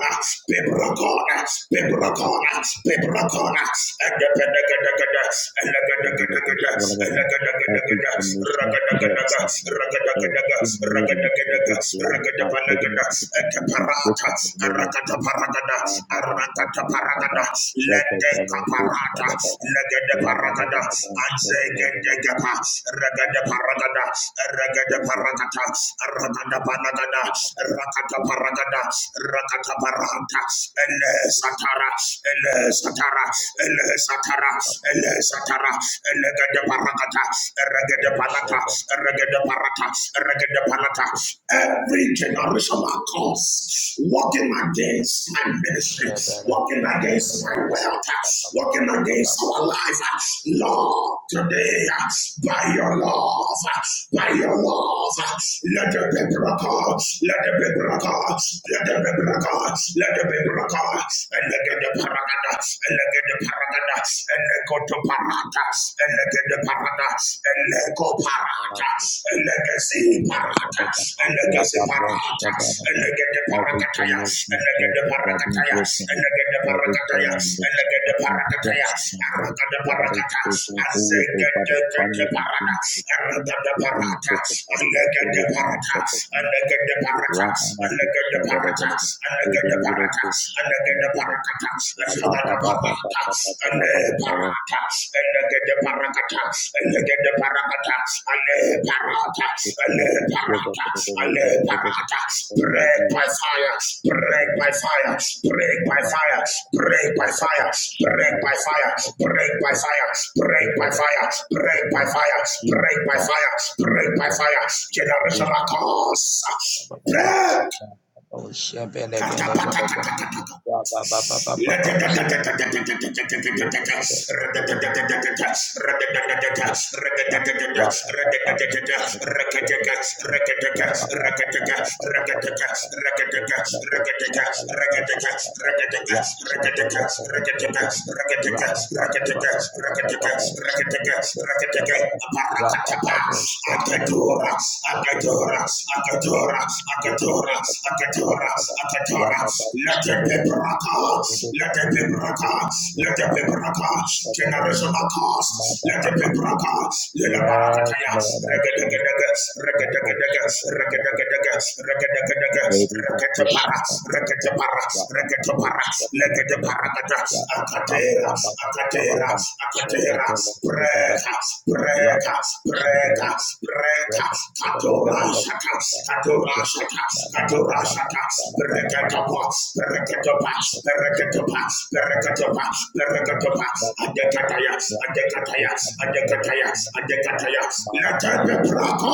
S2: people of God, people of
S3: Papa.
S2: God, people of God, and the Pentecost, and the Pentecost, and the
S3: Every
S2: Pentecost,
S3: generational
S2: Ragadagadagas,
S3: curse is now
S2: Ragadagadagas,
S3: every knowledge, every
S2: Ragadagadagas,
S3: blood, my every iniquity
S2: Ragadapalagadas,
S3: that has been
S2: parata
S3: broken in the name of
S2: arakata
S3: Jesus.
S2: paragada arakata paragada
S3: Shelter,
S2: lede
S3: hope, Rabba,
S2: kaparata legede
S3: Rabba, Rabba,
S2: paragada
S3: Shelter, Rabba,
S2: azegede gapa regede
S3: Rabba,
S2: paragada regede
S3: Every
S2: paragata arakada panagada rakata paragada rakata parata ele satara ele satara ele satara ele satara ele gede paragata regede palata Regade Paragata. Every generation that comes working against my ministry, working against my wealth, working against our life. Lord, today, by your love, by your love, let the be broken, let the be broken, let the be broken, let the be broken, and let the paragada, and let the paragada, and let go to parata, eleke de parata, eleko parata, eleke si parata, eleke si parata, eleke de parakataya,
S3: generational
S2: eleke de
S3: curses that have been
S2: parakataya,
S3: broken,
S2: eleke de
S3: every
S2: parakataya,
S3: generation
S2: eleke de
S3: of investing that
S2: parakataya,
S3: invests in him,
S2: araka de
S3: God is
S2: parakata,
S3: taking all
S2: azeke
S3: over
S2: de
S3: the
S2: de
S3: family. It's
S2: parata,
S3: been,
S2: parada,
S3: it's
S2: araka de
S3: been
S2: parata,
S3: broken. God,
S2: eleke
S3: it
S2: de
S3: is now
S2: parata,
S3: shepherd.
S2: eleke de parata,
S3: Jesus,
S2: eleke de parata, eleke de parata, eleke de Barakata, Ashagada Barakata, Ale Barata, Elegede Barakata, Elegede Barakata, Ale Barata, Ale Barata, Ale Barata, break by fire, break by fire, break by fire, break by fire, break by fire, break by fire, break by fire, break by fire, break by fire, break by fire, generational curse, break, Kata, kata, kata, kata.
S3: Rabba
S2: Rakataka, Akatora, Akatora, Akatora, Akatora, Akatora, Akatora. Let it be broken.
S3: Yes,
S2: Let it be
S3: Lord,
S2: broken. Let it be broken. Generational curse. Let it be broken. Let it be
S3: I
S2: broken.
S3: Jesus.
S2: Break us, break
S3: that boat
S2: us,
S3: ship, blah, blah,
S2: break
S3: blah, blah, blah.
S2: us,
S3: Baby, we push it, blah, blah, blah, blah. Rock on the boat ship, blah, blah, blah, blah. Rock on the blah, blah, blah, blah, blah, blah, blah, blah, blah. Ship it, blah, blah, blah, blah, blah, blah. Rock it, ship it,
S2: break
S3: blah,
S2: us,
S3: blah, blah, blah, blah, blah, blah.
S2: Katorashaka,
S3: Ship it,
S2: Katorashaka,
S3: blah, blah, blah, blah, blah, blah,
S2: Katorashaka,
S3: blah, blah, blah, blah, blah.
S2: Perekatopas,
S3: Rock on the boat
S2: Perekatopas,
S3: ship, blah,
S2: Perekatopas,
S3: blah, blah.
S2: Perekatopas, Perekatopas, Adekatayas, Adekatayas, Adekatayas, Adekatayas, Let there be Prato,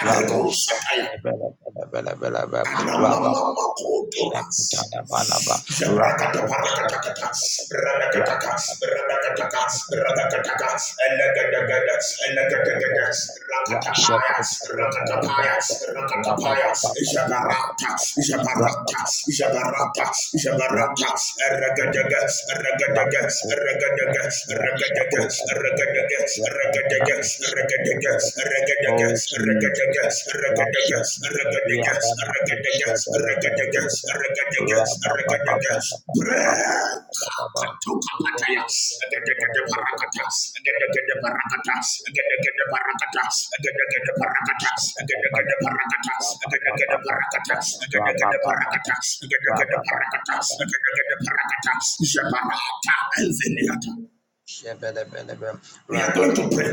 S3: Rabo
S2: Adekosataya,
S3: Bella Bella Bella Bella Rabba
S2: Anamamakotoras.
S3: Shakutana Banaba Rabba
S2: Jabrakata
S3: Ocean
S2: parakataka, rabakataka,
S3: Rabba
S2: rabakataka,
S3: Shakutana
S2: rabakataka, elegadagada, elegadagada, rakatapaya, rakatapaya, rakatapaya,
S3: Rabba
S2: jabarata, jabarata, jabarata, jabarata,
S3: Rabba
S2: Ragadaga, ragadaga, ragadaga, ragadaga, ragadaga, ragadaga, ragadaga, ragadaga, ragadaga, ragadaga,
S3: Oh Jesus,
S2: ragadaga, ragadaga, ragadaga, ragadaga, ragadaga. Bread. We are going to pray.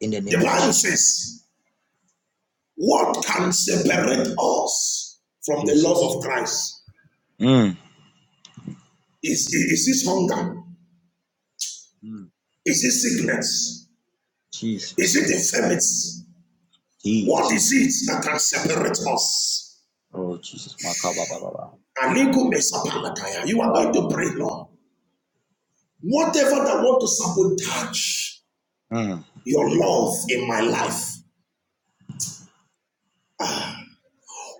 S3: in the
S2: The
S3: name of
S2: Bible
S3: Jesus.
S2: says, What can separate us from the love of Christ? Is, is this hunger?
S3: Mm.
S2: Is it sickness? Is
S3: Jesus.
S2: it infirmity? What is
S3: Jesus.
S2: it that can separate us?
S3: Oh, Jesus. My God. Ba, ba, ba, ba.
S2: You are
S3: Yeah,
S2: going to
S3: man.
S2: pray, Lord. Whatever that want to sabotage
S3: Mm.
S2: your love in my life,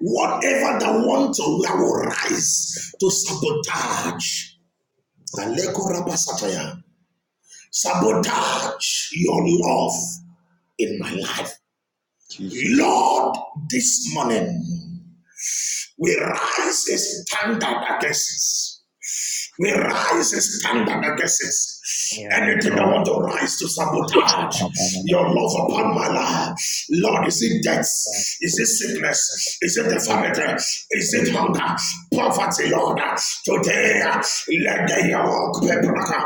S2: whatever that want to that will rise to sabotage,
S3: Oh, oh,
S2: sabotage your love in my life.
S3: Jesus.
S2: Lord, this morning we rise a standard against We rise a standard against it.
S3: Yes,
S2: Anything that
S3: Lord.
S2: want to rise to sabotage
S3: Ah, ba, ba, ba,
S2: your
S3: ba.
S2: love upon my life. Lord, is it death?
S3: Ah,
S2: Is it
S3: cool. Ah, ba, ba.
S2: sickness? Is it
S3: Oh, Jesus.
S2: infirmity? Is
S3: Oh,
S2: it
S3: Jesus.
S2: hunger? Poverty, Lord.
S3: Ma, ma, ma,
S2: Today,
S3: ma, ma,
S2: let
S3: ma, ma,
S2: the
S3: ma,
S2: yoke be broken.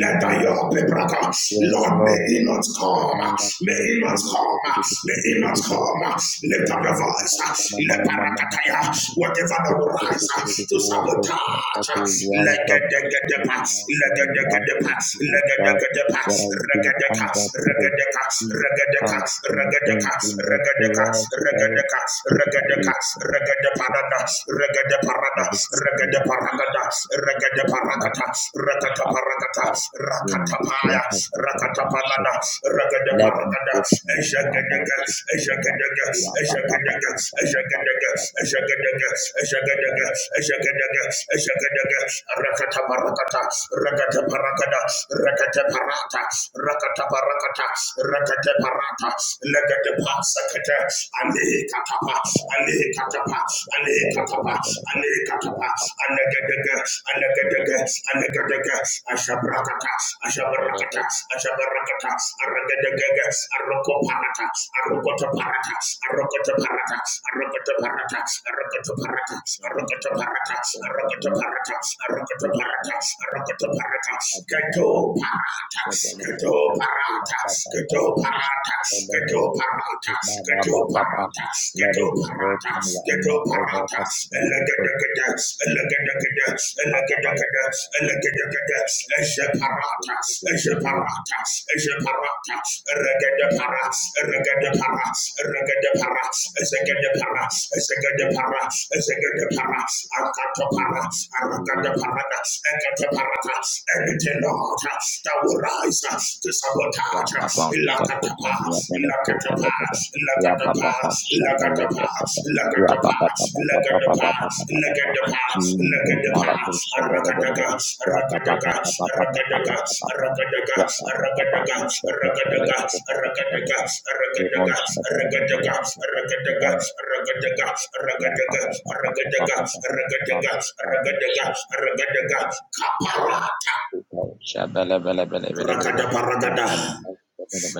S2: Let the
S3: ma.
S2: yoke be broken.
S3: Yes,
S2: Lord, may
S3: Lord.
S2: it not come.
S3: Mama
S2: May
S3: kum
S2: it not
S3: sheme de
S2: come.
S3: de de de de
S2: May
S3: de
S2: it
S3: de
S2: not
S3: de de de.
S2: come. Lift
S3: Yeah,
S2: up your
S3: mama, mama, mama,
S2: voice.
S3: mama, mama, mama, mama, mama.
S2: Whatever that
S3: The the
S2: will rise
S3: the the
S2: uh,
S3: the the
S2: to
S3: the word of God that
S2: sabotage, uh,
S3: will rise up to stand
S2: legedegedepa,
S3: our love
S2: legedegedepa,
S3: for you, God.
S2: legedegedepa,
S3: That I've been
S2: regedeka,
S3: under
S2: regedeka,
S3: poverty
S2: regedeka,
S3: and been
S2: regedeka,
S3: emptiness,
S2: regedeka,
S3: Lord, Lord,
S2: regedeka,
S3: take it
S2: regedeka,
S3: away from my life. Take
S2: regedeparada, regedeparada,
S3: every sin that is
S2: regedeparagada,
S3: that
S2: regedeparagata,
S3: I have
S2: rakataparagata,
S3: about in between
S2: rakatapaya,
S3: us over my
S2: rakatapanada,
S3: shepherd.
S2: regedeka. Paragada
S3: Let me
S2: Paragada,
S3: go them now, now,
S2: Eshagadaga,
S3: shift to the down.
S2: Eshagadaga, Eshagadaga, Eshagadaga, Eshagadaga, Eshagadaga, Eshagadaga, Eshagadaga, Rakata Parakata, Rakata Paragada, Rakata Parata, Rakata Parakata, Rakata Parata, Legata Pasakata, Ale Katapa, Ale Katapa, Ale Katapa, Ale Katapa, Anagadaga, Anagadaga, Alakadaka, Ashabrakata, Ashabrakata, Ashabrakata, Aragadagaga, Arokoparata, Arokotoparata, Arokotoparata, Arokotoparata, Arokotoparata, Arokotoparata, Arokotoparata, Arokotoparata, Arokotoparata, Katoparata,
S3: Let it
S2: Katoparata, Katoparata, Katoparata, Katoparata,
S3: be broken
S2: Katoparata,
S3: right
S2: Teto
S3: now over
S2: parata,
S3: us. Let it be broken right now.
S2: elegedegede, elegedegede, elegedegede, elegedegede, ezeparata, ezeparata, ezeparata, eregedepara, eregedepara, eregedepara,
S3: Thank
S2: ezegedepara,
S3: you.
S2: ezegedepara, ezegedepara,
S3: Thank
S2: akatopara,
S3: you.
S2: aragadeparada, eketeparata, Anything, Lord, that will rise to sabotage, us,
S3: Rababa
S2: Ilakata.
S3: Shakotamia Beneko
S2: Ragadaga,
S3: Bebebe
S2: ragadaga,
S3: Rababa Shabele Bebebe Rababa Baba, Jesus Malabu Shabele Bebebe Rababa Baba Baba Baba Baba, Rababa Baba Shabele Bebebe Rabon Shabele Bebebe Rabon Rababa Baba Baba Baba Baba, Rabon Shabele
S2: ragadaga,
S3: Bebebe Rabon
S2: ragadaga,
S3: Shabele Bebebe
S2: ragadaga, ragadaga,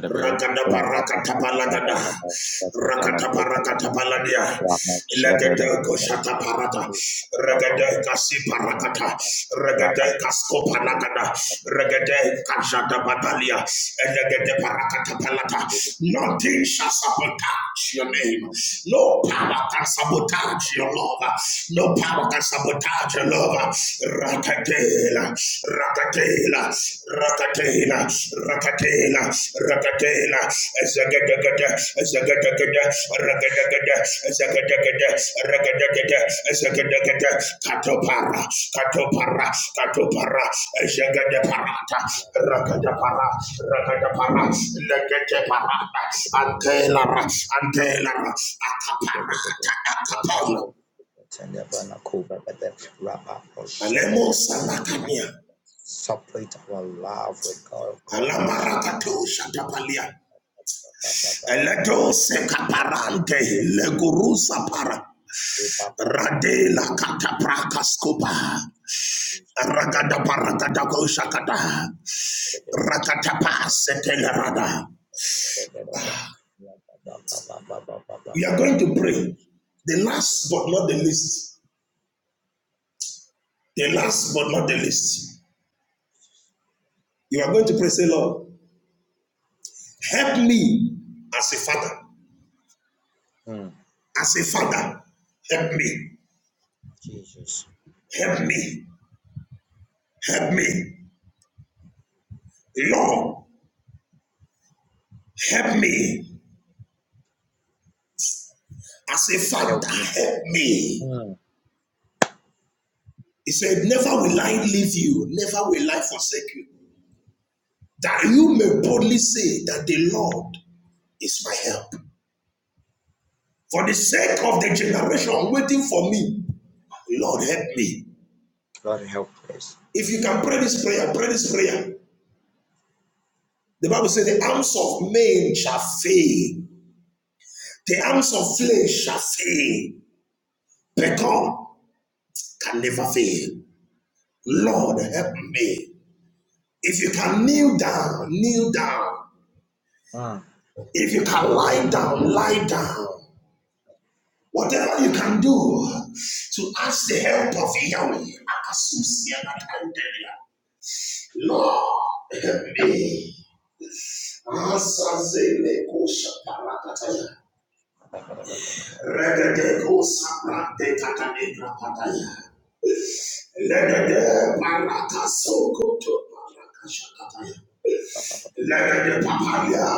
S2: Ragada barakata balagada. Rakata barakata baladia. Legede koshata parata. Regede kasi barakata. Regede kasko palagada. Regede kajada badalia. Elegede barakata palata. Nothing shall sabotage your name. No power can sabotage your love. No power can sabotage your love. Rakatela, rakatela, rakatela, rakatela, rakatela, zagadagada, zagadagada, ragadagada, zagadagada, ragadagada, zagadagada, katopara, katopara, katopara, zagadaparata, rakadapara, rakadapara, legeteparata, antelara, antelara, akaparata, akapala. Alemo salakania.
S3: Separate our love with God, God, mercy.
S2: Alamarakato shatapalia. Eleto sekaparante. Legurusa para. Radela katapraka scopa. Ragada paragada Rakatapa setelerada. We are going to pray. The last but not the least. The last but not the least. You are going to pray, say, Lord, help me as a father. As a father, help me.
S3: Jesus.
S2: Help me. Help me. Lord, help me. I say, Father, help me.
S3: Mm.
S2: He said, Never will I leave you, never will I forsake you, that you may boldly say that the Lord is my help. For the sake of the generation waiting for me, Lord, help me.
S3: Lord help us.
S2: If you can pray this prayer, pray this prayer. The Bible says, The arms of men shall fail, the arms of flesh shall fail, but God can never fail. Lord, help me. If you can kneel down, kneel down. If you can lie down, lie down. Whatever you can do to ask the help of Yahweh. Akasusia Lord, help me. Asazele kusha parakataya.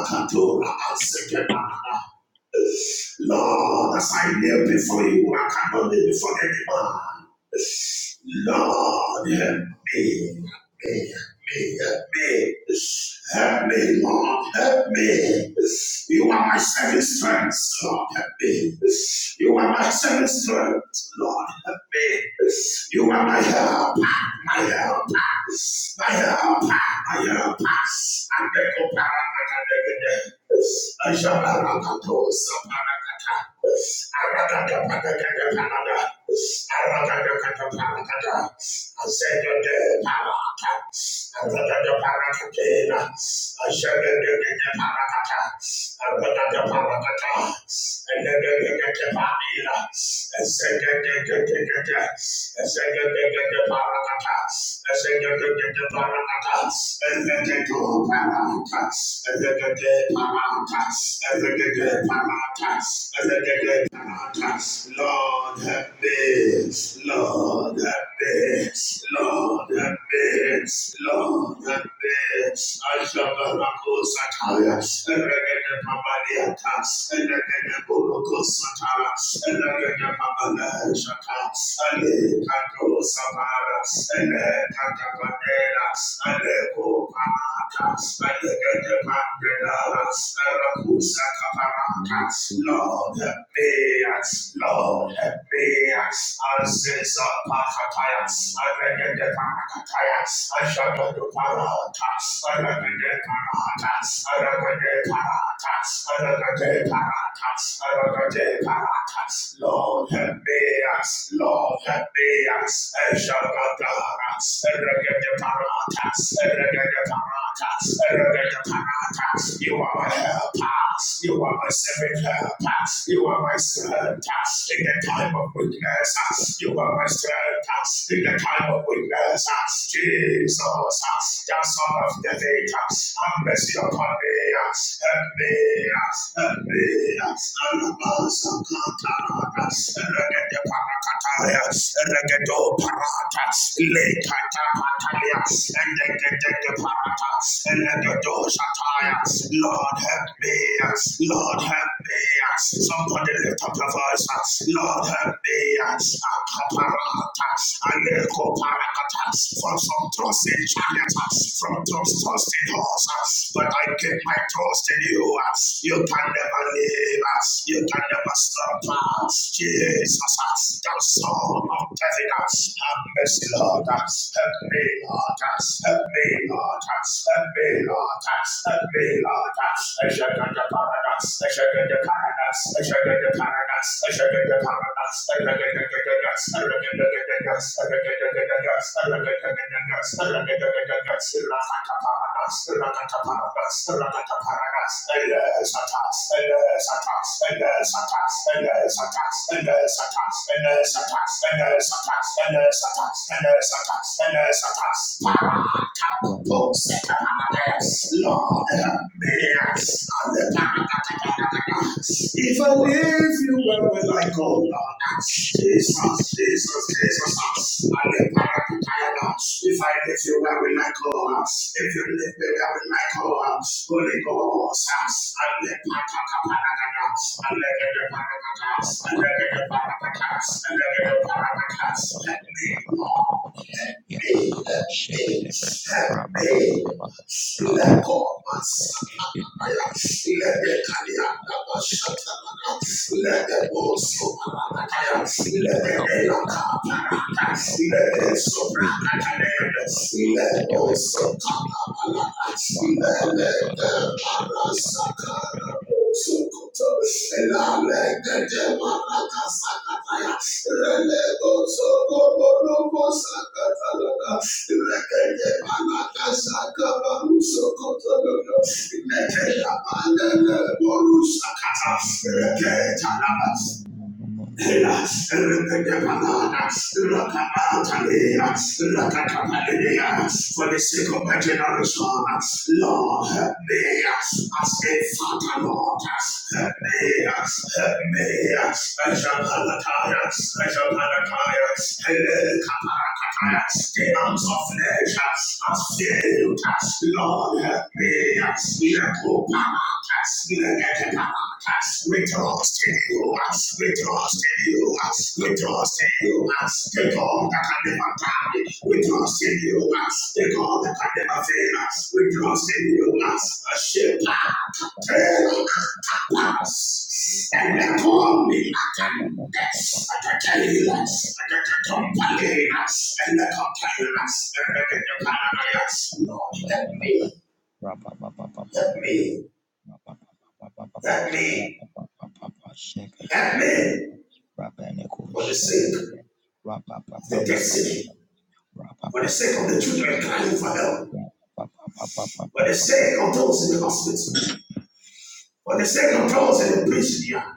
S2: katura aseke parada. Lord, as I kneel before you, I cannot kneel before any man. Lord, help me, help me, help me, help me. Help me, Lord, help me. You are my saving strength, Lord, help me. You are my saving strength, Lord, help me. You are my help, my help, my help. Ayarapas, Adekoparakadegede, Ajarakatos, Parakata, Arakadapadagadapanada, Arakadakadaparakada, Azegede Paraka, Arakadaparakadena, Ajagedegede Parakata, Arakadaparakata, Elegedegede Parila, Ezegedegedegede, Ezegedegede Parakata, Lord have mercy, Lord have mercy, Lord have mercy, Lord have mercy. I shall not go satire. Lord, help Mayans, Lord, Mayans, Ancestor, Pakatayas, Alegade Parakatayas, Ashadadu Paratas, I reckon the Paratas, Alegade Paratas, Alegade Paratas, Alegade Paratas, Lord, help me! us, you sent us in the time of us, us, elevate us, help me. Sakatarada, Regede Parakataya, Regedo Parata, Lekata Patalia, and Regede Parata, and Regedo Shataya. Lord help me, Lord help me, Somebody lift up your voice. uh, Lord, help me. uh, some trust in chariots, uh, from trust, in horse. uh, But I keep my trust in you. uh, You can never leave us. You can never stop Jesus, uh, thou son of David, uh, have mercy, Lord. uh, Help me, Lord. uh, Help me, Lord. uh, Help me, Lord. Para!
S3: Lord
S2: Those that are Lord,
S3: help me,
S2: yes, If I
S3: O
S2: leave you, where will I go, Lord? Jesus, Jesus, Jesus. And the Parakatayana. If I leave you, where will I go? If you leave me, where will I go? Holy Ghost. And the Parakatakatakata. And the Parakatakatakata. And the Parakatakatakata. And the Parakatakatakata. Let me, Lord me, let me, help me. Let go of my
S3: God, in my life in the
S2: Satanaya. Let the
S3: ministry
S2: Kalianda
S3: every day Jesus.
S2: Bashatamana. Let the
S3: I need your
S2: Bosso
S3: help, oh God. We
S2: Parataya.
S3: need
S2: Let
S3: your
S2: the
S3: help, oh
S2: Nelaka
S3: God. We need
S2: Parata.
S3: your help,
S2: Let
S3: oh
S2: the
S3: God. We need your help,
S2: Sobrakatanaya.
S3: oh God.
S2: Let the
S3: Let your help
S2: Bosso
S3: come to me, oh God.
S2: Katabalata.
S3: Mala
S2: Let
S3: bala bala
S2: the
S3: bo shekuta nebe nebe
S2: Parasakara.
S3: nebe
S2: Sokoto, Lalegedemarakasakanaya, Relebosokobonokosakanalaka, Rekedemanakasakabarusokotonono, Nekedamandeleborusakata, Reketanaba, for the sake of my generation, Lord, help me as a father, Lord, help me, help me, as a palataya, as a palataya, the arms of flesh are failed. Lord, help me. Lepo paratas, legete paratas. We
S3: ba.
S2: trust in
S3: Ba ba
S2: you.
S3: ba ba ba
S2: We
S3: bo
S2: trust
S3: sheku
S2: in
S3: nebe
S2: you.
S3: nebe.
S2: We
S3: Ra
S2: trust
S3: ba ba
S2: in
S3: ba
S2: you.
S3: ba ba
S2: The
S3: ba ba ba.
S2: God that can
S3: Ye
S2: never
S3: ka ba ba
S2: die.
S3: ba ba
S2: We
S3: ba
S2: trust in you. The
S3: ba
S2: God
S3: ba
S2: that
S3: ba
S2: can
S3: ba.
S2: never fail. us. We trust in
S3: Rapa
S2: you. A shepherd. Tell us and they call me Atandes, Atatelas, Atatompalinas, and the Cotalinas, and the Paranoias. Lord, help me, help me, help me, help me, for the sake of the destiny, for the sake of the children crying for help, for the sake of those in the hospital, for the sake of those in the prison yard.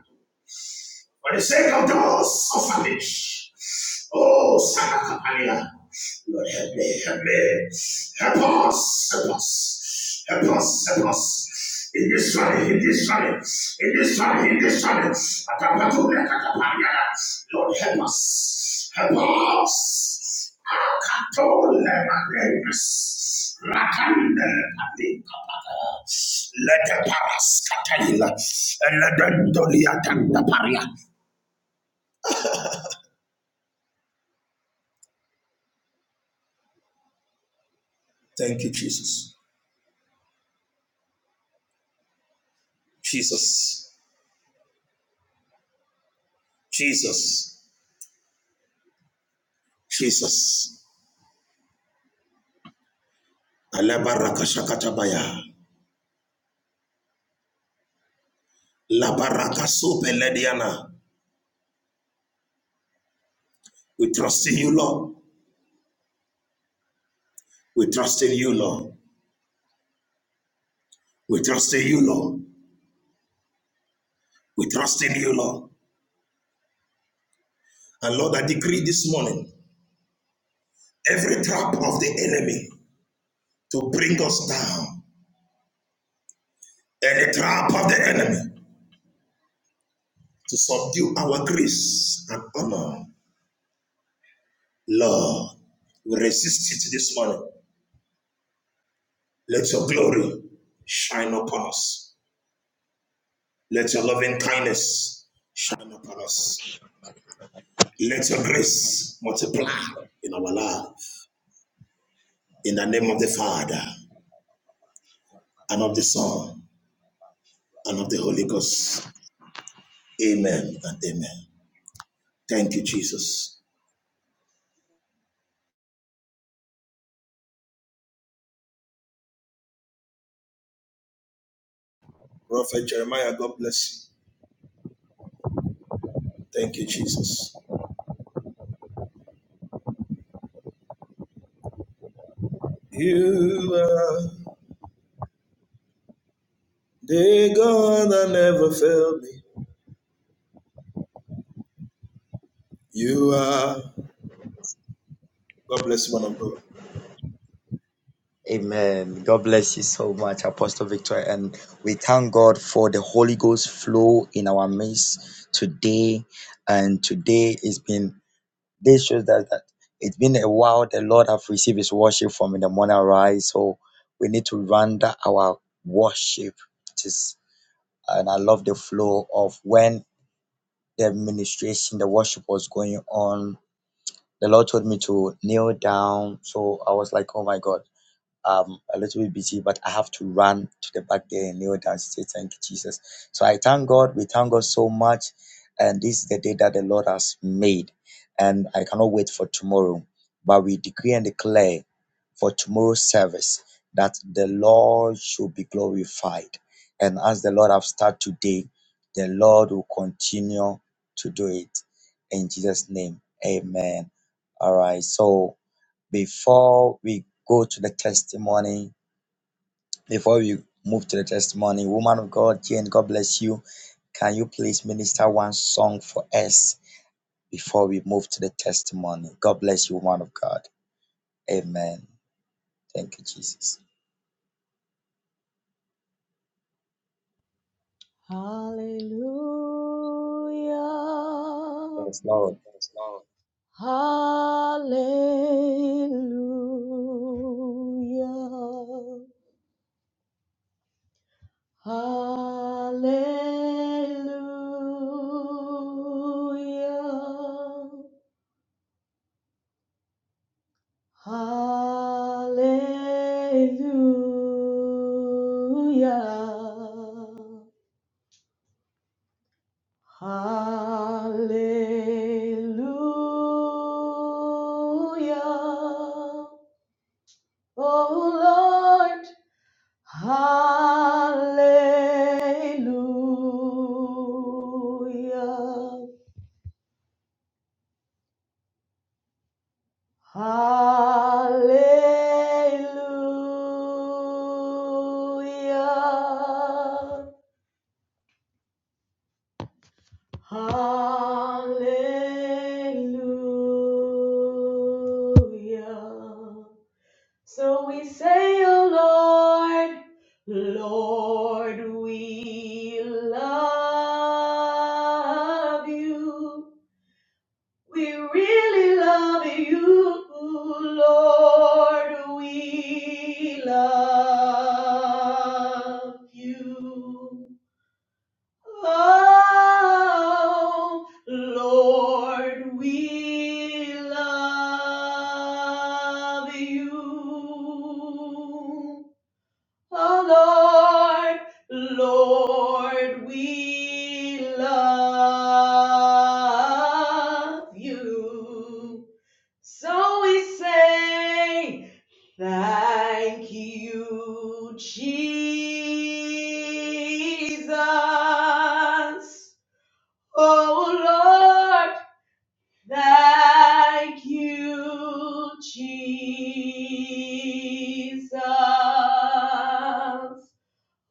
S2: For the sake of the world's orphanage. Oh, Sanakapalia. Lord, help me, help me. Help us, help us. Help us, help us. In this valley, in this valley, in this valley, in this valley. Akapatuna, Kakapalia. Lord, help us. Help us. Akatolemanemas. Rakandelepatikapata. Let the paraskataila. Let the doliatanda paria. Thank you, Jesus. Jesus. Jesus. Jesus. Alabaraka shakatabaya. Labaraka supelediana. We trust in you, Lord. We trust in you, Lord. We trust in you, Lord. We trust in you, Lord. And Lord, I decree this morning every trap of the enemy to bring us down, any trap of the enemy to subdue our grace and honor, Lord, we resist it this morning. Let your glory shine upon us. Let your loving kindness shine upon us. Let your grace multiply in our life. In the name of the Father, and of the Son, and of the Holy Ghost. Amen and amen. Thank you, Jesus. Prophet Jeremiah, God bless you. Thank you, Jesus. You are the God that never failed me. You are. God bless you, man of God.
S3: Amen. God bless you so much, Apostle Victor. And we thank God for the Holy Ghost flow in our midst today. And today it's been, this shows that, that it's been a while the Lord have received his worship from in the morning rise. So we need to render our worship. Just, and I love the flow of when the administration, the worship was going on. The Lord told me to kneel down. So I was like, oh my God um, a little bit busy, but I have to run to the back there and kneel down and say thank you, Jesus. So I thank God. We thank God so much. And this is the day that the Lord has made. And I cannot wait for tomorrow. But we decree and declare for tomorrow's service that the Lord should be glorified. And as the Lord have started today, the Lord will continue to do it. In Jesus' name, amen. All right. So before we go to the testimony, before we move to the testimony, woman of God, Jane, God bless you. Can you please minister one song for us before we move to the testimony? God bless you, woman of God. Amen. Thank you, Jesus.
S4: Hallelujah.
S3: Yes, Lord.
S4: Yes, Lord. Hallelujah. Hallelujah. Hallelujah. Hallelujah. Oh Lord, hallelujah, hallelujah, hallelujah. So we say, Oh Lord, Lord, we love you. We really love you, Lord, we love you. Oh, Lord, we love you. Oh Lord, Lord, we love you. So we say, Thank you, Jesus. Oh Lord, thank you, Jesus.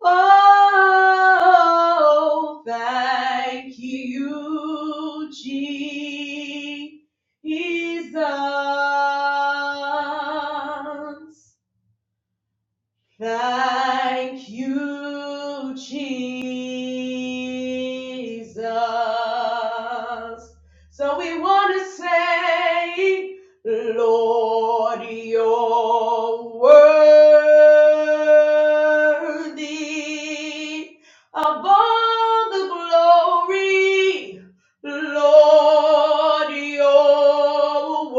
S4: Oh, thank you, Jesus. Thank you, Jesus. So we want to say, Lord, you're worthy of all the glory. Lord, you're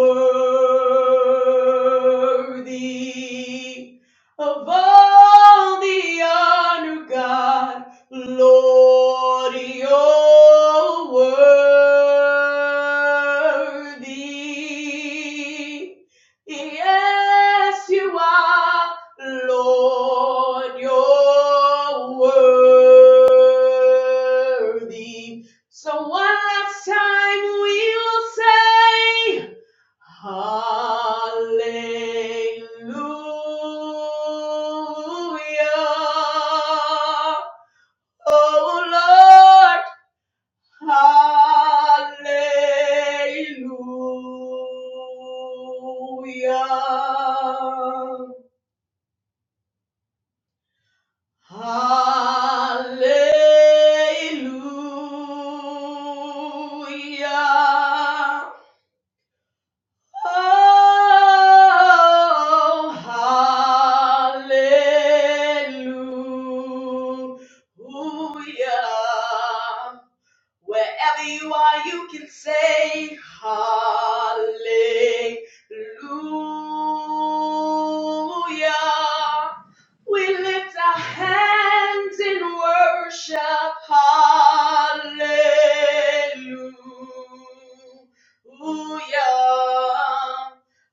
S4: worthy of all the honor, God, Lord, you're worthy. Yes, you are, Lord, you're worthy. So one last time we will say. Hallelujah. Oh Lord, hallelujah. Hallelujah. Oh, hallelujah. Wherever you are, you can say hallelujah. We lift our hands in worship. Hallelujah.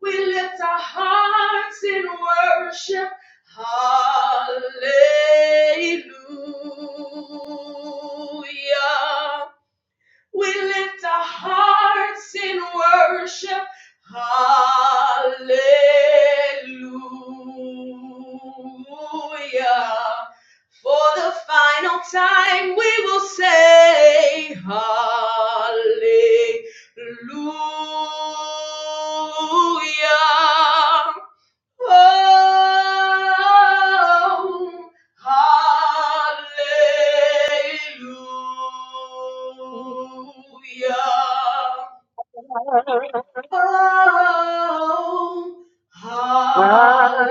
S4: We lift our hearts in worship. Hallelujah. We lift our hearts in worship. Hallelujah. For the final time, we will say, Hallelujah. Oh, Hallelujah.
S1: Hallelujah.
S4: Oh, hallelujah.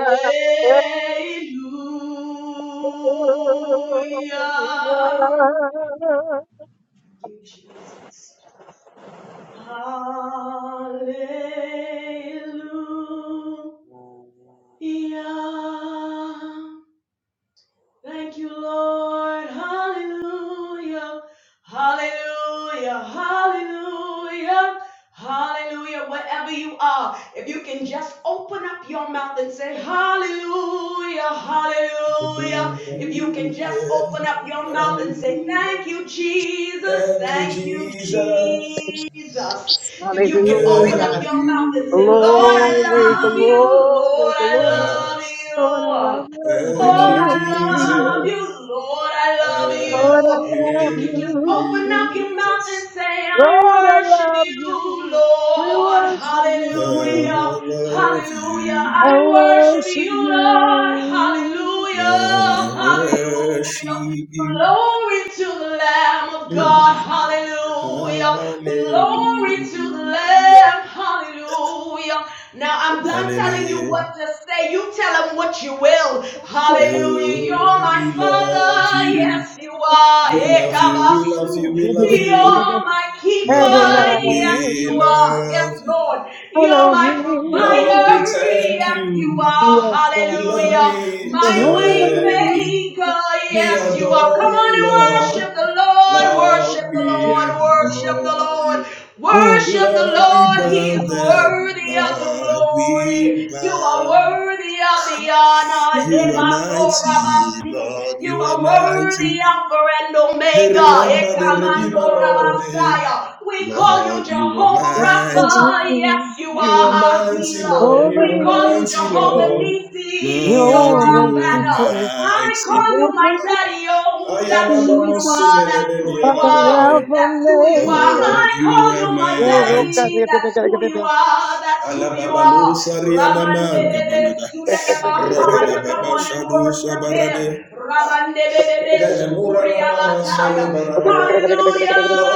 S4: You, Jesus. Hallelujah. Thank you, Lord. Hallelujah. Hallelujah. Hallelujah. Hallelujah. Wherever you are, if you can just open up your mouth and say, Hallelujah. Hallelujah. If you can just
S2: Hallelujah.
S4: open up your mouth and say,
S2: Hallelujah.
S4: Thank you, Jesus.
S2: Thank you,
S4: Thank you,
S2: Jesus.
S4: Jesus. If you can open up
S2: Thank
S4: your mouth and say,
S2: you,
S4: Lord, I
S1: Glory,
S4: love you.
S1: glory,
S4: Lord, I
S1: glory.
S4: love
S2: Jesus.
S1: Lord, I
S4: you.
S1: love
S2: Thank
S4: Lord,
S2: you,
S4: I
S1: you,
S4: love
S1: Jesus.
S4: you.
S2: Jesus.
S4: Lord, I love
S2: Thank
S1: Lord, I
S4: you. If
S1: love
S4: you can
S2: you,
S4: just
S1: you,
S4: open up
S1: Jesus.
S4: your mouth and
S2: Jesus.
S4: say,
S1: Lord,
S4: I
S1: I
S4: worship
S1: love
S4: you,
S1: you. We
S4: Lord.
S1: worship you,
S2: Lord,
S4: Hallelujah.
S2: I
S1: Jesus.
S2: love
S4: Hallelujah.
S1: I
S2: you.
S4: I worship
S1: worship
S4: you, Lord.
S1: you.
S2: Lord, I
S4: Hallelujah.
S2: worship
S4: Hallelujah.
S2: you.
S4: Glory to the Lamb of
S2: Mm.
S4: God, hallelujah. Glory to the
S2: Hallelujah.
S4: Lamb, hallelujah. Now I'm done telling you
S2: Hallelujah.
S4: what to say. You tell him what you will. Hallelujah. You're
S2: Oh,
S4: my
S2: we love
S4: father.
S2: you.
S4: Yes, you are.
S2: We love you, we love you, we
S4: Ekabasu.
S2: love you.
S4: You're my keeper.
S2: Lord,
S4: Yes,
S1: Adonai,
S2: we
S4: you are. Yes,
S2: love you.
S4: Lord. You're my
S1: Elohim,
S2: Lord, we
S4: provider.
S2: thank
S4: Yes, you
S2: you.
S4: are.
S2: Lord,
S4: Hallelujah.
S2: we
S4: My way
S2: thank you.
S4: maker speaker.
S2: We
S4: Yes, you are. Come
S2: adore
S4: on
S2: you,
S4: and worship
S2: Lord.
S4: the Lord.
S2: Lord,
S4: Worship the
S2: we
S4: Lord. Worship the
S2: adore
S4: Lord.
S2: you.
S4: Worship the
S2: Lord, we
S4: Lord. He
S2: bow
S4: is
S2: down.
S4: worthy of the
S2: Lord, we
S4: glory. You are
S2: bow.
S4: worthy of the honor.
S2: You are mighty, Lord,
S4: You
S2: you are
S4: are
S2: mighty.
S4: worthy Alpha and
S2: They
S4: Omega.
S2: remember the Redeemer, Lord. eh.
S4: We call you
S2: Lord, you are
S4: Jehovah
S2: mighty.
S4: Rapha.
S1: Elohim,
S4: Yes, you
S2: You
S4: are
S2: are
S4: our
S2: mighty,
S4: healer.
S2: Lord.
S1: over
S2: You
S4: We
S2: are
S4: call you
S1: the
S2: mighty,
S4: Jehovah
S2: Lord.
S4: Nissi. You're
S2: Lord,
S1: your
S4: our
S2: you
S4: banner.
S2: are
S1: city,
S4: I
S2: mighty.
S4: call you my daddy. Oh,
S2: Ayana
S4: that's who you
S2: mamosu
S1: Jesus,
S4: are. That's
S2: meneneni
S4: who you
S1: Father,
S4: are.
S2: yanadaya.
S1: Alpha,
S4: That's who you are.
S1: Omega,
S2: Lord,
S4: I
S2: you
S4: call
S2: are
S4: you my
S1: Uruka,
S2: mighty.
S4: daddy. That's who you are. That's who
S2: Ala
S4: you
S2: Alababalo
S4: are.
S2: sariana manga
S4: Ramandebebe
S2: balada.
S4: Sudadabahaya.
S2: Ragada
S4: Come
S2: baba
S4: on and
S2: shadu
S4: worship
S2: sabarade.
S4: him. Ramandebebe
S2: Lele murana mama sale
S4: Sukuriabataya.
S1: Alpha and
S2: baradaya.
S4: Hallelujah.
S2: Lord,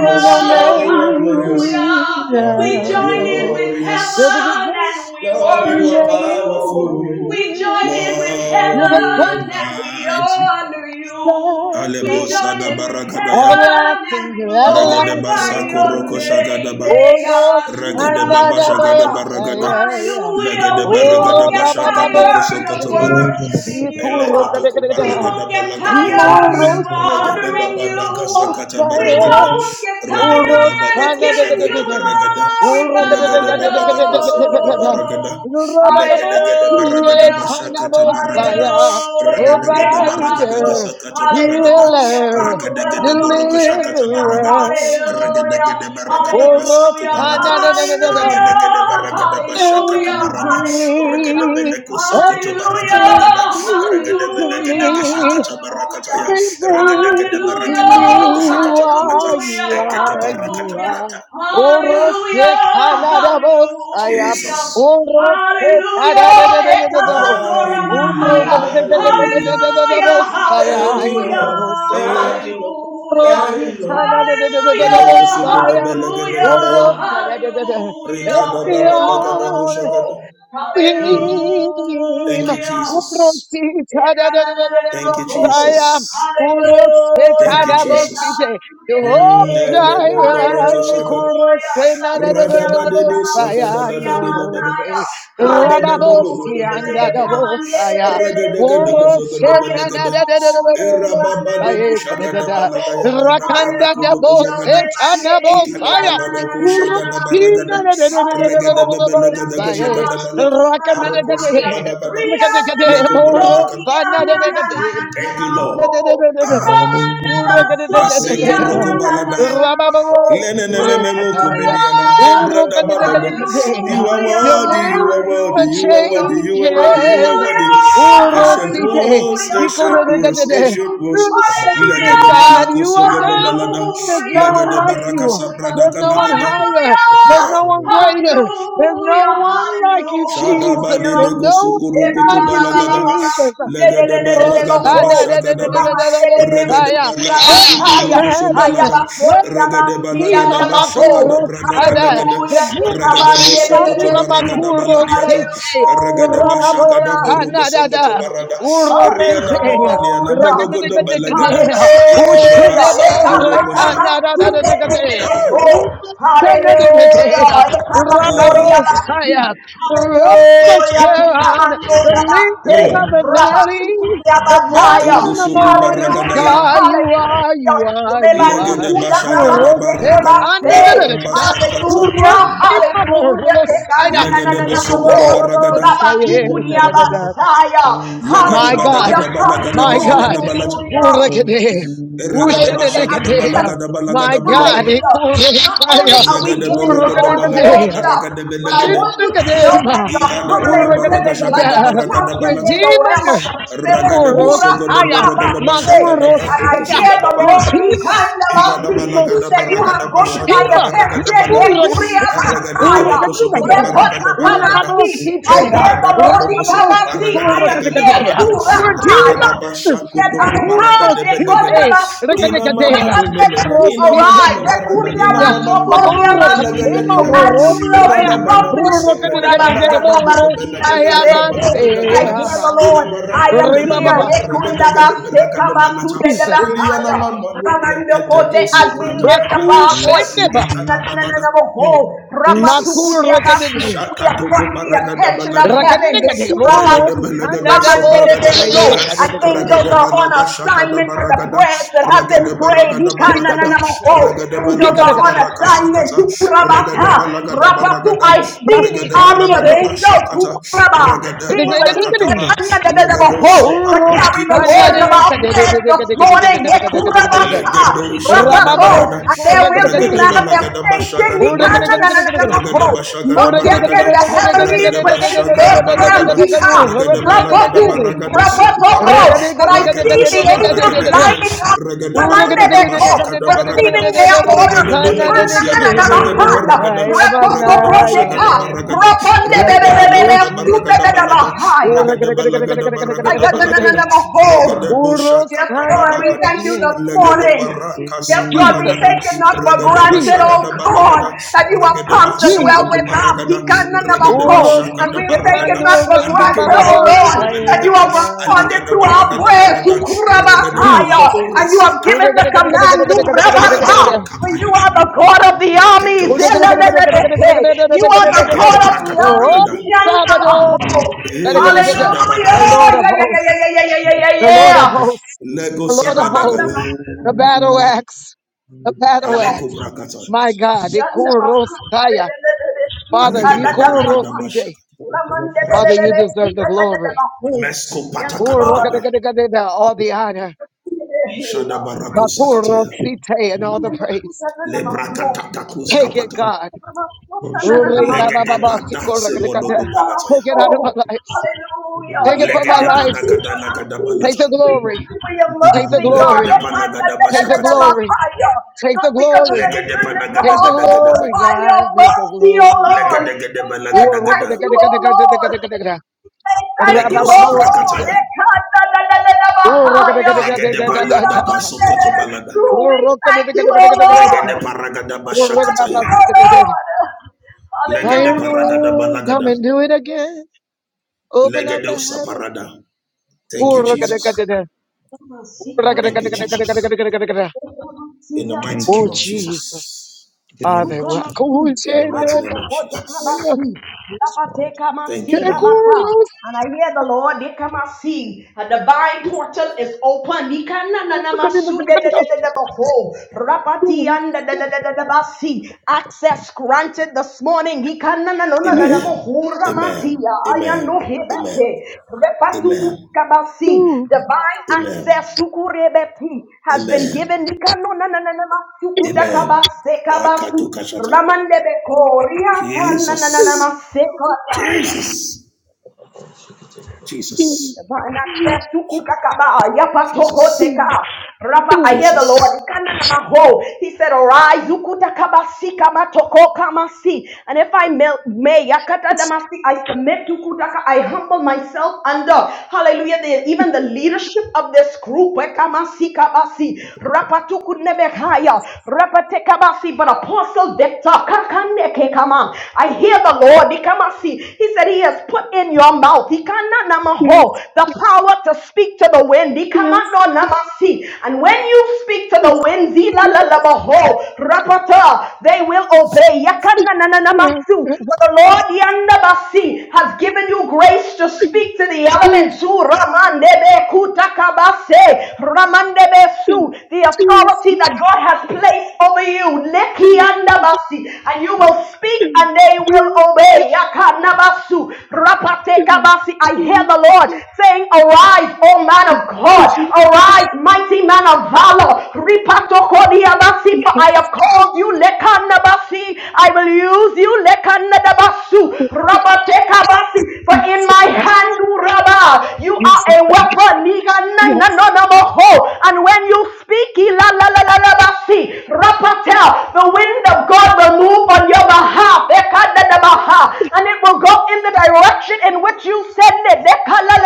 S2: you are glorious.
S1: Omega.
S2: glorious.
S4: Hallelujah. We
S2: You are
S4: join in with
S2: glorious,
S1: You're the
S4: heaven
S1: beginning.
S4: and we
S2: Lord, you
S1: and
S2: are
S4: worship you you. We
S2: powerful,
S4: join in with
S2: Lord,
S1: You're the
S2: you are
S4: heaven and we
S2: mighty.
S4: honor
S1: first
S4: you. We
S2: Alebo
S4: join
S2: sada
S1: time.
S4: in with
S2: baragadaya,
S4: heaven and
S1: Everlasting,
S4: we
S2: ragadaba
S4: glorify your
S2: sakoroko
S1: everlasting.
S4: name.
S2: shagadaba,
S1: Oros
S2: ragadaba bashagadaba
S1: anadabosaya.
S2: ragada,
S4: Hallelujah. We
S2: lagadaba
S1: Oro
S4: won't
S2: ragadaba
S4: get
S2: shagadoko
S4: tired of
S1: babababokite.
S2: sokotobala,
S4: worshiping you.
S1: Ikuro
S2: Elekotoko
S4: We
S1: kadekadekada.
S4: won't
S2: baragada
S4: get
S2: balagadiata.
S4: tired of
S1: Imoros
S2: Regede
S4: honoring you.
S2: babada kasakata
S4: We
S2: baragada.
S1: anadabosaya.
S4: won't get
S2: Regede
S1: Oros
S4: tired
S2: babada
S4: of giving you
S2: koshagada
S1: anadekadekada.
S2: baragada.
S4: glory,
S1: Oro
S2: Regede
S4: God.
S2: babada kosagada
S1: kadekadekadekadekadekada.
S4: Oh,
S2: baragada.
S1: Oro
S4: Hallelujah.
S2: Legede gede baragada
S1: babababokite
S2: bashakata baragada.
S1: anabosaya.
S4: Hallelujah.
S2: Regede gede
S4: Take up our
S2: baragada
S4: soul.
S1: Provider,
S2: gasakata baragada.
S4: Hallelujah. From
S1: healer
S4: the
S2: Regede
S4: well of
S2: gede
S4: your
S2: boroko
S4: spirit
S2: shakata
S4: shall.
S1: deliverer.
S2: baragada. Regede
S4: Hallelujah.
S2: gede baragada
S1: Oh, Lord,
S2: basaku
S4: Hallelujah.
S1: ah, na,
S2: baragada.
S1: na, na, na, na, na
S4: Hallelujah.
S2: Regede gede baragada bashakata
S4: Hallelujah.
S1: to
S2: barada.
S4: Hallelujah.
S2: Regede
S1: me,
S2: beleko sokoto
S4: Hallelujah.
S1: everything
S2: barakada gada.
S1: to
S4: Hallelujah.
S1: me,
S4: Hallelujah.
S2: Regadabedegedegeshakatabarakataya.
S1: everything
S4: Hallelujah.
S1: to me.
S4: Hallelujah
S1: You
S2: Regadegedeberegedeborokoshakatabalata.
S1: are,
S4: hallelujah,
S1: you are, you
S4: hallelujah,
S1: are.
S4: hallelujah,
S1: Orose Canada Bosaya,
S4: hallelujah.
S1: Orose
S4: Hallelujah,
S1: Canada
S4: Ekabatora Mahaya. Hallelujah,
S1: Bosaya,
S4: hallelujah,
S1: Orosea.
S4: hallelujah,
S1: Orose
S4: hallelujah,
S1: Canada Bosaya,
S4: hallelujah,
S1: Oro Canada.
S4: hallelujah. Eh,
S1: Señor,
S4: oh,
S2: Mm. Thank
S1: Elohim,
S2: you,
S1: un
S4: Hallelujah.
S2: Jesus.
S4: Hallelujah. Hallelujah.
S1: rosita da da da da da
S2: Thank you,
S1: da Messiah,
S2: Jesus.
S1: un rosita
S2: Thank you,
S1: da
S2: Jesus.
S1: Messiah, Jehovah
S2: Mm.
S1: Jireh, y con rosé na da da da
S2: sa da
S1: da da
S2: de do sa da da
S1: Messiah,
S2: da da
S1: un
S2: de la da da
S1: rosé,
S2: Rada
S4: Hallelujah.
S2: de mo do do do da
S1: Rababosia
S2: ga da
S1: da
S2: ga
S1: da
S2: da
S1: Messiah,
S2: Raga da ga
S1: un
S2: da go zo ga
S1: rosé
S2: da ba la
S1: na
S2: ga
S1: da
S2: da
S1: da da da da da
S2: E ra ba ba do ko
S1: Messiah,
S2: sha
S1: da
S2: ka
S1: da
S2: da ba
S1: da,
S2: la da ya ka da bra da
S1: Rakanda
S2: ko
S1: da
S2: do ko zo ga da
S1: Messiah, na
S2: E ka da ba
S1: Messiah.
S2: ba
S1: Your name never
S4: Hallelujah.
S2: raga da ba ba la
S4: Hallelujah. Tekabasura bakaya.
S2: ba da ga da da ka
S4: Riananasotiananananananamaho.
S2: te ko da
S4: Ramanabasotianananananamaho.
S2: Ba
S4: Hallelujah.
S2: do do.
S4: Hallelujah.
S2: All the all the.
S4: Hallelujah.
S1: changes.
S4: Hallelujah.
S1: Urosite.
S4: Hallelujah. Hallelujah!
S1: Through the ages,
S4: Hallelujah!
S1: God, you
S4: Hallelujah!
S1: are
S2: La da ba
S1: God.
S2: la da
S1: There's
S2: La
S4: Hallelujah!
S1: no
S2: ga
S1: one
S2: da
S1: like
S2: Radadadado,
S1: you.
S2: sadadadadadadada. Radadamododododagadagada. Ragadagadagozogodabalagada. Erababadokosakadabalagayakadabradakodogozagada. da Adi, adi.
S1: There's no one
S2: Ilodobalada. da
S1: higher. There's no
S4: Hallelujah!
S1: one greater. There's
S4: Hallelujah.
S1: no
S4: Hallelujah!
S1: one like you,
S2: Shada ba
S1: Jesus.
S2: de
S4: Hallelujah!
S1: There's
S2: lego
S1: no
S2: sokoro
S4: Eba
S1: one like
S2: koto
S4: la la
S1: you,
S4: la la
S2: balagada
S4: la la,
S1: Jesus.
S4: sude de de
S2: legada
S4: de
S2: ba
S4: de de
S2: ragada ba
S1: Hosanna,
S4: boho,
S1: da, da,
S2: shagada
S1: da, da,
S2: ba
S1: da, da, da,
S4: ramande de de
S2: regada ba
S1: Hosanna.
S4: sura
S2: lako
S1: Bread from
S4: haya,
S2: sokoro koso
S1: heaven,
S4: haya
S2: balada
S1: bread
S4: bahori
S2: regada ba
S4: abasi
S2: lagada
S1: Iva
S4: anda
S2: ba
S4: boho.
S2: shagada
S1: Makuro
S2: brada
S1: Sada,
S2: kadagada
S1: the
S4: Hallelujah! eba
S2: regada
S4: de
S2: bo
S4: de de de,
S2: sokoto
S1: Iva
S2: baragada
S1: Makuro
S2: baladiata
S1: City,
S2: regada ba
S1: Rababo
S2: shagada
S4: Hallelujah!
S2: boroko sokoto
S1: Sanada,
S2: barada
S1: Uro
S2: riana
S1: City,
S2: mama niana
S4: Hallelujah.
S2: monogodo balagada
S1: Rakadekadekadea,
S2: ikodo ba
S4: Hallelujah.
S1: Ushinebo
S2: sakoro kosha
S4: Ekatakama
S1: Rekanada,
S4: tuketekeleko.
S1: Uro
S4: Hallelujah.
S1: Sanadekadea,
S2: ah
S1: Rababo
S4: Ekamanoriabasi.
S1: Saya, Rose of
S4: Hallelujah.
S1: Sharon, the
S4: Tikamanoriabase.
S1: lily of
S2: mm.
S1: the valley, the bright
S2: Bate
S4: Rabakukuriabataya.
S1: in the
S2: kosoko
S1: morning
S2: baragadaya
S4: Hallelujah.
S1: star, you are,
S4: Hallelujah.
S1: you are, you are.
S2: Legede bashagada
S1: Kurose
S2: baragada
S4: Rebandukutakabase.
S1: kanidadadada,
S2: bashakata.
S4: Hallelujah,
S3: [LAUGHS]
S4: hallelujah.
S3: Oh,
S1: kurokimaborosaya,
S2: Legede bosoko
S4: Tekanananananaho.
S2: do baragada.
S1: kurabarabasayetadadada.
S4: Rabakikuriabasaya.
S2: Legede
S1: My
S4: Hallelujah,
S1: God,
S2: badagada balagada
S1: my God,
S2: bashagada balata.
S4: hallelujah.
S1: Urakade,
S2: Eragada
S4: Hallelujah.
S2: bashagada
S1: Ushadekade,
S2: balagada
S1: my
S2: balagada
S1: God,
S2: bologodo.
S4: Hallelujah. Not only
S1: Kurosaya,
S4: are we
S2: Zagada
S4: giving the
S2: borogodo
S4: Lord
S2: balagada
S1: Urukadekade.
S4: worship,
S2: baragada
S4: but I
S2: belegede.
S4: want you to know that
S1: Shipshakadema,
S4: your
S2: Ikada bada
S4: hallelujah is like
S2: baragashagada
S4: a
S1: Urakadekata,
S2: baragada
S4: trumpet in
S2: balata.
S4: the realm of
S1: Redeemer,
S4: the spirit.
S2: Ragada
S4: Hoorah,
S2: bosogo da
S1: Borosaya,
S2: borogo da bashaka da
S4: And
S2: bato
S4: I
S1: Makurosaya,
S4: hear
S2: kusoga da
S4: the Lord,
S2: balaga.
S4: he
S1: Redeemer,
S4: kind of
S2: Ega
S4: us.
S2: da
S4: He
S2: balaga da
S4: said, You
S1: Rosaya,
S2: baraga
S4: have
S2: da
S4: gotten
S2: bashaka
S4: my
S2: da.
S1: Redeemer,
S2: baraga da
S4: attention. Eh,
S2: balata.
S1: Makurosaya,
S2: Ragada gada
S1: Urakadekadea,
S4: but, ha,
S2: Ega
S4: ha, ha,
S2: balaga
S4: see. I
S1: Rabamoskitea,
S4: hear
S2: Egra
S4: the
S2: da
S4: Lord,
S2: bato
S4: he kind
S2: kusoga
S4: of us.
S2: baraga da
S4: I am
S2: lega da
S4: here.
S1: Rabamoskikurakadekadea,
S2: barada.
S4: Hoorah,
S1: Redeemer,
S2: Ragada bashaku
S4: I
S2: toku baraga
S4: heard
S2: de
S4: the
S2: belega
S4: thunder
S2: Ragadabosogadabaragabashakadabadokusagadabalada. Igadabalagadabaragabashakadabaragabalata.
S1: Makuroskite,
S2: Aragadagadakosogodabaragabaragada. Igradabadokosokaparagadalegedebarada. Ragadabashakotokubaragadebelegede.
S4: of God.
S1: Rakadekadea,
S2: Inamamanomenede.
S4: Rakandabatu, Arise,
S1: Uroskite,
S2: Inamanakabarada ina
S4: Rekuriabato,
S2: mana kurubudu
S1: Makuro
S4: Koriabati.
S2: belagada
S1: Katema
S4: So
S2: diyana
S4: as you blow the
S1: Borosaya,
S2: rada bana
S4: trumpet,
S2: kusegrada balagada mudu
S4: Sukurabatakabati,
S2: belagada lada
S4: Nangabehe.
S2: balakoda
S4: I
S2: gada
S4: hear the
S1: Ribababa.
S2: ila
S4: Lord, I
S2: barakoda
S4: am
S2: gada
S4: here.
S2: gada baragada gada barakada
S4: Rekuriabatekabatu,
S2: balata
S1: Jesus.
S2: eliana
S4: Dedebahaya.
S2: mama no brekete
S4: Ramandokote,
S2: kuso
S4: As we
S2: prata
S4: lift
S2: kada
S4: up
S1: Baku
S4: our
S2: legada
S4: voice,
S1: Shendeba.
S2: ekada badada Mm. Jesus.
S1: Maku Rekadine.
S4: we are
S2: Shakatoko
S4: from the
S2: baragada
S4: attention of
S2: balaga.
S4: heaven.
S1: Rakadine. Roros.
S2: Ragada
S4: Rekurabatu.
S2: balagado
S1: Another boss.
S2: sobragada
S1: Say
S4: Ramandebebezo.
S2: lagada.
S4: And
S1: Kadekada.
S4: angels
S2: Ragada
S4: are on
S2: balaga shakada
S4: assignment for the
S2: baragada.
S4: prayers that have been
S2: Ragada
S4: prayed.
S2: baragada baragada.
S1: Tikada.
S4: Ikananamako.
S2: Ragada
S4: Angels are
S2: balagada
S1: Tikada.
S4: on
S2: baraka
S4: assignment.
S2: shakata.
S4: Tukurabata.
S2: Ragada balagada
S4: Rapatu.
S2: baragada.
S4: I see the
S2: Ragada
S1: Basikura.
S4: army of
S2: baragada
S4: angels
S2: bashakata.
S4: Ukuraba,
S2: Ragada
S4: being released
S2: malakataba. Lagado
S4: Ikanyandebebebo, to
S1: Uros.
S4: carry the
S2: soparatiku
S4: words of
S1: Another
S2: sukupa.
S4: our prayers this morning.
S1: Kadekada.
S4: Ikurabata.
S2: Legado shagada
S4: Rapato.
S1: Rababo
S2: barada
S4: And
S1: Sikur.
S4: there will will be
S2: ragada balagada
S4: manifestation. He
S2: bashagada
S4: can na-
S2: balata
S4: na- na-
S1: Rekadekada.
S4: na- na- ho.
S2: ragada
S1: Yes,
S4: Not
S2: bashagada
S4: just in
S2: baragada
S4: the heavenly,
S2: ragada
S4: but in the
S2: bashagada
S4: earth realm.
S2: balagada
S4: He can.
S2: ragada balagada
S4: Rabotu,
S2: baragado
S4: rabotoko.
S2: sokuparada
S4: But I see
S2: ragato
S4: the
S2: sabrada
S4: angels
S2: kadagada
S4: lighting up.
S2: ragada balagada
S4: Kamandebeko,
S2: bashagada, baragada
S4: Receiving their order.
S2: ragada
S4: He can na- na-
S2: balagosiana
S4: na- na- na-
S2: malagada
S4: ha.
S2: baragada ragada
S4: Rabotoko, they
S2: bashagada
S4: can.
S2: baragada ragada
S1: God. Oh,
S4: Rabondebebebebe,
S2: balagada
S4: sude-
S2: baragada
S4: de-
S1: Jesus.
S4: de- de-
S2: balada ragada balagada
S4: I
S2: baragada
S4: got none of no,
S2: balagada
S4: no, no,
S2: Regede busha
S4: Yes,
S2: kata
S4: God, we
S2: balagada,
S4: thank you this
S2: legede
S4: morning.
S2: baraka
S4: Yes,
S1: Jesus.
S4: God, we
S1: Jesus.
S2: sabalagada,
S4: take it not for
S2: regede
S4: granted, oh
S1: Jesus.
S2: bashagada
S4: God,
S2: balagada,
S4: that you have
S2: regede
S4: come to
S2: basoko
S4: dwell
S1: Jesus.
S2: to
S4: with us. He
S2: baragada,
S4: can never
S2: regede
S4: hope.
S2: bashaka
S4: And
S2: da,
S4: we take it
S2: baragada,
S4: not for granted,
S2: alekele
S4: oh
S2: monoko
S4: Lord,
S2: de
S4: that you
S2: belagada,
S4: have responded
S2: aligada
S4: to of
S2: baragada
S4: bread,
S2: balada, regede
S4: Sukurabataya,
S1: Jesus.
S2: balako
S4: and you have given
S1: Jehovah
S2: rasata,
S4: the command, Ukrabata,
S2: talemo
S4: for
S2: kapai,
S4: you are the God of the armies.
S2: leketo sataba,
S4: Eleleleleke. You are the
S2: leketo
S4: God of the
S2: prakata
S4: armies.
S2: nagada,
S4: Yanyamaho.
S1: Sabaoth,
S2: e
S4: Hallelujah.
S1: the
S2: shadabada,
S1: Lord
S4: Yeah,
S1: of
S4: yeah, yeah, yeah, yeah,
S1: hosts,
S4: yeah, yeah, yeah,
S1: the Lord of
S4: yeah.
S1: hosts,
S2: lego
S1: the
S4: Yeah,
S1: Lord of
S4: mama,
S1: hosts,
S2: sabadagala,
S4: mama.
S1: the battle axe, the battle
S2: aneko
S1: axe.
S2: brakata.
S1: My God,
S4: Yes,
S1: Ikurosaya. Father,
S2: Anegede baragada basha.
S1: Ikurosite. Father, you deserve the glory.
S2: Mesko patakadagada.
S1: Kurokadekadekadeka, All the honor,
S2: Shada
S4: Lord.
S2: barako sakataya.
S1: Bakurosite, and all the praise.
S4: Hallelujah, God, I'm a home.
S2: Lebrakatakus
S1: Take it,
S2: kapata.
S1: God. Take it out of
S2: Legede pada se monogo palataya.
S1: our lives.
S4: Hallelujah.
S1: Take it
S4: Here
S1: from our
S4: come
S2: Legede
S4: our
S1: lives.
S4: feet,
S2: padagada
S4: come our
S2: nagada
S4: feet.
S1: Take
S2: balata.
S1: the
S4: We
S1: glory.
S4: thank you for your
S1: Take the
S4: mercy, God.
S2: Legede
S1: glory.
S2: palagada
S1: Take the
S2: bashakataya.
S1: glory. Take
S4: Not
S1: the
S4: because of
S1: glory.
S4: any
S2: Legede
S4: goodness of
S2: padagada
S1: Take
S4: our
S1: the
S2: gada gada
S4: own,
S2: gada.
S4: but
S1: glory,
S2: gada.
S4: by your
S1: God. Take the
S4: mercy, O
S1: glory.
S2: Legede
S4: Lord.
S2: gede
S4: We say
S2: balagada
S1: Ooh, look
S4: thank
S1: at
S2: gada.
S1: the
S4: you,
S1: good, good,
S4: O
S1: good, good, good,
S4: Lord.
S1: good, good.
S4: We say thank
S2: Leko
S4: you, O Lord.
S1: Rababababosite.
S2: sabrakata.
S1: Ooh, look at the good, good, good,
S2: Legede
S1: good, good,
S2: balada
S1: good.
S2: basokoto balada.
S1: Ooh,
S4: We
S1: look at the
S4: thank
S1: good,
S4: you,
S1: good, good,
S4: O
S1: good, good, good.
S2: Legede
S4: Lord.
S2: paragada
S4: Thank
S1: Ooh, look at my
S4: you,
S1: boss,
S2: bashakataya.
S1: good, it,
S4: my
S1: good.
S4: Lord.
S2: Legede
S1: Iron
S4: Hallelujah.
S1: wind, come and do it again. Open up
S2: legede
S1: the heaven.
S2: usaparada. Thank
S1: Oh,
S2: you,
S1: look at the God,
S2: Jesus.
S1: the God.
S4: Kama
S1: Oh
S4: si kama
S2: Thank you,
S4: sa,
S2: Jesus.
S4: kama
S2: In
S4: si
S2: the mighty
S4: Yamata.
S3: thank you,
S2: name
S4: Kamasikamasa.
S2: of
S3: Jesus.
S1: Jesus!
S2: Jesus.
S3: In the name of
S4: Okamasiamata.
S3: Jesus.
S4: Ukamasi.
S1: Oh
S2: In the mighty name of Jesus. Thank you,
S4: Harakokotekamasi.
S2: Lord.
S4: Yamata, And I hear the Lord, Nikamasi, a divine portal is open. Nikana na na Nikananamasu de de de de de boho. Rapati and
S1: Jesus!
S4: de de de de de basi. Access granted this morning. morning.
S2: Amen. Amen.
S4: Ikananananananamohuramatia.
S2: Amen. Amen.
S4: Ayanohebate.
S2: Amen.
S4: Repatukukabasi. Divine access
S2: Amen.
S4: sukurebeti has been
S2: Amen.
S4: given.
S2: Amen.
S4: Ikanonanananamasukudakabasekabasi.
S2: Nakado kashata.
S4: Ramandebeko.
S2: Jesus.
S4: Riatananananamasekata.
S2: Jesus. Jesus. Je- Jesus.
S4: I hear the Lord.
S2: Jesus.
S4: He said, Arise, ukuta kabasi kamatoko kamasi. And if I mel- may, yakata damasi, I submit to kutaka, I humble myself under. Hallelujah. even the leadership of this group. eh, Kamasi kabasi. Rapatuku nebehaya. Rapate kabasi. But Apostle Victor, I hear the Lord. ikamasi. He said, He has put in your mouth ikana namaho, the power to speak to the wind. Ikamando namasi. And when you speak to the wind, zila la la baho, rapata, they will obey. Yakana na na namasu. For the Lord yandabasi has given you grace to speak to the elements. Su ramandebe kutakabase, ramandebe su. The authority that God has placed over you. Leki yandabasi. And you will speak and they will obey. Yakanabasu. Rapatekabasi, I hear the Lord saying, Arise, O man of God, arise, mighty man of valor. Ripatokodiabasi, For I have called you, Lekanabasi, I will use you, Lekanabasu, Rapatekabasi, for in my hand, Uraba, you are a weapon,
S1: Yes.
S4: Niganananonomoho. and when you speak, Ilalalalabashi, Rapatel, the wind of God will move on your behalf. Ekadadabaha and it will go in the direction in which you send it.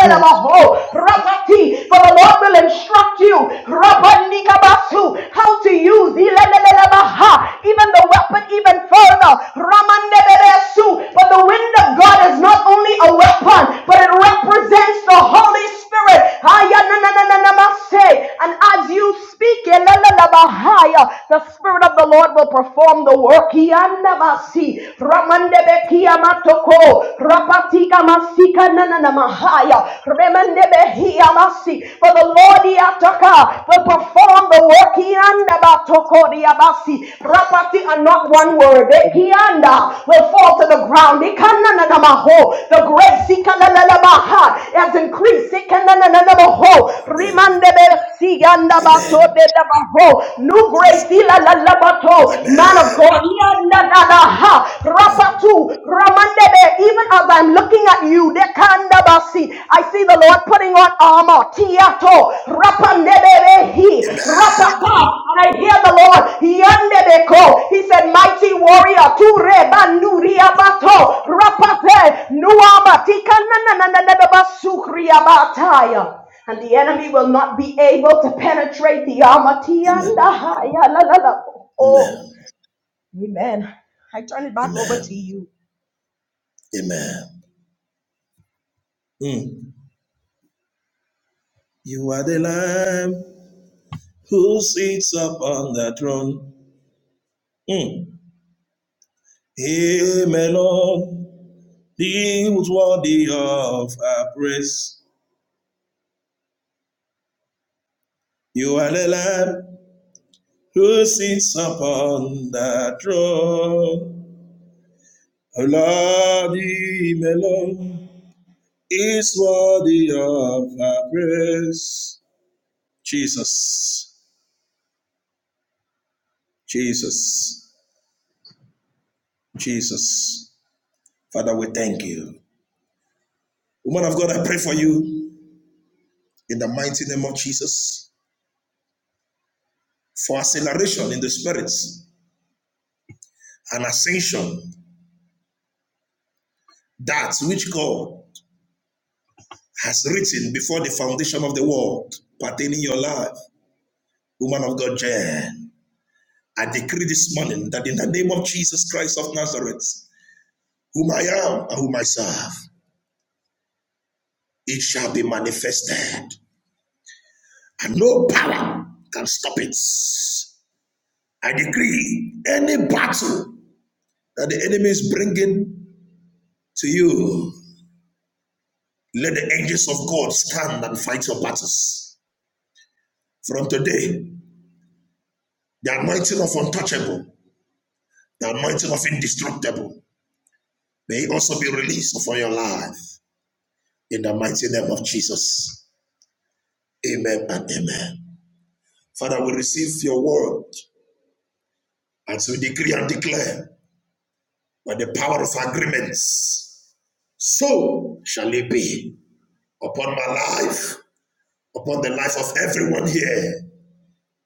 S1: Wo-
S4: rapati, For the Lord will instruct you rabandikabasu, how to use ilalalabaha, even the weapon even further. Ramandeberesu, But the wind of God is not only a weapon, but it represents the Holy Spirit. Ayananananamase. And as you speak, ilalalabaha, the Spirit of the Lord will perform the work. Iyanabasi ramandebekia matoko rapatika masika nanana mahaya remandebehia masi for the Lord Yataka will perform the work Kianda batoko diabasi rapati and not one word Kianda will fall to the ground Ikananana maho the grace ikananana maha has increased Ikananana maho
S2: Amen.
S4: rimandebesianda
S2: Amen.
S4: bato de maho new grace
S2: Jesus.
S4: ila la bato, man of
S2: Amen.
S4: God
S2: Amen.
S4: rapatu ramandebe. Even as I'm looking at you, dekandabasi. I see the Lord putting on armor. Tiato rapandebe he
S2: Amen.
S4: rapata. And I hear the Lord yandebeko. He said, "Mighty warrior, tu rebanuriabato rapate nuama tikanananananabasukriabataya." And the enemy will not be able to penetrate the armor.
S2: Amen.
S4: Tiandahaya la la la. Oh.
S2: Amen.
S4: Amen. I turn it back over
S2: Amen.
S4: to you.
S2: Amen. You are the Lamb who sits upon the throne. O Lord, Him alone is worthy of our praise. Jesus, Jesus, Jesus. Father, we thank you. Woman of God, I pray for you in the mighty name of Jesus for acceleration in the spirits and ascension, that which God has written before the foundation of the world pertaining your life. Woman of God, Jen. I decree this morning that in the name of Jesus Christ of Nazareth, whom I am and whom I serve, it shall be manifested, and no power can stop it. I decree any battle that the enemy is bringing to you, let the angels of God stand and fight your battles. From today, the anointing of untouchable, the anointing of indestructible, may also be released upon your life in the mighty name of Jesus. Amen and amen. Father, we receive your word as we decree and declare by the power of agreements. So shall it be upon my life, upon the life of everyone here,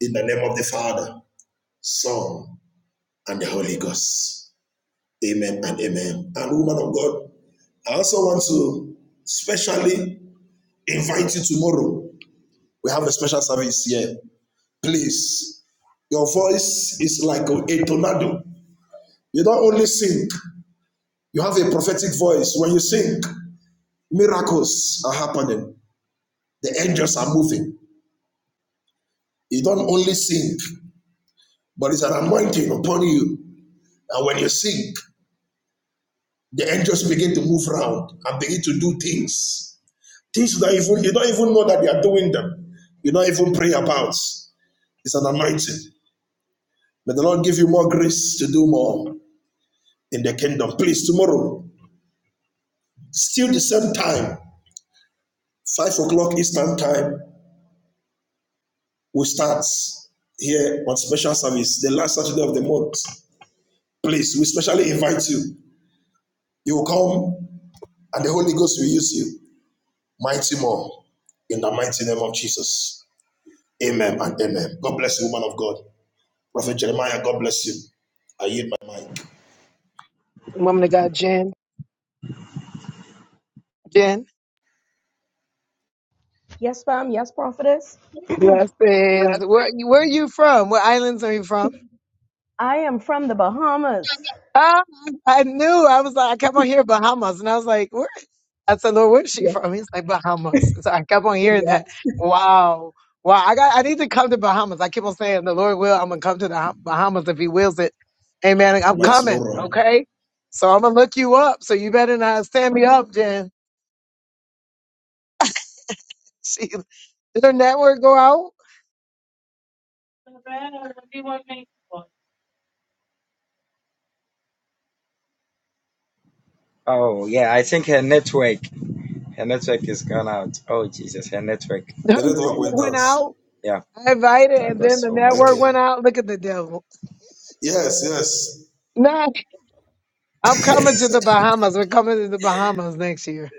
S2: in the name of the Father, Son, and the Holy Ghost. Amen and amen. And woman of God, I also want to specially invite you tomorrow. We have a special service here. Please, your voice is like a tornado. You don't only sing, You have a prophetic voice. When you sing, miracles are happening. The angels are moving. You don't only sing, but it's an anointing upon you. And when you sing, the angels begin to move around and begin to do things. Things that even you don't even know that they are doing them. You don't even pray about. It's an anointing. May the Lord give you more grace to do more in the kingdom. Please, tomorrow, still the same time, five o'clock Eastern time, We start here on special service the last Saturday of the month. Please, we specially invite you. You will come and the Holy Ghost will use you. Mighty more in the mighty name of Jesus. Amen and amen. God bless you, woman of God. Prophet Jeremiah, God bless you. I yield my mind.
S1: Woman of God, Jen. Jen.
S4: Yes, ma'am. Yes, prophetess.
S1: Blessings. Where Where are you from? What islands are you from?
S4: I am from the Bahamas.
S1: Ah, I knew. I was like, I kept on hearing Bahamas, and I was like, where? I said, Lord, where's she
S4: Yes,
S1: from? He's like Bahamas. So I kept on hearing that.
S4: yes.
S1: Wow. Wow. I got. I need to come to Bahamas. I keep on saying, the Lord will. I'm gonna come to the Ha- Bahamas if He wills it. Amen. I'm
S2: My,
S4: Yes.
S1: coming. Okay. So I'm gonna look you up. So you better not stand me up, Jen. [LAUGHS] She, did her network go out?
S3: Oh yeah, I think her network, her network is gone out. Oh Jesus, her network.
S1: Her network went out.
S3: Yeah,
S1: I invited,
S3: thank
S1: and
S3: God
S1: then the
S3: so
S1: network
S3: much.
S1: went out. Look at the devil. Nah, I'm coming to the Bahamas. We're coming to the Bahamas next year.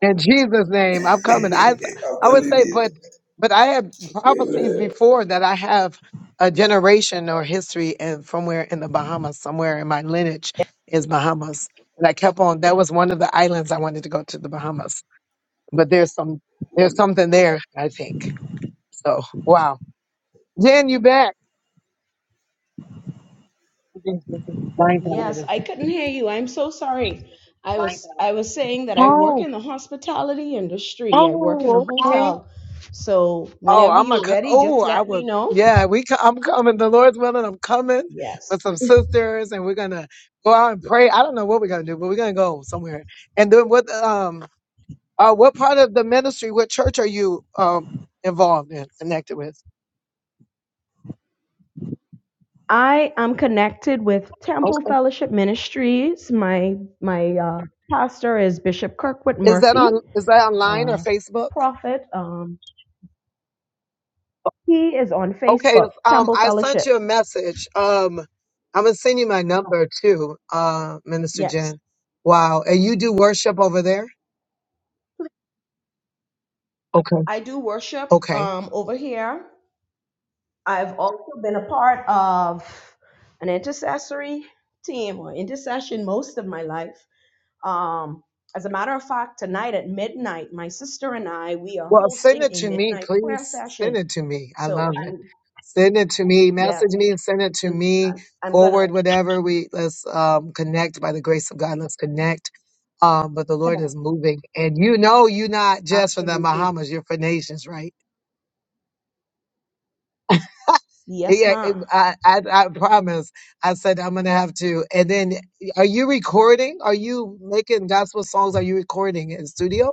S1: In Jesus' name, I'm coming. I
S2: I'm
S1: I
S2: telling
S1: would say,
S2: you.
S1: but but I have prophecies before that I have a generation or history and from where in the Bahamas, somewhere in my lineage is Bahamas. And I kept on. That was one of the islands I wanted to go to the Bahamas. But there's some there's something there. I think so. Wow, Jen, you back?
S4: Yes, I couldn't hear you. I'm so sorry. I My was God. I was saying that I work
S1: Oh,
S4: in the hospitality industry. I work in a
S1: oh, okay.
S4: hotel. So
S1: Oh,
S4: whenever
S1: I'm a.
S4: you're
S1: co-
S4: ready, just
S1: Oh, I
S4: let me
S1: would.
S4: know.
S1: Yeah, we. co- I'm coming. The Lord's willing, I'm coming
S4: Yes.
S1: with some sisters, and we're gonna go out and pray. I don't know what we're gonna do, but we're gonna go somewhere. And then what? Um. Uh. What part of the ministry? What church are you um involved in, connected with?
S4: I am connected with
S1: Okay.
S4: Temple Fellowship Ministries. My my uh, pastor is Bishop Kirkwood
S1: Is that
S4: Murphy,
S1: on? Is that online or
S4: uh,
S1: Facebook?
S4: prophet. Um, He is on
S1: Okay.
S4: Facebook,
S1: Um.
S4: Temple
S1: I sent
S4: Fellowship.
S1: you a message. Um. I'm gonna send you my number too, uh, Minister
S4: Yes.
S1: Jen. Wow. And you do worship over there? Okay.
S4: I do worship
S1: Okay.
S4: um, over here. I've also been a part of an intercessory team or intercession most of my life. Um, as a matter of fact, tonight at midnight, my sister and I, we are
S1: Well, send
S4: hosting
S1: it
S4: a
S1: to me,
S4: midnight prayer
S1: please. Send
S4: session.
S1: it to me. I
S4: So,
S1: love it.
S4: I'm,
S1: Send it to me.
S4: yes,
S1: Message me and send it to
S4: I'm,
S1: me.
S4: I'm, I'm going to
S1: Forward, whatever we let's um, connect by the grace of God. Let's connect. Um, but the
S4: keep it
S1: Lord
S4: up.
S1: is moving, and you know you're not just from the
S4: Absolutely.
S1: Bahamas. You're for nations, right?
S4: Yes,
S1: Yeah,
S4: ma'am.
S1: it- I, I I promise. I said I'm gonna have to. And then, are you recording? Are you making gospel songs? Are you recording in studio?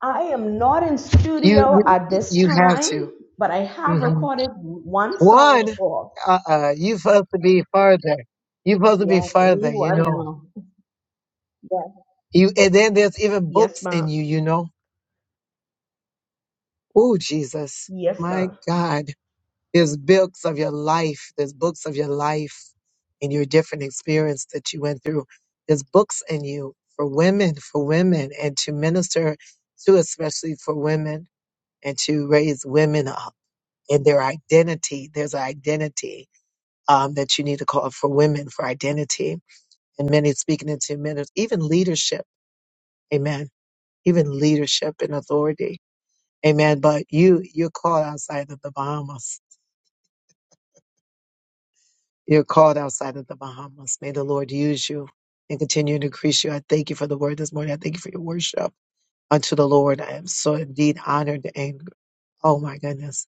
S4: I am not in
S1: You
S4: studio at
S1: you,
S4: this
S1: you have
S4: time,
S1: to.
S4: but I have
S1: Mm-hmm.
S4: recorded one song
S1: One,
S4: before.
S1: uh, uh, you're supposed to be further. You're supposed to be
S4: Yes, only
S1: further, you
S4: one
S1: know.
S4: now. Yes,
S1: You, and then there's even
S4: yes,
S1: books in
S4: ma'am.
S1: you, you know. Oh, Jesus,
S4: Yes,
S1: my
S4: ma'am.
S1: God. There's books of your life. There's books of your life and your different experience that you went through. There's books in you for women, for women, and to minister to, especially for women, and to raise women up in their identity. There's an identity um, that you need to call for women for identity and many speaking in two minutes, even leadership. Amen. Even leadership and authority. Amen. But you, you're called outside of the Bahamas. You're called outside of the Bahamas. May the Lord use you and continue to increase you. I thank you for the word this morning. I thank you for your worship unto the Lord. I am so indeed honored and oh my goodness.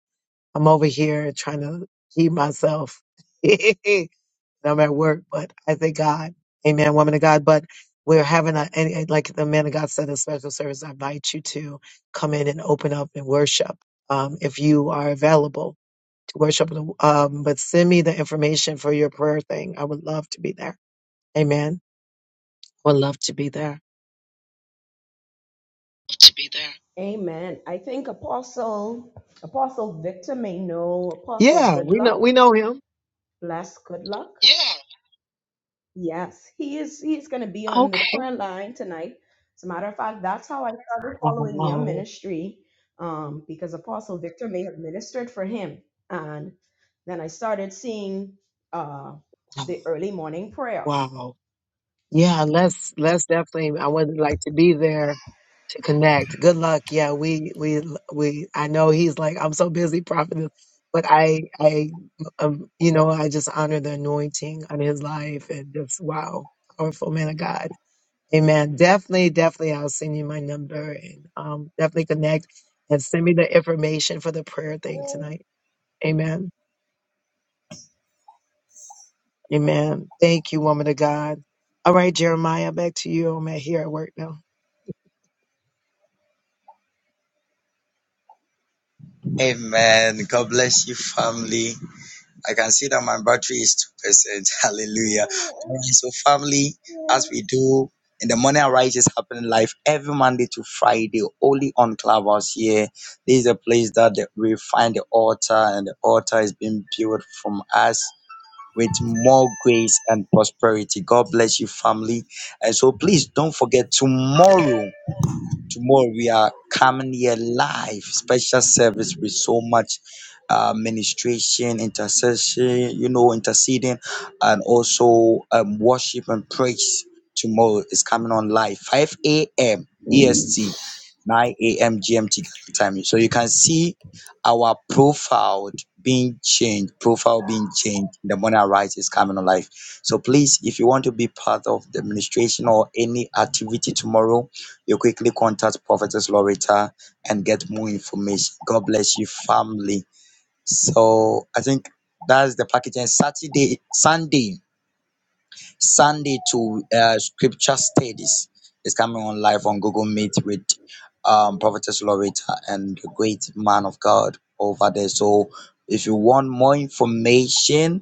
S1: I'm over here trying to keep myself. [LAUGHS] and I'm at work, but I thank God. Amen, woman of God. But we're having a, and, and like the man of God said, a special service. I invite you to come in and open up and worship um, if you are available to worship. Um, but send me the information for your prayer thing. I would love to be there. Amen. Would love to be there.
S4: to be there. Amen. I think Apostle Apostle Victor may know Apostle
S1: Yeah, we know. We
S4: Goodluck.
S1: know.
S4: Bless Goodluck. Yes, he is. He is going to be on the prayer line tonight. As a matter of fact, that's how I started following your
S1: Wow.
S4: ministry, um, because Apostle Victor may have ministered for him, and then I started seeing uh,
S1: Wow.
S4: the early morning prayer.
S1: wow. Yeah, let's let's definitely. I would like to be there to connect. Good luck. Yeah, we we we. I know he's like I'm so busy, prophet, but I I um, you know I just honor the anointing on his life and just wow, powerful man of God. Amen. Definitely, definitely. I'll send you my number and um definitely connect and send me the information for the prayer thing tonight. Amen. Amen. Thank you, woman of God. All right, Jeremiah, back to you. I'm at here at work now.
S3: Amen. God bless you, family. I can see that my battery is two percent. [LAUGHS] Hallelujah. All right, so family, as we do in the morning arise is happening live every Monday to Friday, only on Clubhouse here. This is a place that the- we find the altar, and the altar is being built from us with more grace and prosperity. God bless you, family. And so please don't forget tomorrow tomorrow we are coming here live special service with so much uh, ministration intercession you know interceding and also um, worship and praise tomorrow is coming on live 5 a.m est 9 a.m gmt Ghana time so you can see our profile being changed profile being changed the morning arise is coming on live so please if you want to be part of the administration or any activity tomorrow you quickly contact Prophetess Loretta and get more information. God bless you, family. So I think that's the package. And Saturday, Sunday, Sunday to uh, scripture studies is coming on live on Google Meet with um, Prophetess Loretta and the great man of God over there. So if you want more information,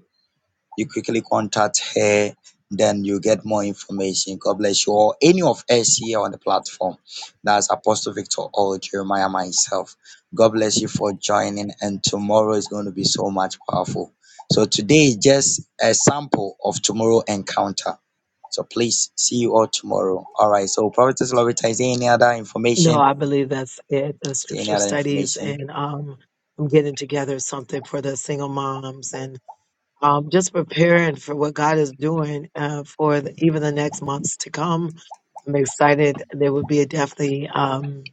S3: you quickly contact her, then you get more information. God bless you all. Any of us here on the platform, that's Apostle Victor or Jeremiah myself. God bless you for joining, and tomorrow is going to be so much powerful. So today is just a sample of tomorrow encounter. So please see you all tomorrow. All right. So Prophetess Loretta, is there any other
S1: No,
S3: information?
S1: I believe that's it. The
S3: Is there any
S1: scriptural
S3: other
S1: studies
S3: information?
S1: and um, I'm getting together something for the single moms and um, just preparing for what God is doing uh, for the, even the next months to come. I'm excited. There will be a definitely um,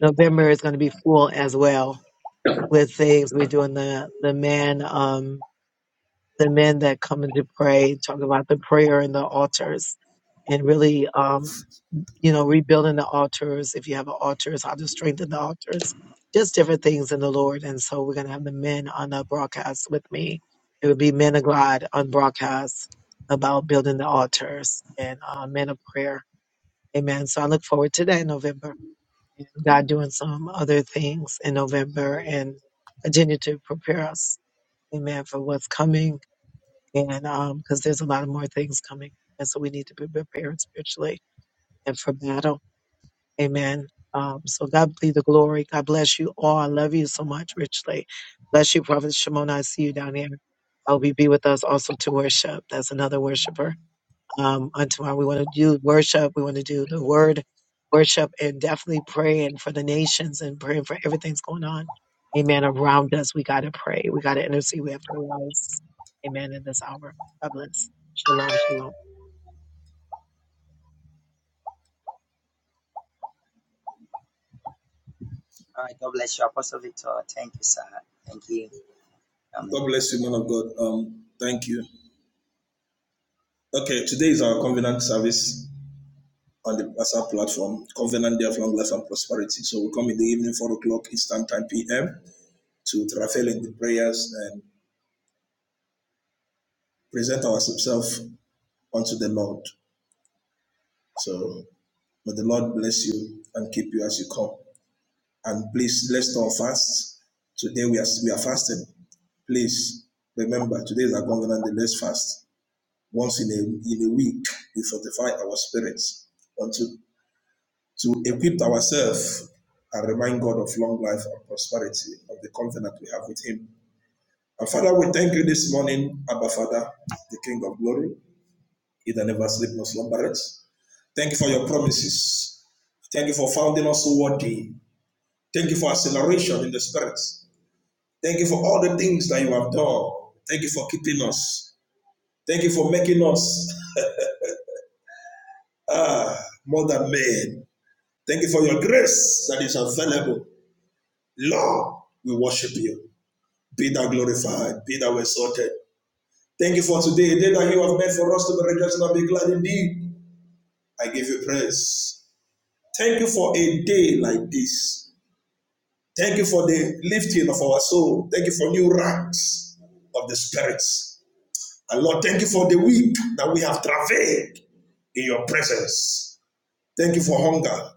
S1: November is going to
S3: Yeah.
S1: be full as well with things. We're doing the the men um, the men that come in to pray, talking about the prayer and the altars, and really. um, you know, rebuilding the altars. If you have an altars, how to strengthen the altars, just different things in the Lord. And so we're going to have the men on the broadcast with me. It would be men of God on broadcast about building the altars and uh, men of prayer. Amen. So I look forward to that in November. And God doing some other things in November and continue to prepare us. Amen. For what's coming. And because there's a lot of more things coming. And so we need to be prepared spiritually and for battle Amen. Um, so God be the glory. God bless you all. I love you so much richly. Bless you, Prophet Shimona. I see you down here. I'll be, be with us also to worship. That's another worshiper. Um, on tomorrow, we want to do worship. We want to do the word worship and definitely praying for the nations and praying for everything's going on. Amen. Around us, we got to pray. We got to intercede. We have to rise. Amen. In this hour. God bless. Shalom. Shalom.
S3: All right. God bless you, Apostle Victor. Thank you, sir. Thank you.
S2: God
S3: Amen.
S2: bless you, man of God. Um, thank you. Okay, today is our covenant service on the WhatsApp platform, Covenant Day of Long Life and Prosperity. So we come in the evening, 4 o'clock Eastern Time, PM. to travail in the prayers and present ourselves unto the Lord. So may the Lord bless you and keep you as you come. And please, let's not fast. Today we are we are fasting. Please remember, today is our covenant day. Let's fast once in a in a week. We fortify our spirits unto to equip ourselves and remind God of long life and prosperity of the covenant we have with Him. And Father, we thank you this morning, Abba Father, the King of Glory. You that never sleep nor slumbereth. Thank you for your promises. Thank you for founding us so worthy. Thank you for acceleration in the spirit. Thank you for all the things that you have done. Thank you for keeping us. Thank you for making us more than men. Thank you for your grace that is available. Lord, we worship you. Be thou glorified. Be thou exalted. Thank you for today, a day that you have made for us to be rejoiced and be glad indeed. I give you praise. Thank you for a day like this. Thank you for the lifting of our soul. Thank you for new ranks of the spirits. And Lord, thank you for the week that we have travailed in your presence. Thank you for hunger.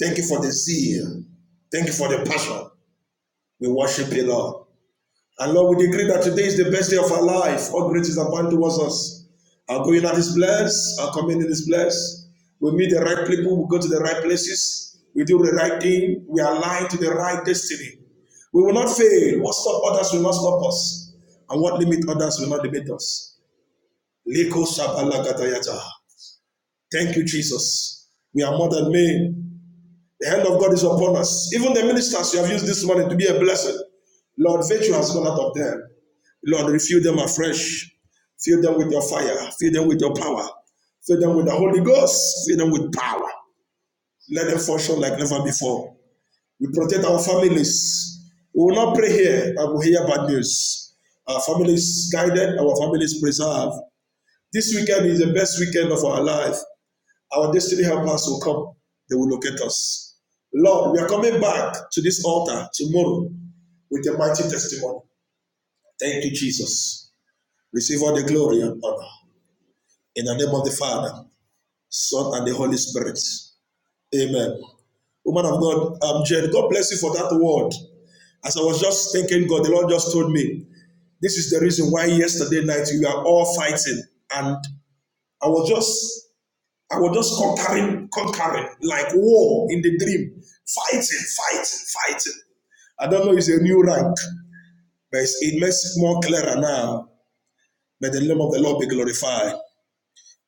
S2: Thank you for the zeal. Thank you for the passion. We worship you, Lord. Our going out is our coming. We meet the right place. We do the right thing. We align to the right destiny. We will not fail. What stop others will not stop us. And what limit others will not limit us. Leko shabalakatayata. Thank you, Jesus. We are more than men. The hand of God is upon us. Even the ministers you have used this morning to be a blessing. Lord, virtue has gone out of them. Lord, refill them afresh. Fill them with your fire. Fill them with your power. Fill them with the Holy Ghost. Fill them with power. Let them function like never before. We protect our families. We will not pray here, but we hear bad news. Our families guided, our families preserved. This weekend is the best weekend of our life. Our destiny helpers will come. They will locate us. Lord, we are coming back to this altar tomorrow with a mighty testimony. Thank you, Jesus. Receive all the glory and honor. In the name of the Father, Son, and the Holy Spirit. Amen. Woman of God, um, Jen, God bless you for that word. As I was just thinking, God, the Lord just told me, this is the reason why yesterday night we are all fighting. And I was just, I was just conquering, conquering, like a dream. Fighting, fighting, fighting. I don't know it's a new rank, but it makes it more clearer now. May the name of the Lord be glorified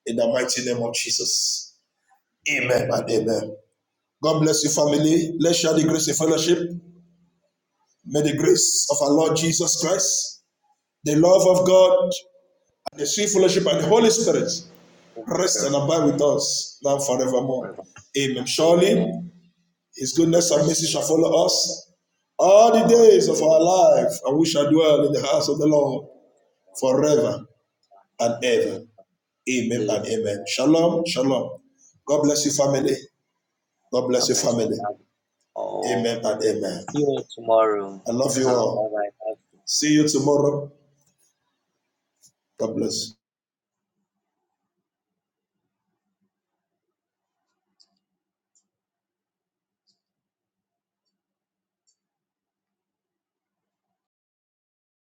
S2: in the mighty name of Jesus. Amen and amen. God bless you, family. Let's share the grace of fellowship. May the grace of our Lord Jesus Christ, the love of God, and the sweet fellowship and the
S3: And
S2: Holy Spirit
S3: it's-
S2: rest and abide with us now forevermore. Amen.
S3: Amen.
S2: Surely his goodness and
S3: Goodness
S2: mercy
S3: and
S2: shall follow us all the
S3: God,
S2: days of our life, and we shall dwell in the house of the Lord
S3: God,
S2: forever and
S3: and
S2: ever.
S3: in
S2: Amen and
S3: evening.
S2: amen. Shalom, shalom. God bless you, family. God bless
S3: God
S2: you,
S3: bless
S2: family.
S3: you. all.
S2: Amen and amen.
S3: See you tomorrow.
S2: I love
S3: [LAUGHS]
S2: you
S3: bye
S2: all.
S3: bye.
S2: See you tomorrow. God bless.